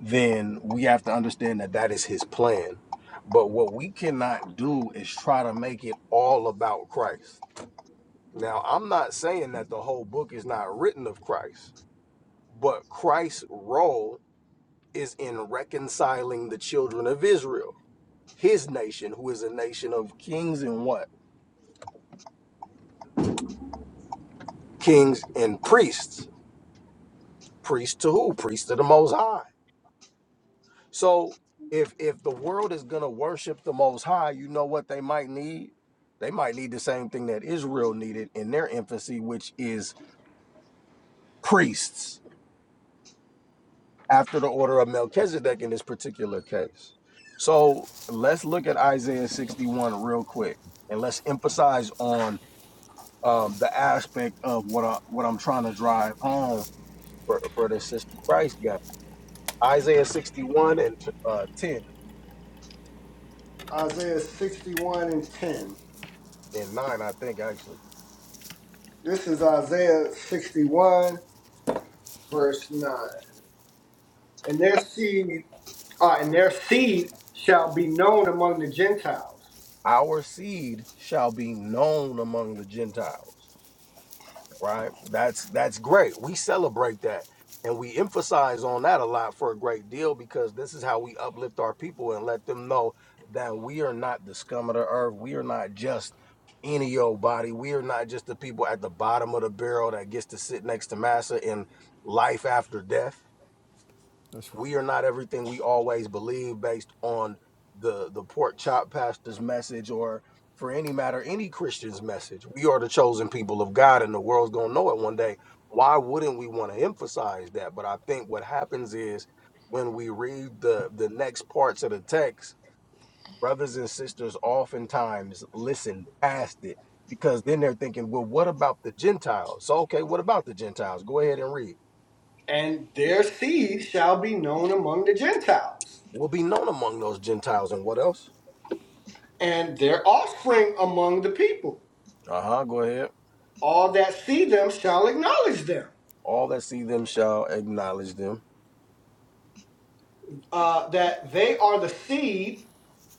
Speaker 3: then we have to understand that that is His plan. But what we cannot do is try to make it all about Christ. Now, I'm not saying that the whole book is not written of Christ, but Christ's role is in reconciling the children of Israel, His nation, who is a nation of kings and what. kings and priests. Priests to who? Priests to the Most High. So if if the world is gonna worship the Most High, you know what they might need? They might need the same thing that Israel needed in their infancy, which is priests, after the order of Melchizedek in this particular case. So let's look at Isaiah 61 real quick, and let's emphasize on um, the aspect of what I, what I'm trying to drive home for, for the sister Christ Isaiah 61 and uh, 10
Speaker 2: Isaiah 61 and 10.
Speaker 3: and 9, I think, actually.
Speaker 2: This is Isaiah 61, verse 9. And their seed, uh, and their seed shall be known among the Gentiles.
Speaker 3: Our seed shall be known among the Gentiles, right? That's that's great. We celebrate that. And we emphasize on that a lot for a great deal because this is how we uplift our people and let them know that we are not the scum of the earth. We are not just any old body. We are not just the people at the bottom of the barrel that gets to sit next to Massa in life after death
Speaker 7: That's
Speaker 3: we are not everything we always believe based on the the pork chop pastor's message or for any matter any christian's message we are the chosen people of god and the world's going to know it one day why wouldn't we want to emphasize that but i think what happens is when we read the the next parts of the text brothers and sisters oftentimes listen past it because then they're thinking well what about the gentiles so okay what about the gentiles go ahead and read
Speaker 2: and their seed shall be known among the Gentiles,
Speaker 3: we'll be known among those gentiles and what else
Speaker 2: and their offspring among the people.
Speaker 3: Uh huh. Go ahead.
Speaker 2: All that see them shall acknowledge them,
Speaker 3: All that see them shall acknowledge them
Speaker 2: uh, that they are the seed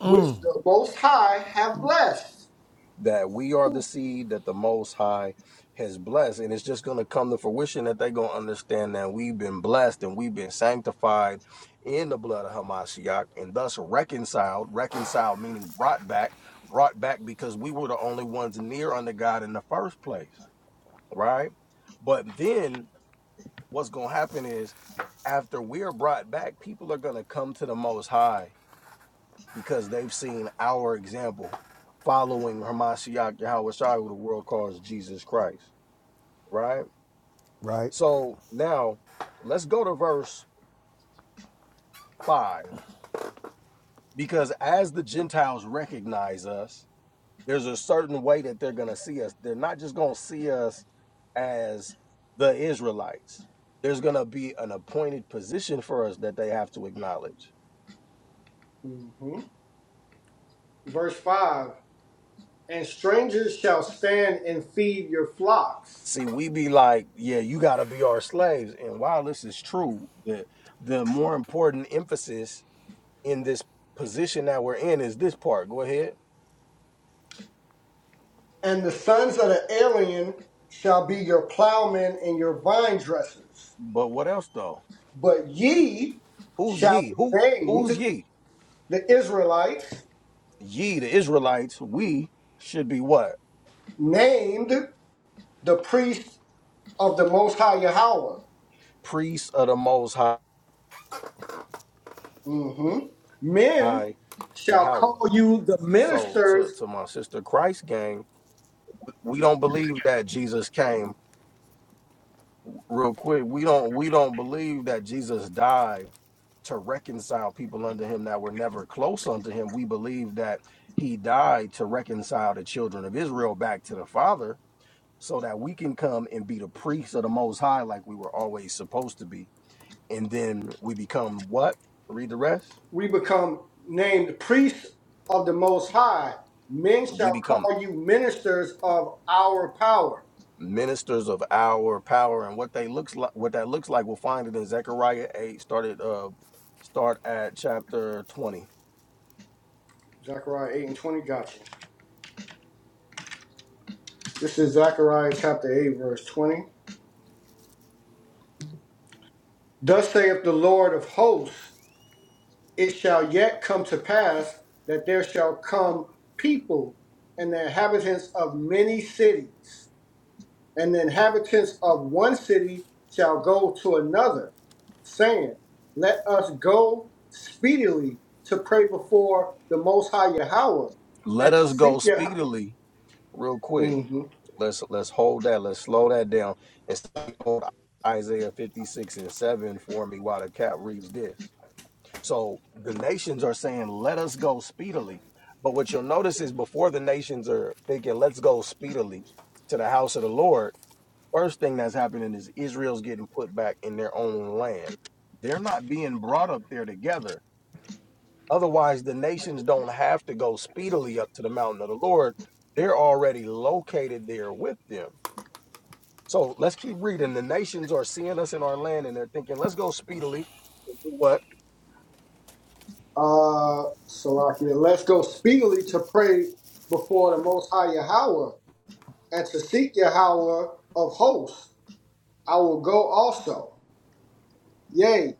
Speaker 2: which the Most High have blessed.
Speaker 3: that we are the seed that the Most High has blessed, and it's just going to come to fruition that they're going to understand that we've been blessed and we've been sanctified in the blood of Hamashiach, and thus reconciled. Reconciled meaning brought back, brought back because we were the only ones near unto God in the first place, right? But then what's going to happen is after we're brought back, people are going to come to the Most High because they've seen our example following Hamashiach Yahweh Shai, who the world calls Jesus Christ, right?
Speaker 7: right.
Speaker 3: So now let's go to verse 5. Because as the Gentiles recognize us, there's a certain way that they're going to see us. They're not just going to see us as the Israelites, there's going to be an appointed position for us that they have to acknowledge
Speaker 2: Mhm. Verse 5 And strangers shall stand and feed your flocks,
Speaker 3: See, we be like, yeah, you got to be our slaves. And while this is true, the the more important emphasis in this position that we're in is this part. Go ahead.
Speaker 2: and the sons of the alien shall be your plowmen and your vine dressers.
Speaker 3: But what else though?
Speaker 2: But ye
Speaker 3: Who's
Speaker 2: shall
Speaker 3: ye?
Speaker 2: be
Speaker 3: Who who's
Speaker 2: named
Speaker 3: ye?
Speaker 2: the Israelites
Speaker 3: Ye, the Israelites, we should be what?
Speaker 2: named the priests of the Most High Yahweh.
Speaker 3: Priests of the Most
Speaker 2: hmm Men
Speaker 3: High
Speaker 2: shall
Speaker 3: Yahweh.
Speaker 2: call you the
Speaker 3: So to,
Speaker 2: ministers.
Speaker 3: to my sister Christ gang, we don't believe that Jesus came real quick. We don't we don't believe that Jesus died to reconcile people unto him that were never close unto him. We believe that he died to reconcile the children of Israel back to the Father so that we can come and be the priests of the Most High like we were always supposed to be. And then we become what? Read the rest.
Speaker 2: We become named priests of the Most High. Men
Speaker 3: We
Speaker 2: shall
Speaker 3: become
Speaker 2: call you ministers of our power.
Speaker 3: ministers of our power and what they looks like what that looks like we'll find it in Zechariah 8 started uh start at chapter 20
Speaker 2: Zechariah 8 and 20, got you. This is Zechariah chapter 8, verse 20. Thus saith the Lord of hosts it shall yet come to pass that there shall come people and the inhabitants of many cities, and the inhabitants of one city shall go to another, saying, Let us go speedily to pray before the Most High Yahweh
Speaker 3: let
Speaker 2: and to
Speaker 3: us go
Speaker 2: seek Yahweh.
Speaker 3: speedily real quick
Speaker 2: hmm
Speaker 3: Let's let's hold that. Let's slow that down and s- hold Isaiah 56 and 7 for me while the cat reads this. So the nations are saying, let us go speedily. But what you'll notice is before the nations are thinking, let's go speedily to the house of the Lord, first thing that's happening is Israel's getting put back in their own land. They're not being brought up there together. Otherwise, the nations don't have to go speedily up to the mountain of the Lord. They're already located there with them. So let's keep reading. The nations are seeing us in our land and they're thinking, let's go speedily. What?
Speaker 2: Uh, Salakia, let's go speedily to pray before the Most High Yahweh and to seek Yahweh of hosts. I will go also Yea,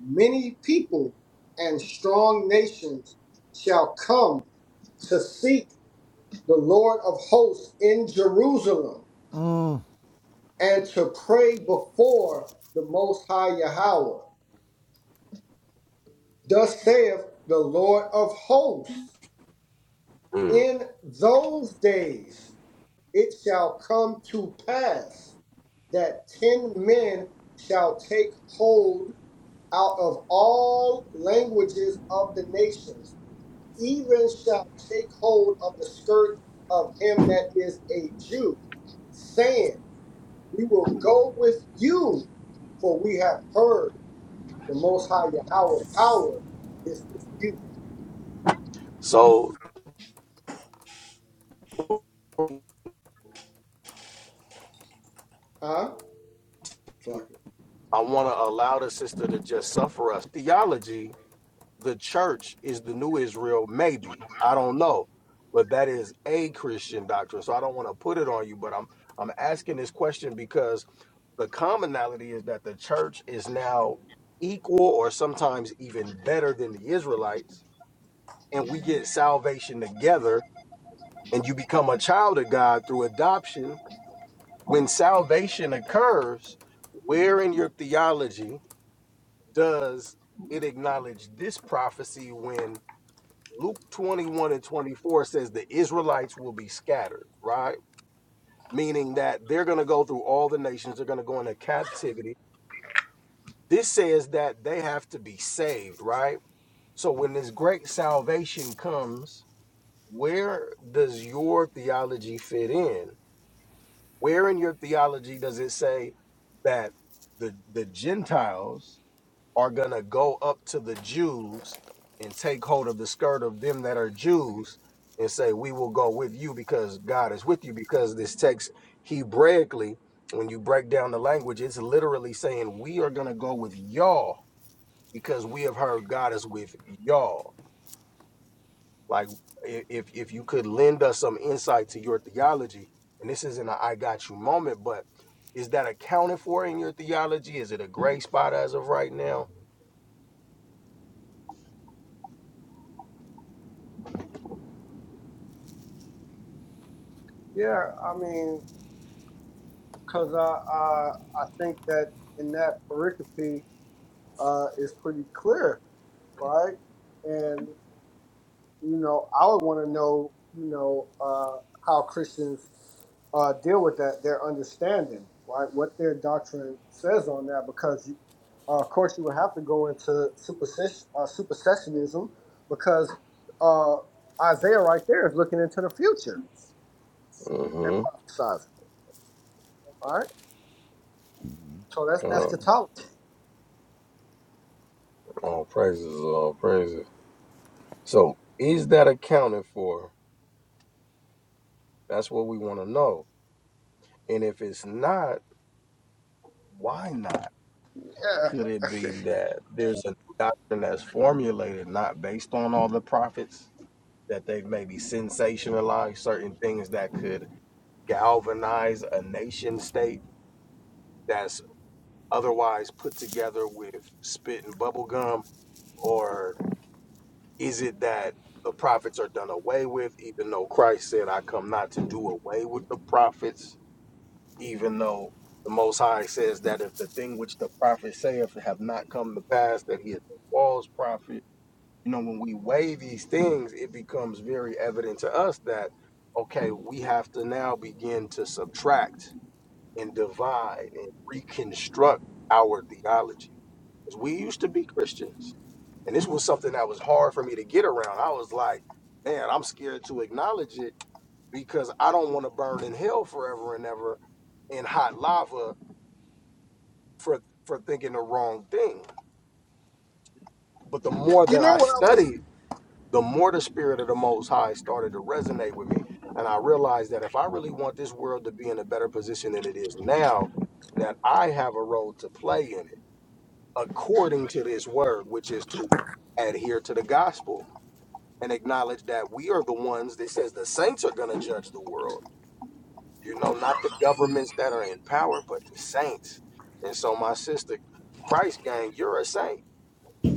Speaker 2: many people and strong nations shall come to seek the Lord of hosts in Jerusalem and to pray before the Most High Yahweh. Thus saith the Lord of hosts,
Speaker 3: Mm.
Speaker 2: in those days it shall come to pass that ten men shall take hold out of all languages of the nations even shall take hold of the skirt of him that is a Jew, saying, We will go with you, for we have heard the Most High Yahweh power is with you.
Speaker 3: So
Speaker 2: Huh? Fuck it.
Speaker 3: I want to allow the sister to just suffer us. Theology, the church is the new Israel, maybe. I don't know. But that is a Christian doctrine. So I don't want to put it on you, but I'm I'm asking this question because the commonality is that the church is now equal or sometimes even better than the Israelites, and we get salvation together and you become a child of God through adoption, when salvation occurs, where in your theology does it acknowledge this prophecy when Luke 21 and 24 says the Israelites will be scattered, right? Meaning that they're going to go through all the nations, they're going to go into captivity. This says that they have to be saved, right? So when this great salvation comes, where does your theology fit in? Where in your theology does it say that the the Gentiles are gonna go up to the Jews and take hold of the skirt of them that are Jews and say, We will go with you because God is with you? Because this text Hebraically, when you break down the language, it's literally saying, We are gonna go with y'all because we have heard God is with y'all like if if you could lend us some insight to your theology, and this isn't an I got you moment, but is that accounted for in your theology? Is it a gray spot as of right now?
Speaker 2: Yeah, I mean, because I, I, I think that in that pericope uh, is pretty clear, right? And. you know, I would want to know, you know, uh, how Christians uh, deal with that, their understanding, right? What their doctrine says on that, because uh, of course you would have to go into superstition, uh, supersessionism, because uh, Isaiah right there is looking into the future and
Speaker 3: Mm-hmm.
Speaker 2: prophesizing, right? So that's
Speaker 3: Uh,
Speaker 2: eschatology.
Speaker 3: all praises, all praises. So, is that accounted for? That's what we want to know. And if it's not, why not? Could it
Speaker 2: Yeah,
Speaker 3: be that there's a doctrine that's formulated not based on all the prophets, that they've maybe sensationalized certain things that could galvanize a nation state that's otherwise put together with spit and bubble gum? Or is it that the prophets are done away with, even though Christ said, I come not to do away with the prophets, even though the Most High says that if the thing which the prophets saith have not come to pass, that he is a false prophet. You know, when we weigh these things, it becomes very evident to us that, okay, we have to now begin to subtract and divide and reconstruct our theology. 'Cause we used to be Christians. And this was something that was hard for me to get around. I was like, man, I'm scared to acknowledge it because I don't want to burn in hell forever and ever in hot lava for, for thinking the wrong thing. But the more
Speaker 2: you
Speaker 3: that
Speaker 2: know
Speaker 3: I
Speaker 2: what I
Speaker 3: studied, the more the spirit of the Most High started to resonate with me. And I realized that if I really want this world to be in a better position than it is now, that I have a role to play in it according to this word, which is to adhere to the gospel and acknowledge that we are the ones that says the saints are going to judge the world. You know, not the governments that are in power, but the saints. And so, my sister, Christ gang, you're a saint.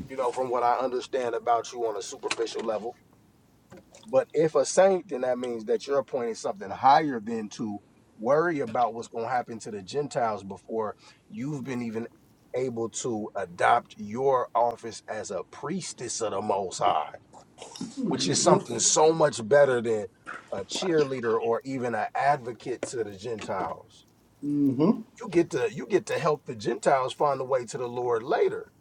Speaker 3: You know, from what I understand about you on a superficial level but if a saint, then that means that you're appointed something higher than to worry about what's going to happen to the Gentiles before you've been even able to adopt your office as a priestess of the Most High, which
Speaker 2: was.
Speaker 3: is something so much better than a cheerleader or even an advocate to the Gentiles.
Speaker 2: hmm
Speaker 3: You get to you get to help the Gentiles find the way to the Lord later.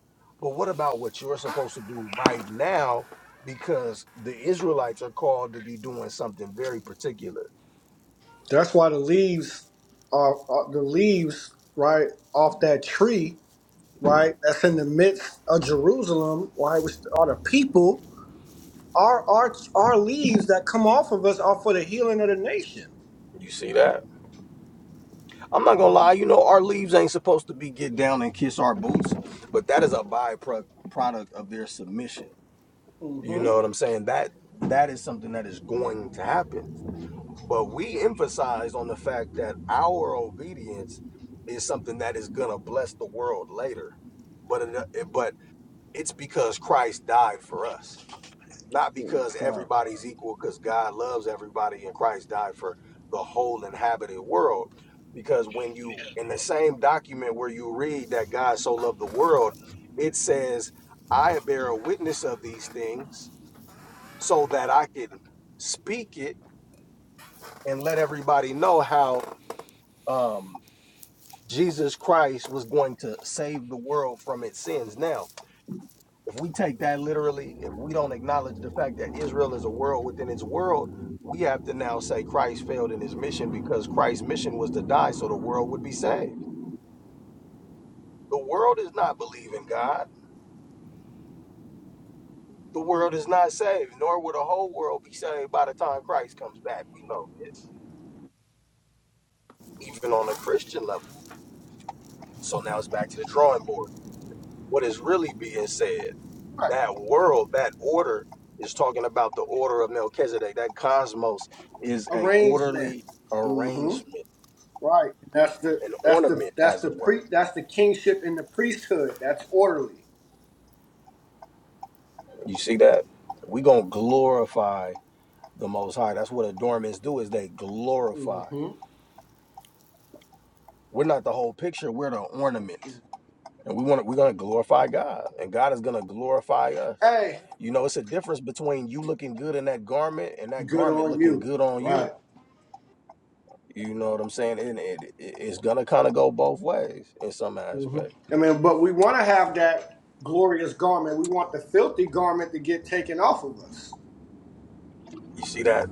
Speaker 3: But what about what you're supposed to do right now? Because the Israelites are called to be doing something very particular.
Speaker 2: That's why the leaves, are, are the leaves right off that tree right? That's in the midst of Jerusalem, right? Which are the people. Our our our leaves that come off of us are for the healing of the nation.
Speaker 3: You see that? I'm not gonna lie, you know, our leaves ain't supposed to be get down and kiss our boots, but that is a byproduct of their submission. You
Speaker 2: Mm-hmm.
Speaker 3: know what I'm saying? That that is something that is going to happen. But we emphasized on the fact that our obedience is something that is gonna bless the world later. But it, but it's because Christ died for us, not
Speaker 2: Yeah.
Speaker 3: because
Speaker 2: Sorry.
Speaker 3: everybody's equal. Because God loves everybody, and Christ died for the whole inhabited world. Because when you in the same document where you read that God so loved the world, it says, "I bear a witness of these things, so that I can speak it and let everybody know how." um, Jesus Christ was going to save the world from its sins. Now, if we take that literally, if we don't acknowledge the fact that Israel is a world within its world, we have to now say Christ failed in his mission because Christ's mission was to die so the world would be saved. The world is not believing God. The world is not saved, nor will the whole world be saved by the time Christ comes back. We know this, even on a Christian level. So now it's back to the drawing board. what is really being said.
Speaker 2: Right.
Speaker 3: That world, that order is talking about the order of Melchizedek. That cosmos is a
Speaker 2: Arrangement.
Speaker 3: orderly
Speaker 2: Mm-hmm.
Speaker 3: arrangement,
Speaker 2: Right. And that's the
Speaker 3: an
Speaker 2: that's the
Speaker 3: ornament,
Speaker 2: that's
Speaker 3: as
Speaker 2: the
Speaker 3: it were.
Speaker 2: pre that's the kingship and the priesthood. That's orderly.
Speaker 3: You see that? we gonna glorify the most high. That's what adornments do, is they glorify.
Speaker 2: Mm-hmm.
Speaker 3: We're not the whole picture, we're the ornament. And we want to, we're gonna glorify God. And God is gonna glorify us.
Speaker 2: Hey,
Speaker 3: You know, it's a difference between you looking good in that garment and that
Speaker 2: good
Speaker 3: garment
Speaker 2: on
Speaker 3: looking
Speaker 2: you.
Speaker 3: good on you
Speaker 2: Right.
Speaker 3: You know what I'm saying? And it, it, it's gonna kind of go both ways in some
Speaker 2: Mm-hmm.
Speaker 3: aspects.
Speaker 2: I mean, but we want to have that glorious garment. We want the filthy garment to get taken off of us.
Speaker 3: You see that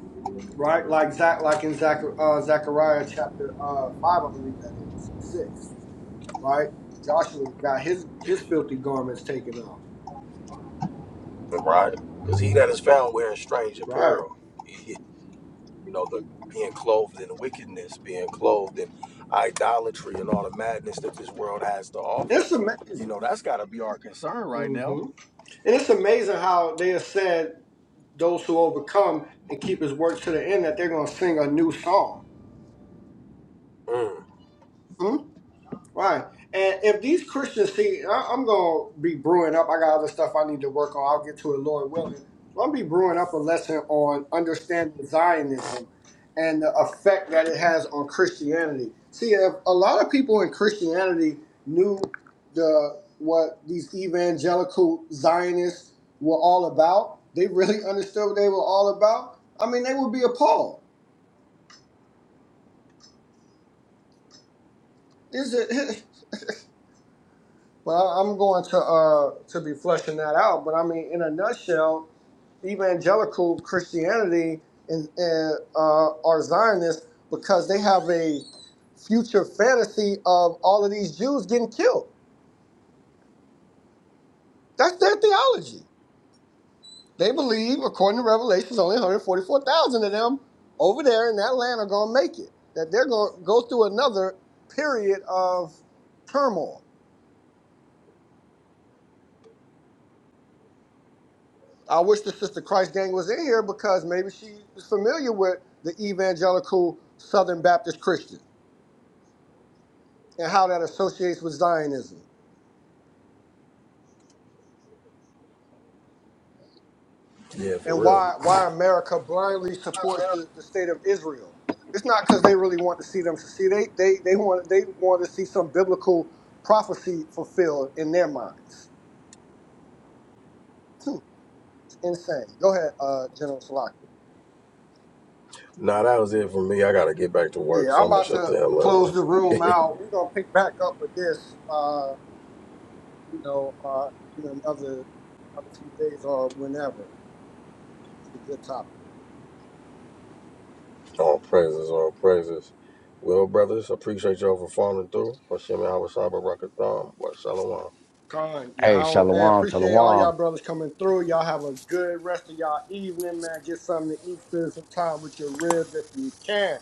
Speaker 2: right? Like Zach, like in Zach, uh, Zechariah chapter uh, five, I believe that is or six, right? Joshua got his his filthy garments taken off,
Speaker 3: in Ryan? Because he that is found wearing strange
Speaker 2: right?
Speaker 3: apparel, he, you know, the being clothed in wickedness, being clothed in idolatry, and all the madness that this world has to offer.
Speaker 2: It's
Speaker 3: You
Speaker 2: amazing,
Speaker 3: know, that's got to be our concern right now.
Speaker 2: hmm and it's amazing how they have said those who overcome and keep his work to the end that they're going to sing a new song.
Speaker 3: Mm.
Speaker 2: Hmm? Right. And if these Christians see, I, I'm going to be brewing up. I got other stuff I need to work on. I'll get to it, Lord willing. But I'm going to be brewing up a lesson on understanding Zionism and the effect that it has on Christianity. See, if a lot of people in Christianity knew the what these evangelical Zionists were all about, they really understood what they were all about, I mean, they would be appalled. Is it? But I, I'm going to uh to be fleshing that out. But I mean, in a nutshell, evangelical Christianity and, and uh, are Zionists because they have a future fantasy of all of these Jews getting killed. That's their theology. They believe, according to Revelations, only 144,000 of them over there in that land are going to make it. That they're going to go through another period of turmoil I wish the Sister Christ gang was in here because maybe she is familiar with the evangelical Southern Baptist Christian and how that associates with Zionism
Speaker 3: Yeah, for
Speaker 2: and
Speaker 3: real.
Speaker 2: why why America blindly supports the, the state of Israel. It's not because they really want to see them succeed. They they they want they want to see some biblical prophecy fulfilled in their minds. It's insane. Go ahead, uh, General Salaki.
Speaker 3: Nah, that was it for me. I gotta get back to work,
Speaker 2: Yeah,
Speaker 3: so
Speaker 2: I'm
Speaker 3: I'm gonna
Speaker 2: about
Speaker 3: shut
Speaker 2: to
Speaker 3: the hell up, man.
Speaker 2: close the room out. We're gonna pick back up with this. Uh, you know, uh, in another another few days or whenever. It's a good topic.
Speaker 3: All praises, all praises. Well, brothers, appreciate y'all for falling through. Hashem Yahweh Shabbat Rakatham.
Speaker 2: Con, yeah,
Speaker 1: Hey,
Speaker 2: how, hey,
Speaker 1: shalom,
Speaker 2: appreciate all y'all
Speaker 1: shalom.
Speaker 2: brothers coming through. Y'all have a good rest of y'all evening, man. Get something to eat, spend some time with your ribs if you can.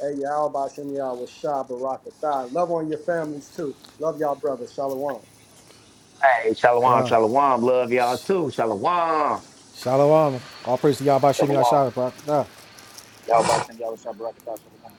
Speaker 2: Hey, y'all, by Shem, y'all was shy, Baraka Thigh. Love on your families, too. Love y'all, brothers. Shalom.
Speaker 1: Hey, shalom,
Speaker 7: Con.
Speaker 1: shalom. Love y'all too. Shalom.
Speaker 7: Shalom. All praise to Yahweh Shem
Speaker 4: Shalom.
Speaker 7: Yahshua. Barak Atah.
Speaker 4: Yahweh Shem, Yahweh Shabbat, Shalom.